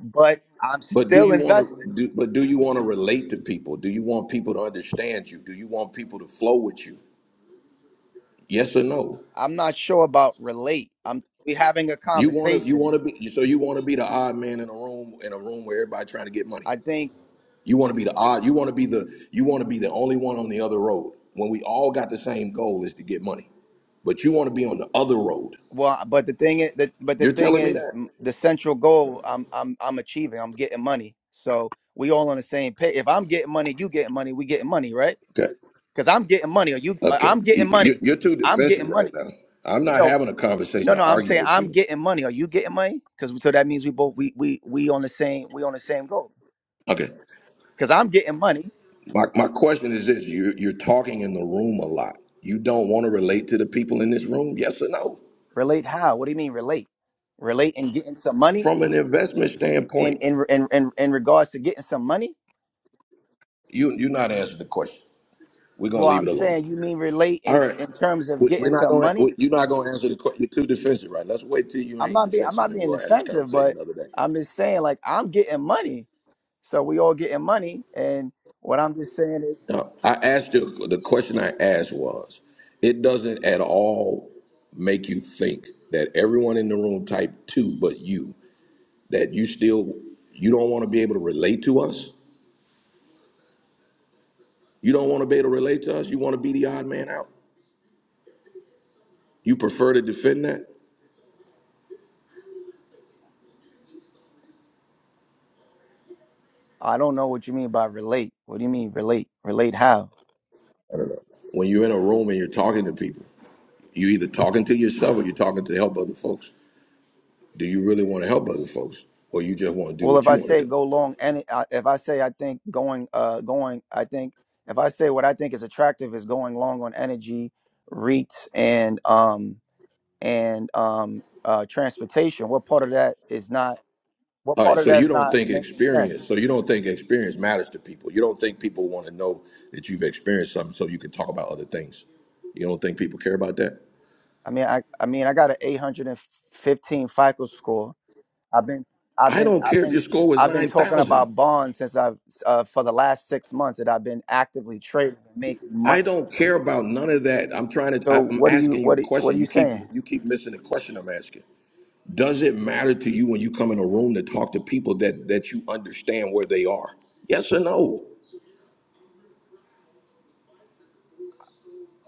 Speaker 14: But I'm
Speaker 1: but do
Speaker 14: still
Speaker 1: you want
Speaker 14: invested.
Speaker 1: to do but do you want to relate to people? Do you want people to understand you? Do you want people to flow with you? Yes or no?
Speaker 14: I'm not sure about relate. I'm we having a
Speaker 1: You want to you
Speaker 14: conversation.
Speaker 1: want to be so you want to be the odd man in a room in a room where everybody trying to get money.
Speaker 14: I think
Speaker 1: You want to be the odd. You want to be the you want to be the only one on the other road when we all got the same goal is to get money. But you want to be on the other road.
Speaker 14: well, but the thing is, the, but the
Speaker 1: You're
Speaker 14: thing
Speaker 1: telling me
Speaker 14: is,
Speaker 1: that?
Speaker 14: m- the central goal I'm I'm I'm achieving. I'm getting money, so we all on the same page. If I'm getting money, you getting money, we getting money, right?
Speaker 1: Okay.
Speaker 14: Because I'm getting money, Are you, uh,
Speaker 1: Okay.
Speaker 14: I'm getting
Speaker 1: You- you-
Speaker 14: money,
Speaker 1: You're too
Speaker 14: I'm
Speaker 1: defensive
Speaker 14: getting
Speaker 1: right
Speaker 14: money.
Speaker 1: now. I'm not
Speaker 14: No,
Speaker 1: having a
Speaker 14: no,
Speaker 1: conversation to
Speaker 14: no. I'm
Speaker 1: argue
Speaker 14: saying
Speaker 1: with
Speaker 14: I'm
Speaker 1: you.
Speaker 14: getting money. Are you getting money? Because so that means we both we we we on the same we on the same goal.
Speaker 1: Okay.
Speaker 14: Because I'm getting money.
Speaker 1: My, my question is this you, you're talking in the room a lot. You don't want to relate to the people in this room, yes or no?
Speaker 14: Relate how? What do you mean relate? Relate and getting some money?
Speaker 1: From an investment
Speaker 14: in
Speaker 1: standpoint,
Speaker 14: in in in, in regards to getting some money.
Speaker 1: you, you're not answering the question. We're going to
Speaker 14: Well,
Speaker 1: leave
Speaker 14: I'm
Speaker 1: it alone.
Speaker 14: saying you mean relate
Speaker 1: All
Speaker 14: in
Speaker 1: right.
Speaker 14: in terms of
Speaker 1: We- We're
Speaker 14: getting
Speaker 1: not
Speaker 14: some
Speaker 1: going. to
Speaker 14: money.
Speaker 1: You're not going to answer the question. You're too defensive, right? Let's wait till you
Speaker 14: I'm
Speaker 1: ain't
Speaker 14: not being I'm
Speaker 1: defensive,
Speaker 14: not
Speaker 1: and
Speaker 14: being
Speaker 1: we'll have this
Speaker 14: defensive,
Speaker 1: conversation
Speaker 14: but
Speaker 1: another day.
Speaker 14: I'm just saying like I'm getting money, so we all getting money. And what I'm just saying is
Speaker 1: No, I asked you. The question I asked was, it doesn't at all make you think that everyone in the room typed two, but you that you still you don't want to be able to relate to us you don't want to be able to relate to us you want to be the odd man out you prefer to defend that
Speaker 14: I don't know what you mean by relate. What do you mean relate? Relate how?
Speaker 1: i don't know when you're in a room and you're talking to people you either talking to yourself or you're talking to help other folks do you really want to help other folks or you just want to do
Speaker 14: Well, if
Speaker 1: what
Speaker 14: I
Speaker 1: you want to
Speaker 14: say
Speaker 1: do
Speaker 14: go long, and I- if I say I think going uh going, I think if I say what I think is attractive is going long on energy, REITs, and um and um, uh, transportation. What part of that is not? What
Speaker 1: all
Speaker 14: part
Speaker 1: right
Speaker 14: of
Speaker 1: so
Speaker 14: that
Speaker 1: you
Speaker 14: is
Speaker 1: don't
Speaker 14: not
Speaker 1: think
Speaker 14: making
Speaker 1: experience so
Speaker 14: sense?
Speaker 1: you don't think experience matters to people you don't think people want to know that you've experienced something so you can talk about other things you don't think people care about that
Speaker 14: I mean, I I mean, I got an 815 FICO score. I've been I've
Speaker 1: i
Speaker 14: been
Speaker 1: don't
Speaker 14: I've
Speaker 1: care if
Speaker 14: been
Speaker 1: your score was
Speaker 14: I've been talking
Speaker 1: 9000
Speaker 14: about bonds since I've uh, for the last six months that I've been actively trading and making
Speaker 1: I
Speaker 14: money.
Speaker 1: don't care about none of that. I'm trying to.
Speaker 14: So
Speaker 1: I- I'm
Speaker 14: what do you
Speaker 1: asking you
Speaker 14: what
Speaker 1: a
Speaker 14: are, what are
Speaker 1: question.
Speaker 14: you
Speaker 1: You keep
Speaker 14: saying?
Speaker 1: you keep missing the question I'm asking. Does it matter to you when you come in a room to talk to people that that you understand where they are? Yes or no?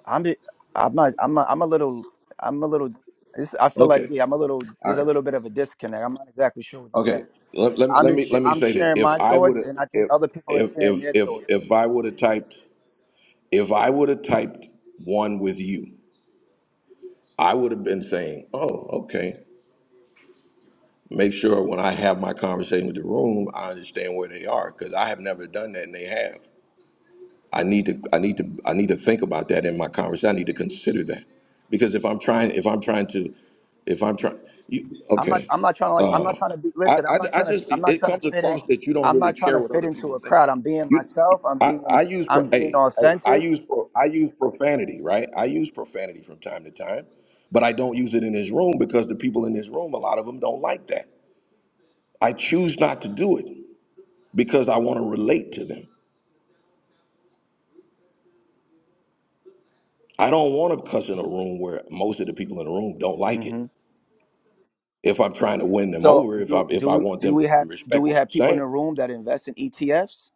Speaker 14: I'm just, I'm not, I'm not, I'm a little I'm a little. This, I feel like
Speaker 1: Okay.
Speaker 14: yeah, I'm a little.
Speaker 1: All
Speaker 14: There's a
Speaker 1: right.
Speaker 14: little bit of a disconnect. I'm not exactly sure what you're saying.
Speaker 1: Okay. Let, let me
Speaker 14: I'm
Speaker 1: let
Speaker 14: just
Speaker 1: me let
Speaker 14: sh-
Speaker 1: me
Speaker 14: I'm
Speaker 1: say this.
Speaker 14: sharing
Speaker 1: If
Speaker 14: my
Speaker 1: I would
Speaker 14: thoughts,
Speaker 1: have
Speaker 14: and I think
Speaker 1: if
Speaker 14: other people are
Speaker 1: if
Speaker 14: sharing
Speaker 1: if
Speaker 14: their
Speaker 1: if
Speaker 14: thoughts.
Speaker 1: if I would have typed if I would have typed one with you, I would have been saying, "Oh, okay." make sure when I have my conversation with the room, I understand where they are because I have never done that and they have. I need to I need to I need to think about that in my conversation. I need to consider that because if I'm trying if I'm trying to if I'm trying you
Speaker 14: I'm not.
Speaker 1: okay
Speaker 14: I'm not trying to like. I'm
Speaker 1: uh,
Speaker 14: not trying to be.
Speaker 1: I,
Speaker 14: Listen, I'm
Speaker 1: I
Speaker 14: not
Speaker 1: I
Speaker 14: trying to.
Speaker 1: just
Speaker 14: I'm not
Speaker 1: it
Speaker 14: trying to
Speaker 1: comes
Speaker 14: fit in.
Speaker 1: across that you don't
Speaker 14: I'm
Speaker 1: really
Speaker 14: not trying
Speaker 1: care
Speaker 14: to
Speaker 1: what
Speaker 14: fit
Speaker 1: other
Speaker 14: into
Speaker 1: people
Speaker 14: a
Speaker 1: think.
Speaker 14: crowd. I'm being
Speaker 1: You
Speaker 14: myself. I'm
Speaker 1: I,
Speaker 14: being.
Speaker 1: I use
Speaker 14: I'm
Speaker 1: pro,
Speaker 14: being
Speaker 1: hey, hey I
Speaker 14: authentic.
Speaker 1: use pro, I use profanity right I use profanity from time to time, but I don't use it in this room because the people in this room a lot of them don't like that. I choose not to do it because I want to relate to them. I don't want to cuss in a room where most of the people in the room don't like it.
Speaker 14: hmm
Speaker 1: If I'm trying to win them
Speaker 14: so
Speaker 1: over, if I
Speaker 14: do
Speaker 1: if
Speaker 14: do
Speaker 1: I
Speaker 14: we
Speaker 1: want
Speaker 14: do
Speaker 1: them
Speaker 14: we
Speaker 1: to
Speaker 14: have do
Speaker 1: respect
Speaker 14: we
Speaker 1: what I'm
Speaker 14: have people in
Speaker 1: saying,
Speaker 14: the room that invest in ETFs?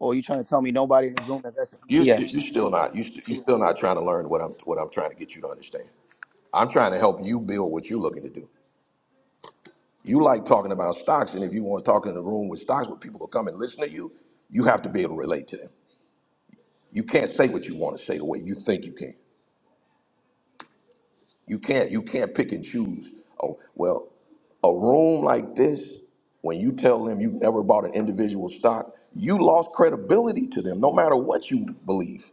Speaker 14: Or are you trying to tell me nobody in the room invests in
Speaker 1: you st-
Speaker 14: ETFs?
Speaker 1: you still not you st- you still not trying to learn what I'm what I'm trying to get you to understand. I'm trying to help you build what you're looking to do. You like talking about stocks, and if you want to talk in a room with stocks where people will come and listen to you, you have to be able to relate to them. You can't say what you want to say the way you think you can. You can't you can't pick and choose. Oh well, a room like this, when you tell them you've never bought an individual stock, you lost credibility to them. No matter what you believe,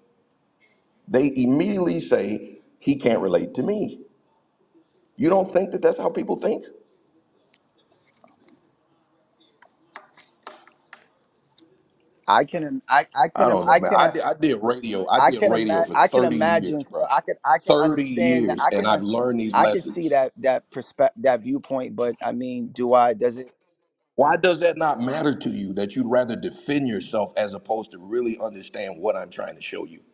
Speaker 1: they immediately say he can't relate to me. You don't think that that's how people think?
Speaker 14: I can im- I I
Speaker 1: I
Speaker 14: can im-
Speaker 1: don't know,
Speaker 14: I
Speaker 1: man.
Speaker 14: can
Speaker 1: I
Speaker 14: uh,
Speaker 1: did, I did radio. I
Speaker 14: I
Speaker 1: did
Speaker 14: can imagine
Speaker 1: radio for
Speaker 14: I can
Speaker 1: thirty years,
Speaker 14: imagine so
Speaker 1: bro.
Speaker 14: I can I can
Speaker 1: Thirty
Speaker 14: understand that
Speaker 1: years,
Speaker 14: I
Speaker 1: and
Speaker 14: can uh,
Speaker 1: I've learned these
Speaker 14: I can see
Speaker 1: lessons.
Speaker 14: that that perspective that viewpoint, but I mean, do I does it
Speaker 1: Why does that not matter to you? That you'd rather defend yourself as opposed to really understand what I'm trying to show you?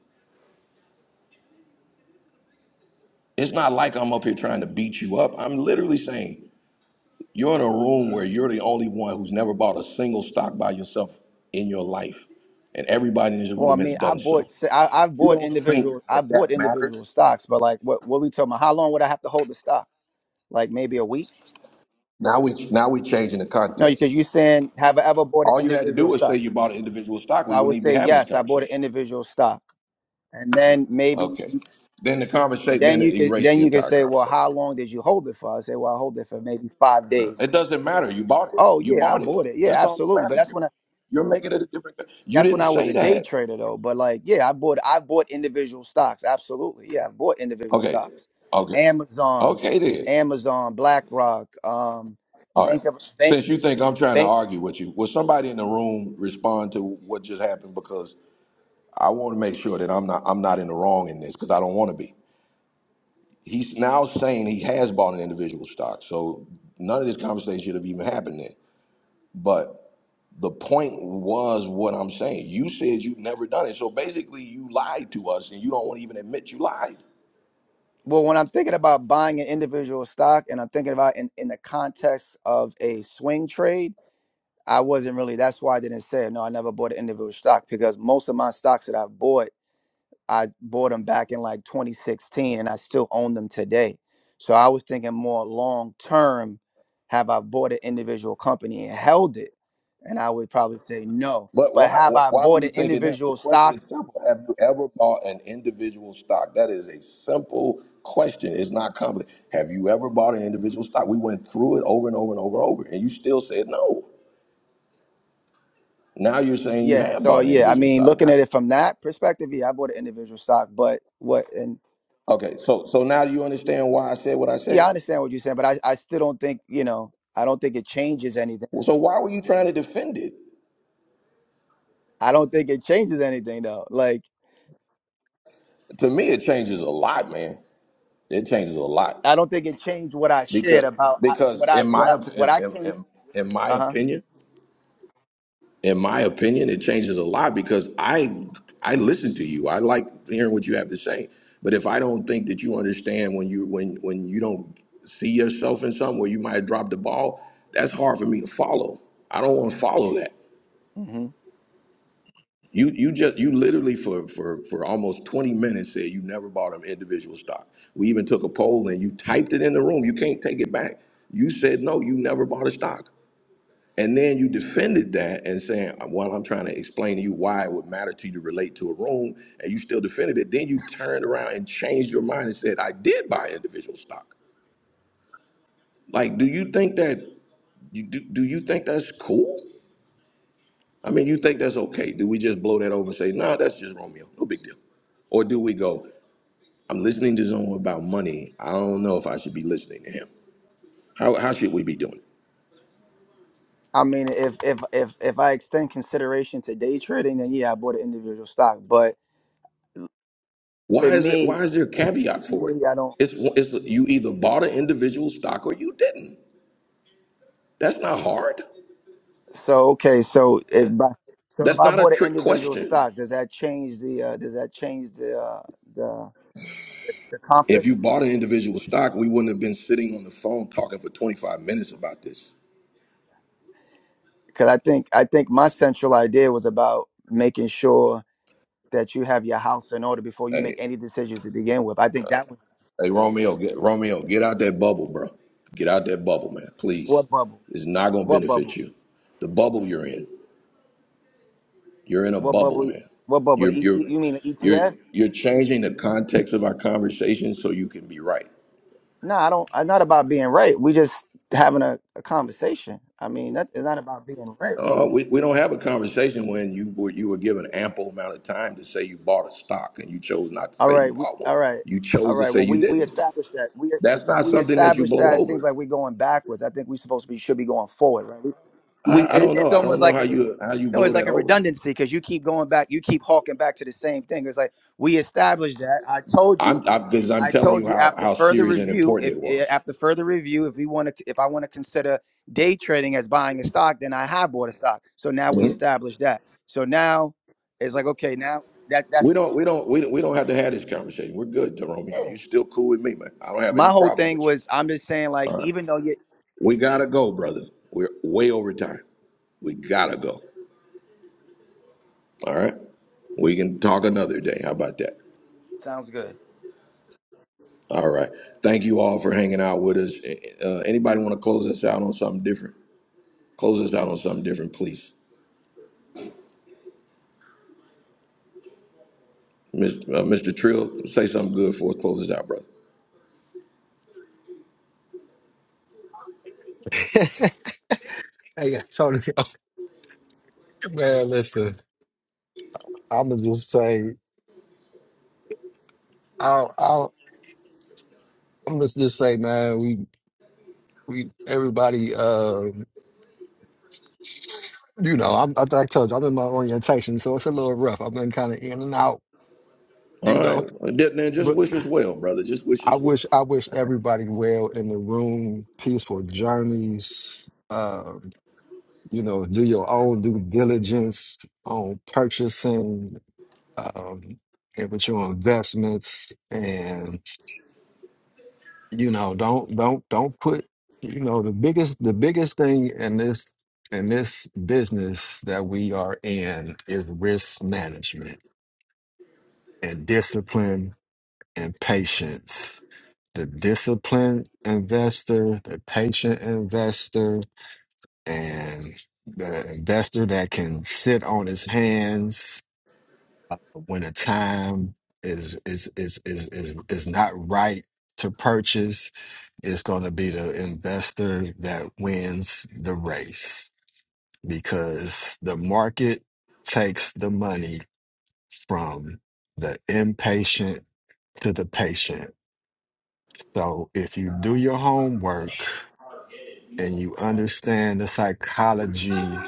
Speaker 1: It's not like I'm up here trying to beat you up. I'm literally saying you're in a room where you're the only one who's never bought a single stock by yourself in your life. And everybody in this
Speaker 14: Well, I
Speaker 1: room has
Speaker 14: mean, I
Speaker 1: done
Speaker 14: bought
Speaker 1: so.
Speaker 14: s- I, have
Speaker 1: You
Speaker 14: bought
Speaker 1: don't think
Speaker 14: individual I
Speaker 1: that
Speaker 14: bought
Speaker 1: that
Speaker 14: individual
Speaker 1: matters?
Speaker 14: stocks, but like what what we talking about? How long would I have to hold the stock? Like maybe a week?
Speaker 1: Now we now we changing the
Speaker 14: No, because
Speaker 1: context.
Speaker 14: you saying have I ever bought an
Speaker 1: All you had to do
Speaker 14: individual
Speaker 1: was say
Speaker 14: stock?
Speaker 1: you bought an individual stock.
Speaker 14: So
Speaker 1: We
Speaker 14: I
Speaker 1: wouldn't
Speaker 14: would
Speaker 1: even be
Speaker 14: say
Speaker 1: having this
Speaker 14: yes, I bought an
Speaker 1: conversation.
Speaker 14: individual stock, and then maybe
Speaker 1: Okay. Then the conversation
Speaker 14: then
Speaker 1: then
Speaker 14: you
Speaker 1: it
Speaker 14: could
Speaker 1: erased
Speaker 14: then
Speaker 1: the
Speaker 14: you could
Speaker 1: entire
Speaker 14: say, well, how
Speaker 1: conversation.
Speaker 14: long did you hold it for? I say, well, I hold it for maybe five
Speaker 1: Uh, It
Speaker 14: days.
Speaker 1: doesn't matter. You bought it.
Speaker 14: Oh
Speaker 1: You
Speaker 14: yeah, I
Speaker 1: bought it.
Speaker 14: bought it. Yeah,
Speaker 1: That's all that
Speaker 14: absolutely. But
Speaker 1: matters.
Speaker 14: that's
Speaker 1: You're,
Speaker 14: when I
Speaker 1: you're making it a different. You
Speaker 14: that's when
Speaker 1: didn't
Speaker 14: I was
Speaker 1: say
Speaker 14: a day
Speaker 1: that.
Speaker 14: trader though. But like, yeah, I bought I bought individual stocks. Absolutely, yeah, I bought individual
Speaker 1: Okay.
Speaker 14: stocks.
Speaker 1: Okay.
Speaker 14: Amazon,
Speaker 1: Okay then.
Speaker 14: Amazon, BlackRock, um,
Speaker 1: All right.
Speaker 14: Bank of Bank
Speaker 1: Since you think I'm trying to
Speaker 14: Bank.
Speaker 1: argue with you, will somebody in the room respond to what just happened? Because I want to make sure that I'm not I'm not in the wrong in this because I don't want to be. He's now saying he has bought an individual stock, so none of this conversation should have even happened then. But the point was what I'm saying. You said you've never done it, so basically you lied to us, and you don't want to even admit you lied.
Speaker 14: Well, when I'm thinking about buying an individual stock and I'm thinking about in, in the context of a swing trade, I wasn't really, that's why I didn't say, no, I never bought an individual stock because most of my stocks that I've bought, I bought them back in like 2016 and I still own them today. So I was thinking more long term, have I bought an individual company and held it? And I would probably say no.
Speaker 1: But
Speaker 14: But
Speaker 1: why
Speaker 14: have I
Speaker 1: why were
Speaker 14: bought
Speaker 1: you
Speaker 14: an
Speaker 1: thinking that? The
Speaker 14: individual stock
Speaker 1: question is simple. Have you ever bought an individual stock? That is a simple question. It's not complicated. Have you ever bought an individual stock? We went through it over and over and over and over, and you still said no. Now you're saying you
Speaker 14: Yeah.
Speaker 1: have
Speaker 14: So
Speaker 1: bought an
Speaker 14: yeah, I
Speaker 1: individual
Speaker 14: mean,
Speaker 1: stock.
Speaker 14: looking
Speaker 1: Now-
Speaker 14: at it from that perspective, yeah, I bought an individual stock, but what and
Speaker 1: Okay, so so now do you understand why I said what I
Speaker 14: yeah,
Speaker 1: said?
Speaker 14: I understand what you're saying, but I, I still don't think, you know, I don't think it changes anything.
Speaker 1: Well, So why were you trying to defend it?
Speaker 14: I don't think it changes anything though. Like
Speaker 1: To me, it changes a lot, man. It changes a lot
Speaker 14: I don't think it changed what I shared
Speaker 1: because
Speaker 14: about I,
Speaker 1: because
Speaker 14: what I
Speaker 1: in
Speaker 14: what I
Speaker 1: my op-
Speaker 14: what
Speaker 1: in,
Speaker 14: I
Speaker 1: in,
Speaker 14: came
Speaker 1: in in my
Speaker 14: uh-huh.
Speaker 1: opinion. in my opinion, it changes a lot because I I listen to you. I like hearing what you have to say. But if I don't think that you understand when you when when you don't see yourself in something where you might have dropped the ball, that's hard for me to follow. I don't want to follow that.
Speaker 14: hmm
Speaker 1: You you just you literally for for for almost 20 minutes said you never bought an individual stock. We even took a poll and you typed it in the room. You can't take it back. You said no, you never bought a stock. And then you defended that and saying, well, I'm trying to explain to you why it would matter to you to relate to a room, and you still defended it. Then you turned around and changed your mind and said, I did buy individual stock. Like, do you think that you do, do you think that's cool? I mean, you think that's okay? Do we just blow that over and say, nah, that's just Romeo, no big deal? Or do we go, I'm listening to someone about money. I don't know if I should be listening to him. How, how should we be doing it?
Speaker 14: I mean, if if if if I extend consideration to day trading, then yeah, I bought an individual stock, but to
Speaker 1: Why is it?
Speaker 14: me,
Speaker 1: Why is there a caveat
Speaker 14: to
Speaker 1: for it?
Speaker 14: me, I don't.
Speaker 1: It's, it's you either bought an individual stock or you didn't. That's not hard.
Speaker 14: So okay, so if by, so if
Speaker 1: That's
Speaker 14: I
Speaker 1: not a
Speaker 14: bought an
Speaker 1: trick
Speaker 14: individual
Speaker 1: question.
Speaker 14: stock, does that change the uh, does that change the uh, the the
Speaker 1: If you
Speaker 14: compass?
Speaker 1: bought an individual stock, we wouldn't have been sitting on the phone talking for 25 minutes about this.
Speaker 14: Because I think I think my central idea was about making sure that you have your house in order before you make
Speaker 1: Hey,
Speaker 14: any decisions to begin with. I think that was
Speaker 1: hey, Romeo, get, Romeo, get out that bubble, bro. Get out that bubble, man. Please,
Speaker 14: what bubble,
Speaker 1: it's not gonna
Speaker 14: what
Speaker 1: benefit
Speaker 14: bubble,
Speaker 1: you. The bubble you're in, you're in a
Speaker 14: what
Speaker 1: bubble,
Speaker 14: bubble,
Speaker 1: man.
Speaker 14: what bubble?
Speaker 1: You're
Speaker 14: The ET?
Speaker 1: you're
Speaker 14: You mean the
Speaker 1: you're
Speaker 14: ETF?
Speaker 1: you're changing the context of our conversation so you can be right.
Speaker 14: No, I don't. It's not about being right. We just having a, a conversation. I mean, that, it's not about being right.
Speaker 1: Uh, we, we don't have a conversation when you were you were given ample amount of time to say you bought a stock and you chose not to
Speaker 14: All
Speaker 1: say you
Speaker 14: right, we,
Speaker 1: bought one.
Speaker 14: all right,
Speaker 1: You
Speaker 14: all
Speaker 1: chose to
Speaker 14: right.
Speaker 1: say
Speaker 14: Well,
Speaker 1: you
Speaker 14: we we
Speaker 1: didn't.
Speaker 14: established that we
Speaker 1: That's not
Speaker 14: we
Speaker 1: something that you
Speaker 14: established
Speaker 1: blow
Speaker 14: that. It seems
Speaker 1: over.
Speaker 14: like we're going backwards. I think we supposed to be should be going forward, right? We, we
Speaker 1: I, I
Speaker 14: it,
Speaker 1: don't
Speaker 14: it's
Speaker 1: know. I
Speaker 14: almost
Speaker 1: don't know
Speaker 14: like a
Speaker 1: how
Speaker 14: re-
Speaker 1: you how you
Speaker 14: no,
Speaker 1: blow
Speaker 14: it's like
Speaker 1: that
Speaker 14: a
Speaker 1: over.
Speaker 14: redundancy because you keep going back, you keep hawking back to the same thing. It's like we established that. I told
Speaker 1: I'm
Speaker 14: you,
Speaker 1: because i I'm
Speaker 14: I
Speaker 1: telling
Speaker 14: told
Speaker 1: you
Speaker 14: you
Speaker 1: how
Speaker 14: after
Speaker 1: how
Speaker 14: further
Speaker 1: serious and
Speaker 14: review,
Speaker 1: important
Speaker 14: if
Speaker 1: it
Speaker 14: eh,
Speaker 1: was.
Speaker 14: after further review, if we want to, if I want to consider day trading as buying a stock, then I have bought a stock. So now we
Speaker 1: Mhm.
Speaker 14: established that. So now it's like okay, now that
Speaker 1: We
Speaker 14: that's.
Speaker 1: don't we don't we, don't- we don't have to have this conversation. We're good, Romeo.
Speaker 14: yeah.
Speaker 1: You still cool with me, man. I don't have any
Speaker 14: my whole
Speaker 1: problems
Speaker 14: thing
Speaker 1: with you.
Speaker 14: was I'm just saying like
Speaker 1: All right,
Speaker 14: even though you
Speaker 1: we gotta go, brother. We're way over time. We gotta go. All right. We can talk another day. How about that?
Speaker 14: sounds good.
Speaker 1: All right. Thank you all for hanging out with us. Uh, anybody want to close us out on something different? Close us out on something different, please. Miss, uh, Mr. Trill, say something good for us. Close us out, brother.
Speaker 10: hey, yeah, totally. Man, listen, I'ma just say, I, will I, will I'm gonna just say, man, we, we, everybody, uh, you know, I'm, I, I told you, I'm in my orientation, so it's a little rough. I've been kind of in and out,
Speaker 1: All
Speaker 10: you
Speaker 1: right.
Speaker 10: know,
Speaker 1: Then just
Speaker 10: but
Speaker 1: wish us well, brother. Just wish
Speaker 10: I
Speaker 1: us well.
Speaker 10: wish, I wish everybody well in the room, peaceful journeys. Uh, you know, do your own due diligence on purchasing, um, and with your investments you know don't don't don't put you know the biggest the biggest thing in this in this business that we are in is risk management and discipline and patience the disciplined investor the patient investor and the investor that can sit on his hands when the time is is is is is, is not right to purchase It's going to be the investor that wins the race because the market takes the money from the impatient to the patient. So if you do your homework and you understand the psychology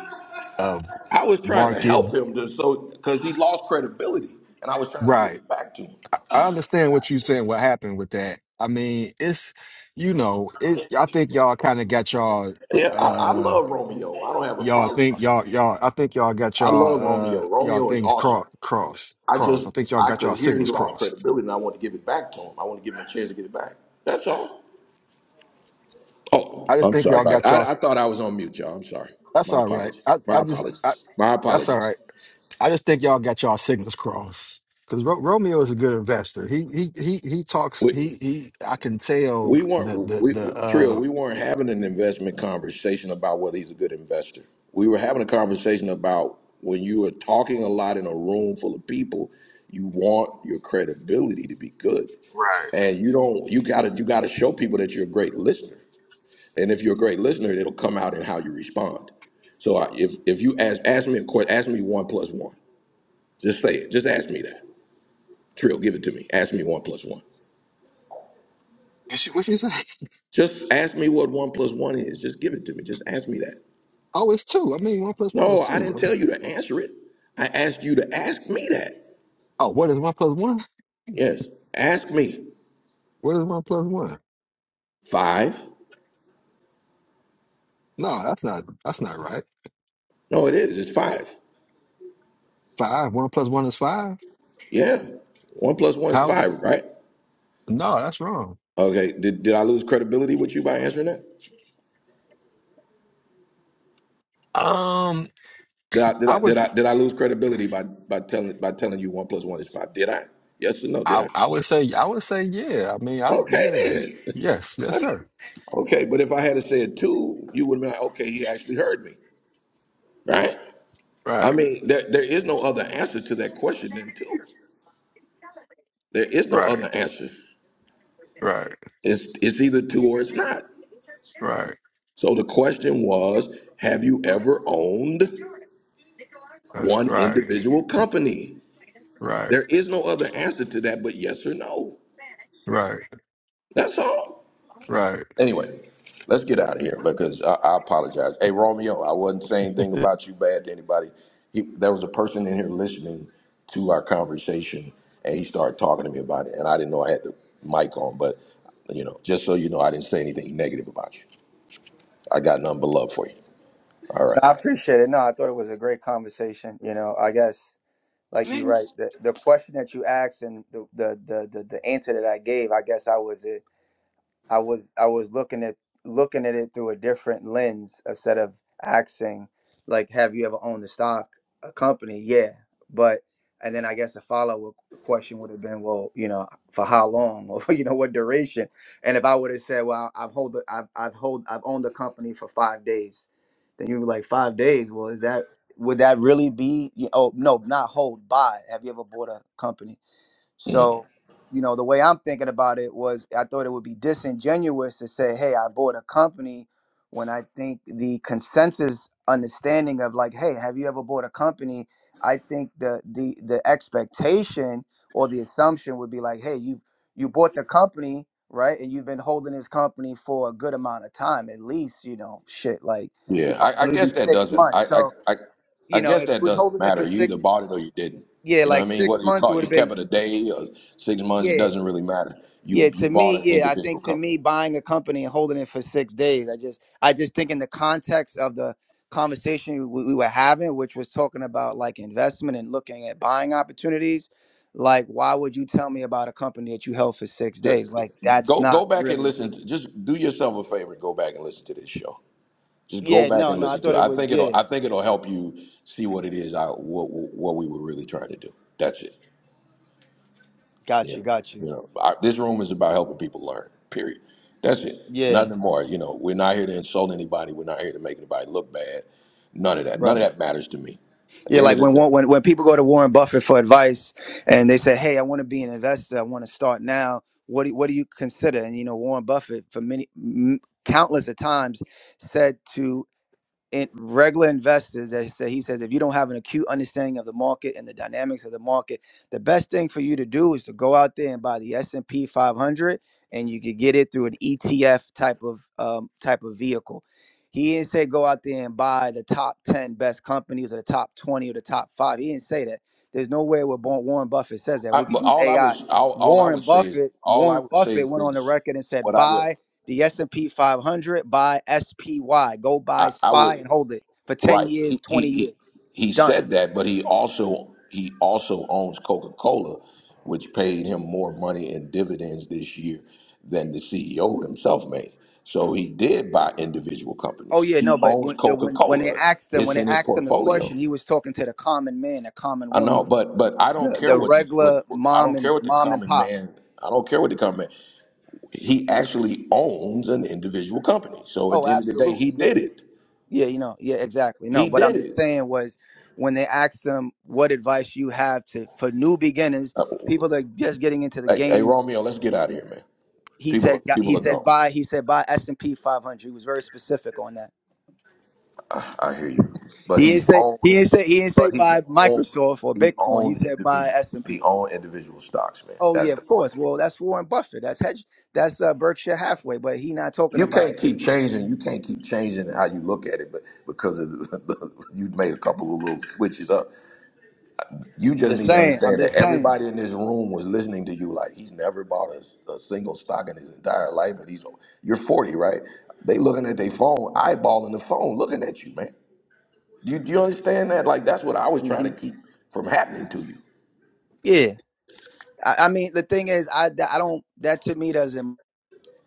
Speaker 10: of
Speaker 1: I was trying to
Speaker 10: market,
Speaker 1: help him to so because he lost credibility, and I was trying to give
Speaker 10: right?
Speaker 1: it back to him.
Speaker 10: I understand what you're saying, what happened with that. I mean, it's, you know, it, I think y'all kind of got y'all.
Speaker 1: Yeah, I, I
Speaker 10: uh,
Speaker 1: love Romeo. I don't have a
Speaker 10: Y'all
Speaker 1: problem.
Speaker 10: think y'all y'all I think y'all got
Speaker 1: I love
Speaker 10: y'all uh
Speaker 1: Romeo.
Speaker 10: y'all
Speaker 1: Romeo is
Speaker 10: things
Speaker 1: awesome.
Speaker 10: cross cross
Speaker 1: I
Speaker 10: cross.
Speaker 1: just
Speaker 10: I think y'all
Speaker 1: I
Speaker 10: got
Speaker 1: could
Speaker 10: y'all
Speaker 1: hear he
Speaker 10: signals
Speaker 1: lost
Speaker 10: crossed.
Speaker 1: credibility, and I want to give it back to him. I want to give him a chance to get it back. That's all.
Speaker 10: I
Speaker 1: Oh,
Speaker 10: just
Speaker 1: I'm
Speaker 10: think
Speaker 1: sorry
Speaker 10: y'all
Speaker 1: about
Speaker 10: got
Speaker 1: that.
Speaker 10: y'all
Speaker 1: I, I thought I was on mute, y'all. I'm sorry.
Speaker 10: that's
Speaker 1: My
Speaker 10: all right.
Speaker 1: apologies.
Speaker 10: I
Speaker 1: My
Speaker 10: I just I,
Speaker 1: apologies. My
Speaker 10: that's all
Speaker 1: apologies.
Speaker 10: right. I just think y'all got y'all signals crossed. Cuz Ro- Romeo is a good investor. He he he he talks
Speaker 1: We
Speaker 10: he he I can tell
Speaker 1: we
Speaker 10: the
Speaker 1: weren't
Speaker 10: the
Speaker 1: we
Speaker 10: the
Speaker 1: Trio.
Speaker 10: uh
Speaker 1: We weren't having an investment conversation about whether he's a good investor. We were having a conversation about when you are talking a lot in a room full of people, you want your credibility to be good,
Speaker 10: Right.
Speaker 1: and you don't. You gotta you gotta show people that you're a great listener. And if you're a great listener, it'll come out in how you respond. So I, if if you ask ask me a question, ask me one plus one. Just say it. Just ask me that. Trill, give it to me. Ask me one plus one.
Speaker 10: and she, what she say?
Speaker 1: Just ask me what one plus one is. Just give it to me. Just ask me that.
Speaker 10: Oh, it's two. I mean, one plus one is
Speaker 1: No, I
Speaker 10: two.
Speaker 1: didn't
Speaker 10: Uh,
Speaker 1: tell you to answer it. I asked you to ask me that.
Speaker 10: Oh, what is one plus one?
Speaker 1: Yes. Ask me.
Speaker 10: What is one plus one?
Speaker 1: Five.
Speaker 10: No, that's not. That's not right.
Speaker 1: No, it is. It's five.
Speaker 10: Five. One plus one is five.
Speaker 1: Yeah. One plus one is
Speaker 10: How?
Speaker 1: five, right?
Speaker 10: No, that's wrong.
Speaker 1: Okay. Did did I lose credibility with you by answering that?
Speaker 10: Um,
Speaker 1: Did I did
Speaker 10: I
Speaker 1: I
Speaker 10: would,
Speaker 1: did I did I lose credibility by by telling by telling you one plus one is five? Did I? Yes or no? Did
Speaker 10: I,
Speaker 1: I?
Speaker 10: I would say, I would say, yeah. I mean, I don't,
Speaker 1: Okay
Speaker 10: yeah,
Speaker 1: then.
Speaker 10: yes, yes, sir.
Speaker 1: okay, but if I had said two, you would have been like, okay, he actually heard me, right? I
Speaker 10: Right,
Speaker 1: mean, there there is no other answer to that question than two. There is no
Speaker 10: right,
Speaker 1: other answer.
Speaker 10: right,
Speaker 1: It's it's either two or it's not.
Speaker 10: right.
Speaker 1: So the question was, have you ever owned
Speaker 10: That's
Speaker 1: one
Speaker 10: right,
Speaker 1: individual company?
Speaker 10: right,
Speaker 1: There is no other answer to that but yes or no.
Speaker 10: right,
Speaker 1: That's all.
Speaker 10: right.
Speaker 1: Anyway, let's get out of here because I, I apologize. Hey, Romeo, I wasn't saying anything about you bad to anybody. He, there was a person in here listening to our conversation, and he started talking to me about it, and I didn't know I had the mic on. But you know, just so you know, I didn't say anything negative about you. I got nothing but love for you. All right.
Speaker 14: I appreciate it. No, I thought it was a great conversation. You know, I guess like you're
Speaker 11: Nigga,
Speaker 14: right. The the question that you asked and the the the the, the answer that I gave, I guess I was it. I was I was looking at looking at it through a different lens instead of asking like, have you ever owned the stock a company? Yeah, but and then I guess the follow up question would have been, well, you know, for how long or you know what duration? And if I would have said, well, I've hold the, I've I've hold I've owned the company for five days, then you were like five days. Well, is that would that really be? you- Oh no, not hold, buy. Have you ever bought a company?
Speaker 1: Mm-hmm.
Speaker 14: So, you know, the way I'm thinking about it was I thought it would be disingenuous to say, hey, I bought a company when I think the consensus understanding of like, hey, have you ever bought a company? I think the the the expectation or the assumption would be like, hey, you you bought the company, right? And you've been holding this company for a good amount of time, at least, you know, shit, like, you
Speaker 1: Yeah,
Speaker 14: know,
Speaker 1: I, I
Speaker 14: maybe
Speaker 1: guess that
Speaker 14: six
Speaker 1: doesn't.
Speaker 14: months.
Speaker 1: I, I,
Speaker 14: So,
Speaker 1: I,
Speaker 14: you
Speaker 1: I
Speaker 14: know,
Speaker 1: guess
Speaker 14: if you
Speaker 1: that
Speaker 14: was
Speaker 1: doesn't
Speaker 14: holding it for
Speaker 1: matter. You either
Speaker 14: six
Speaker 1: bought it or you didn't.
Speaker 14: yeah,
Speaker 1: You know what
Speaker 14: like
Speaker 1: I mean?
Speaker 14: six
Speaker 1: Whether you
Speaker 14: months, it
Speaker 1: caught,
Speaker 14: would
Speaker 1: you
Speaker 14: have
Speaker 1: kept
Speaker 14: been
Speaker 1: it a day or six months, it
Speaker 14: yeah.
Speaker 1: doesn't really matter.
Speaker 14: Yeah,
Speaker 1: You you
Speaker 14: to
Speaker 1: bought
Speaker 14: me,
Speaker 1: an
Speaker 14: yeah, I
Speaker 1: individual
Speaker 14: think to
Speaker 1: company.
Speaker 14: me, buying a company and holding it for six days, I just, I just think in the context of the conversation we, we were having, which was talking about like investment and looking at buying opportunities, like why would you tell me about a company that you held for six
Speaker 1: The-
Speaker 14: days?
Speaker 1: the-
Speaker 14: Like that's
Speaker 1: Go go
Speaker 14: not
Speaker 1: back and
Speaker 14: really.
Speaker 1: listen. To, just do yourself a favor and go back and listen to this show. Just go
Speaker 14: Yeah,
Speaker 1: back
Speaker 14: no,
Speaker 1: and
Speaker 14: no, I
Speaker 1: listen to
Speaker 14: thought
Speaker 1: it.
Speaker 14: it
Speaker 1: I
Speaker 14: was.
Speaker 1: think it'll
Speaker 14: Yeah,
Speaker 1: I think it'll help you see what it is. I what what we were really trying to do. That's it.
Speaker 14: got
Speaker 1: Yeah,
Speaker 14: you, got you.
Speaker 1: you know, I, this room is about helping people learn. Period. That's it.
Speaker 14: Yeah,
Speaker 1: Nothing more. You know, we're not here to insult anybody. We're not here to make anybody look bad. None of that. None
Speaker 14: right.
Speaker 1: of that matters to me. At
Speaker 14: Yeah,
Speaker 1: the end
Speaker 14: like
Speaker 1: of the
Speaker 14: when
Speaker 1: day,
Speaker 14: Wa- when when people go to Warren Buffett for advice and they say, "Hey, I want to be an investor. I want to start now. What do, what do you consider?" And you know, Warren Buffett for many m- countless of times said to in regular investors that say he says if you don't have an acute understanding of the market and the dynamics of the market the best thing for you to do is to go out there and buy the s&p 500 and you could get it through an etf type of um, type of vehicle he didn't say go out there and buy the top 10 best companies or the top 20 or the top 5 he didn't say that there's no way where Bo- warren buffett says that
Speaker 1: I,
Speaker 14: we could
Speaker 1: but
Speaker 14: use
Speaker 1: all I
Speaker 14: ai
Speaker 1: was all, all I
Speaker 14: warren
Speaker 1: would say is
Speaker 14: buffett
Speaker 1: all I
Speaker 14: warren
Speaker 1: would say
Speaker 14: buffett
Speaker 1: is
Speaker 14: went on the
Speaker 1: this.
Speaker 14: record and said
Speaker 1: What I would
Speaker 14: buy the S&P 500 buy SPY. Go buy
Speaker 1: I, I
Speaker 14: SPY
Speaker 1: would
Speaker 14: and hold it for 10
Speaker 1: Right.
Speaker 14: years,
Speaker 1: He he
Speaker 14: 20 years.
Speaker 1: he, he
Speaker 14: Done.
Speaker 1: said that, but he also he also owns Coca Cola, which paid him more money in dividends this year than the CEO himself made. So he did buy individual
Speaker 14: Oh
Speaker 1: companies.
Speaker 14: yeah,
Speaker 1: He
Speaker 14: no, but
Speaker 1: owns
Speaker 14: when the-
Speaker 1: Coca
Speaker 14: when when they
Speaker 1: Cola.
Speaker 14: asked him,
Speaker 1: It's
Speaker 14: when they
Speaker 1: in his
Speaker 14: asked him the
Speaker 1: portfolio.
Speaker 14: question, he was talking to the common man, the common
Speaker 1: I know,
Speaker 14: woman,
Speaker 1: but but I don't
Speaker 14: the
Speaker 1: care
Speaker 14: the
Speaker 1: what the, what
Speaker 14: regular
Speaker 1: I
Speaker 14: mom
Speaker 1: don't care
Speaker 14: and
Speaker 1: what the
Speaker 14: mom and
Speaker 1: common
Speaker 14: pop.
Speaker 1: man. I don't care what the common man. He actually owns an individual company. So at
Speaker 14: Oh,
Speaker 1: the end of the day,
Speaker 14: absolutely.
Speaker 1: he did
Speaker 14: Yeah.
Speaker 1: it.
Speaker 14: Yeah, you know. Yeah, exactly. No,
Speaker 1: He
Speaker 14: but I'm
Speaker 1: did
Speaker 14: just
Speaker 1: it.
Speaker 14: saying was when they asked him what advice you have to for new beginners,
Speaker 1: Uh,
Speaker 14: people that just getting into the
Speaker 1: Hey, hey,
Speaker 14: game,
Speaker 1: Romeo, let's get out of here, man.
Speaker 14: he
Speaker 1: People are
Speaker 14: said he
Speaker 1: people are
Speaker 14: said
Speaker 1: gone.
Speaker 14: buy he said buy S&P 500. He was very specific on that.
Speaker 1: I, I hear you, but
Speaker 14: He ain't
Speaker 1: he's
Speaker 14: say
Speaker 1: owned.
Speaker 14: he ain't say he ain't say
Speaker 1: But he's
Speaker 14: buy
Speaker 1: owned.
Speaker 14: Microsoft or
Speaker 1: He
Speaker 14: Bitcoin. He
Speaker 1: owned
Speaker 14: said buy
Speaker 1: individual.
Speaker 14: S and
Speaker 1: He
Speaker 14: P.
Speaker 1: owned individual stocks, man.
Speaker 14: Oh yeah,
Speaker 1: That's the
Speaker 14: of
Speaker 1: point.
Speaker 14: course. Well, that's Warren Buffett. That's hedge. That's uh, Berkshire Halfway. But he not talking
Speaker 1: You
Speaker 14: about
Speaker 1: can't keep changing. You can't keep changing how you look at it, but because of the, the, you made a couple of little switches up. You just
Speaker 14: Just
Speaker 1: need to
Speaker 14: saying. I'm
Speaker 1: understand that
Speaker 14: just saying.
Speaker 1: everybody in this room was listening to you. Like he's never bought a, a single stock in his entire life, and he's you're 40, right? They looking at their phone, eyeballing the phone, looking at you, man. Do you, do you understand that? Like that's what I was trying to
Speaker 14: hmm
Speaker 1: keep from happening to you.
Speaker 14: Yeah. I, I mean, the thing is, I I don't. That to me doesn't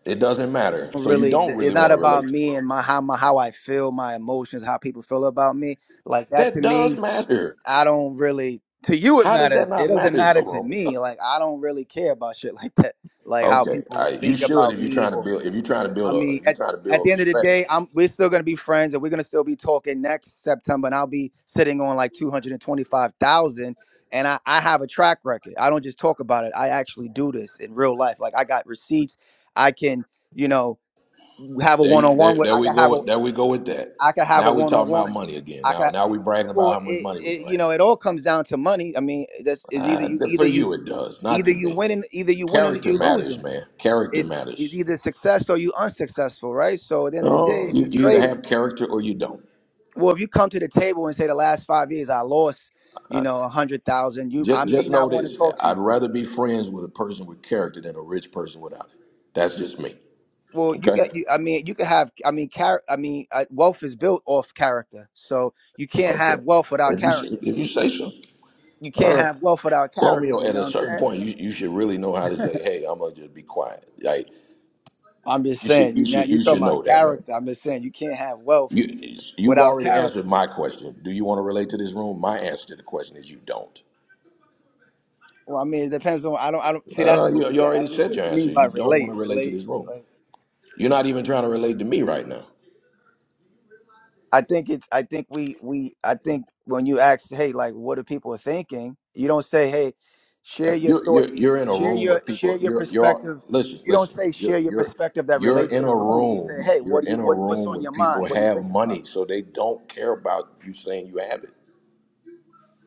Speaker 1: It doesn't matter. So you
Speaker 14: really.
Speaker 1: don't really
Speaker 14: It's not
Speaker 1: want to
Speaker 14: about
Speaker 1: relate to
Speaker 14: me
Speaker 1: Rome.
Speaker 14: and my how my how I feel, my emotions, how people feel about me. Like that to
Speaker 1: That
Speaker 14: me.
Speaker 1: does matter.
Speaker 14: I don't really to you it
Speaker 1: How does that
Speaker 14: matters. It
Speaker 1: not
Speaker 14: doesn't
Speaker 1: matter
Speaker 14: matter
Speaker 1: though,
Speaker 14: to
Speaker 1: Romeo?
Speaker 14: me. Like I don't really care about shit like that. Like how
Speaker 1: Okay, all
Speaker 14: people
Speaker 1: right. you
Speaker 14: think
Speaker 1: should if
Speaker 14: about
Speaker 1: you're
Speaker 14: me
Speaker 1: trying to
Speaker 14: or
Speaker 1: build if you're trying to
Speaker 14: I
Speaker 1: build a
Speaker 14: mean
Speaker 1: if you're
Speaker 14: at
Speaker 1: trying to
Speaker 14: at the
Speaker 1: build
Speaker 14: end of the
Speaker 1: respect.
Speaker 14: day, I'm we're still gonna be friends and we're gonna still be talking next September and I'll be sitting on like two hundred and twenty five thousand and I, I have a track record. I don't just talk about it. I actually do this in real life. Like I got receipts. I can, you know, have a
Speaker 1: There,
Speaker 14: one
Speaker 1: you,
Speaker 14: on one
Speaker 1: there,
Speaker 14: with
Speaker 1: there
Speaker 14: I
Speaker 1: we
Speaker 14: can
Speaker 1: go.
Speaker 14: have a
Speaker 1: with- There we go with that.
Speaker 14: I can have a
Speaker 1: Now we
Speaker 14: one on
Speaker 1: talking about
Speaker 14: one.
Speaker 1: money again. Now, now we bragging about
Speaker 14: Well,
Speaker 1: how much money
Speaker 14: it,
Speaker 1: we
Speaker 14: it
Speaker 1: gonna
Speaker 14: you know it all comes down to money. I mean, that's is either
Speaker 1: have. Uh,
Speaker 14: you
Speaker 1: th-
Speaker 14: either
Speaker 1: for
Speaker 14: you
Speaker 1: you, it does. Not
Speaker 14: either
Speaker 1: to
Speaker 14: you
Speaker 1: me.
Speaker 14: winning either you winning or
Speaker 1: Character
Speaker 14: you
Speaker 1: matters,
Speaker 14: losing.
Speaker 1: man. Character
Speaker 14: It's it's
Speaker 1: matters.
Speaker 14: either success or you unsuccessful, right? So at the end of the day,
Speaker 1: No,
Speaker 14: if
Speaker 1: you,
Speaker 14: you
Speaker 1: you either
Speaker 14: trading,
Speaker 1: have character or you don't.
Speaker 14: well, if you come to the table and say the last five years I lost, you know, a hundred thousand, you I
Speaker 1: Just,
Speaker 14: may
Speaker 1: just know
Speaker 14: not want
Speaker 1: this.
Speaker 14: to talk to
Speaker 1: I'd
Speaker 14: you.
Speaker 1: rather be friends with a person with character than a rich person without it. That's just me.
Speaker 14: Well, you
Speaker 1: Okay.
Speaker 14: get you. I mean, you could have. I mean, char- I mean, uh, wealth is built off character. So you can't
Speaker 1: Okay.
Speaker 14: have wealth without
Speaker 1: If you say-
Speaker 14: character.
Speaker 1: if you say so,
Speaker 14: You
Speaker 1: all
Speaker 14: can't
Speaker 1: right,
Speaker 14: have wealth without character.
Speaker 1: Romeo.
Speaker 14: You
Speaker 1: At
Speaker 14: know
Speaker 1: a
Speaker 14: what I'm
Speaker 1: certain
Speaker 14: saying?
Speaker 1: point, you, you should really know how to say, "Hey, I'm gonna just be quiet." Like
Speaker 14: I'm just
Speaker 1: you should you
Speaker 14: saying. Now
Speaker 1: should
Speaker 14: you
Speaker 1: you
Speaker 14: talking
Speaker 1: should know
Speaker 14: about
Speaker 1: that, man.
Speaker 14: character. I'm just saying you can't have wealth
Speaker 1: You you've
Speaker 14: without
Speaker 1: already
Speaker 14: character.
Speaker 1: answered my question. Do you want to relate to this room? My answer to the question is you don't.
Speaker 14: Well, I mean, it depends on. I don't. I don't see. That's
Speaker 1: Uh,
Speaker 14: the whole
Speaker 1: you you
Speaker 14: thing. I
Speaker 1: already
Speaker 14: don't know
Speaker 1: said
Speaker 14: what
Speaker 1: your
Speaker 14: you
Speaker 1: answer.
Speaker 14: mean by
Speaker 1: You don't want
Speaker 14: relate.
Speaker 1: to relate to
Speaker 14: Relate.
Speaker 1: this room.
Speaker 14: Like,
Speaker 1: You're not even trying to relate to me right now.
Speaker 14: I think it's. I think we. We. I think when you ask, hey, like, what are people thinking? You don't say, hey, share
Speaker 1: Uh,
Speaker 14: your
Speaker 1: You're, you're
Speaker 14: thoughts.
Speaker 1: you're in a
Speaker 14: Share
Speaker 1: room
Speaker 14: your.
Speaker 1: with
Speaker 14: Share
Speaker 1: people.
Speaker 14: your
Speaker 1: You're you're
Speaker 14: perspective.
Speaker 1: listen
Speaker 14: You don't
Speaker 1: listen.
Speaker 14: say
Speaker 1: You're
Speaker 14: share your
Speaker 1: you're
Speaker 14: perspective that
Speaker 1: you're
Speaker 14: relates to
Speaker 1: in
Speaker 14: the
Speaker 1: a
Speaker 14: room. You say,
Speaker 1: room.
Speaker 14: hey,
Speaker 1: You're
Speaker 14: what do you?
Speaker 1: in a
Speaker 14: What What's
Speaker 1: room
Speaker 14: on
Speaker 1: with
Speaker 14: your
Speaker 1: people
Speaker 14: mind? What are you
Speaker 1: have
Speaker 14: thinking about?
Speaker 1: money, so they don't care about you saying you have it.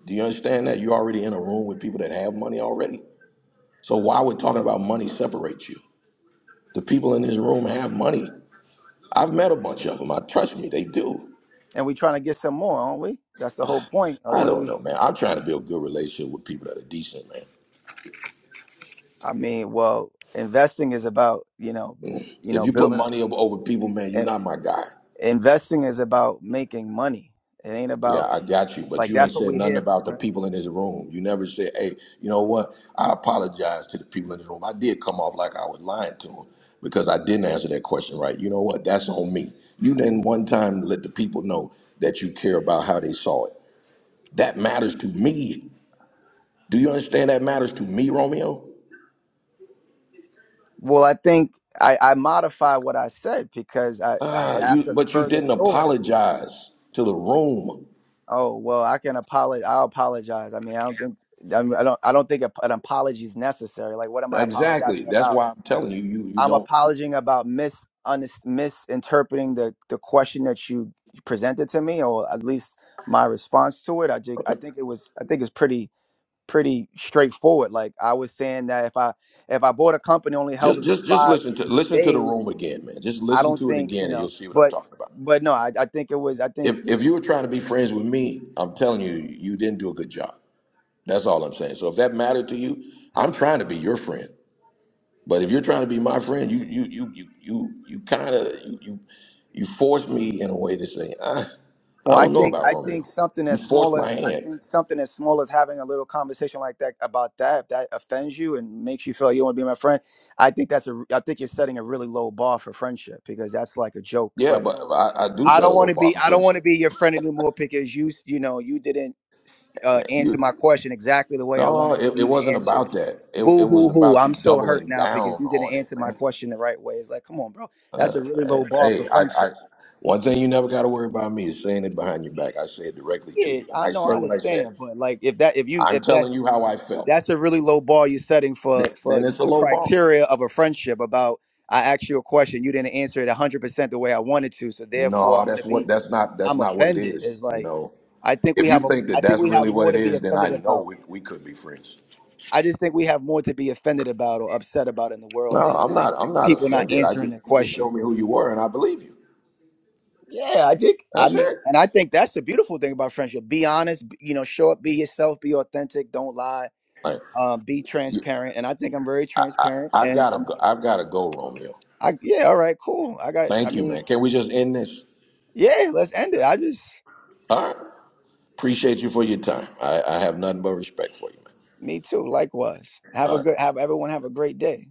Speaker 1: Do you understand that? You're already in a room with people that have money already. So why would talking about money separate you? The people in this room have money. I've met a bunch of them. I trust me, they do.
Speaker 14: and we're trying to get some more, aren't we? That's the whole point. Like,
Speaker 1: I
Speaker 14: what do
Speaker 1: don't
Speaker 14: we?
Speaker 1: know, man. I'm trying to build good relationship with people that are decent, man.
Speaker 14: I mean, well, investing is about you know, you
Speaker 1: If
Speaker 14: know,
Speaker 1: you put
Speaker 14: building.
Speaker 1: money over over people, man, you're
Speaker 14: In,
Speaker 1: not my guy.
Speaker 14: investing is about making money. It ain't
Speaker 1: Yeah,
Speaker 14: about
Speaker 1: I got you, but
Speaker 14: like
Speaker 1: you ain't
Speaker 14: that's what
Speaker 1: said
Speaker 14: we're
Speaker 1: nothing
Speaker 14: here
Speaker 1: about
Speaker 14: for,
Speaker 1: the
Speaker 14: right?
Speaker 1: people in this room. You never said, "Hey, you know what? I apologize to the people in this room. I did come off like I was lying to them because I didn't answer that question right. You know what? That's on me. You didn't one time let the people know that you care about how they saw it. That matters to me. Do you understand? That matters to me, Romeo.
Speaker 14: Well, I think I, I modified what I said because I, I
Speaker 1: Ah, you.
Speaker 14: after
Speaker 1: But you
Speaker 14: further
Speaker 1: didn't
Speaker 14: thought.
Speaker 1: apologize to the room.
Speaker 14: Oh well, I can apologize. I'll apologize. I mean, I don't think I mean, I don't I don't think a, an apology is necessary. Like, what am I
Speaker 1: Exactly.
Speaker 14: apologizing
Speaker 1: That's
Speaker 14: about?
Speaker 1: why I'm telling you, you you
Speaker 14: I'm
Speaker 1: don't
Speaker 14: apologizing about mis unis- misinterpreting the the question that you presented to me, or at least my response to it. I just, I think it was I think it's pretty pretty straightforward. Like I was saying that if I if I bought a company only held
Speaker 1: Just
Speaker 14: it for
Speaker 1: just just
Speaker 14: five
Speaker 1: listen to listen to the room
Speaker 14: days,
Speaker 1: again, man. Just
Speaker 14: I
Speaker 1: listen
Speaker 14: don't
Speaker 1: to it
Speaker 14: think you
Speaker 1: again and
Speaker 14: know,
Speaker 1: you'll see what I'm
Speaker 14: but.
Speaker 1: talking about.
Speaker 14: But no, I, I think it was. I think
Speaker 1: If if you were trying to be friends with me, I'm telling you, you didn't do a good job. That's all I'm saying. So if that mattered to you, I'm trying to be your friend. But if you're trying to be my friend, you you you you you you kind of you, you you forced me in a way to say, I I
Speaker 14: Well, I
Speaker 1: don't know
Speaker 14: think
Speaker 1: about
Speaker 14: I think
Speaker 1: Romeo.
Speaker 14: something
Speaker 1: You
Speaker 14: as small
Speaker 1: forced
Speaker 14: as
Speaker 1: my
Speaker 14: I
Speaker 1: hand.
Speaker 14: think something as small as having a little conversation like that about that if that offends you and makes you feel like you want to be my friend, I think that's a I think you're setting a really low bar for friendship because that's like a joke.
Speaker 1: Yeah,
Speaker 14: Like,
Speaker 1: but
Speaker 14: oh,
Speaker 1: I, I do
Speaker 14: I
Speaker 1: set a
Speaker 14: don't want
Speaker 1: low
Speaker 14: to
Speaker 1: bar
Speaker 14: be
Speaker 1: for
Speaker 14: I don't want
Speaker 1: friendship,
Speaker 14: to be your friend anymore because you s- you know you didn't uh,
Speaker 1: man.
Speaker 14: answer
Speaker 1: You.
Speaker 14: my question exactly the way I
Speaker 1: No,
Speaker 14: wanted to
Speaker 1: it, it
Speaker 14: you to
Speaker 1: wasn't
Speaker 14: answer it.
Speaker 1: about that. It, it
Speaker 14: Boo
Speaker 1: was
Speaker 14: hoo hoo!
Speaker 1: about
Speaker 14: I'm
Speaker 1: you
Speaker 14: so hurt
Speaker 1: doubling
Speaker 14: now because
Speaker 1: down
Speaker 14: you didn't
Speaker 1: on it,
Speaker 14: answer my
Speaker 1: man.
Speaker 14: question the right way. It's like, come on, bro, that's a really
Speaker 1: Hey,
Speaker 14: low bar for
Speaker 1: hey, I,
Speaker 14: friendship.
Speaker 1: I one thing you never got to worry about me is saying it behind your back. I say it directly to
Speaker 14: Yeah,
Speaker 1: you, and
Speaker 14: I
Speaker 1: I
Speaker 14: know,
Speaker 1: said
Speaker 14: I
Speaker 1: what I said.
Speaker 14: understand, but like if that if you
Speaker 1: I'm
Speaker 14: if
Speaker 1: telling
Speaker 14: that's
Speaker 1: you how I felt.
Speaker 14: that's a really low bar you're setting for
Speaker 1: Th- then
Speaker 14: for
Speaker 1: it's a
Speaker 14: the
Speaker 1: low bar.
Speaker 14: criteria of a friendship about I asked you a question, you didn't answer it 100% the way I wanted to, so therefore
Speaker 1: No,
Speaker 14: I'm going to
Speaker 1: that's what
Speaker 14: be
Speaker 1: that's not that's
Speaker 14: I'm
Speaker 1: not what it
Speaker 14: offended.
Speaker 1: is.
Speaker 14: Is
Speaker 1: You
Speaker 14: like
Speaker 1: know,
Speaker 14: I think we
Speaker 1: if you
Speaker 14: have a
Speaker 1: think
Speaker 14: I
Speaker 1: that
Speaker 14: think
Speaker 1: that's
Speaker 14: we have
Speaker 1: really what
Speaker 14: more
Speaker 1: it
Speaker 14: to be
Speaker 1: is, then I
Speaker 14: offended
Speaker 1: know
Speaker 14: about.
Speaker 1: we, we could be friends.
Speaker 14: I just think we have more to be offended about or upset about in the
Speaker 1: No,
Speaker 14: world than
Speaker 1: I'm
Speaker 14: like
Speaker 1: not. I'm not
Speaker 14: people not
Speaker 1: offended. I
Speaker 14: answering
Speaker 1: just,
Speaker 14: their
Speaker 1: you just
Speaker 14: question.
Speaker 1: show me who you were, and I believe you.
Speaker 14: Yeah, I think I
Speaker 1: That's
Speaker 14: mean,
Speaker 1: it.
Speaker 14: and I think that's the beautiful thing about friendship. Be honest, b- you know, show up, be yourself, be authentic, don't lie
Speaker 1: Like
Speaker 14: uh, be transparent, and I think I'm very
Speaker 1: I,
Speaker 14: transparent.
Speaker 1: I, I've
Speaker 14: And
Speaker 1: got to
Speaker 14: I'm,
Speaker 1: go. I've got to go, Romeo.
Speaker 14: I yeah, all right, cool. I got, I
Speaker 1: Thank you,
Speaker 14: mean,
Speaker 1: man. Can we just end this?
Speaker 14: yeah, let's end it. I just,
Speaker 1: All right. Appreciate you for your time. I, I have nothing but respect for you, man.
Speaker 14: me too. Likewise. Have
Speaker 1: All
Speaker 14: a
Speaker 1: right.
Speaker 14: good, have everyone have a great day.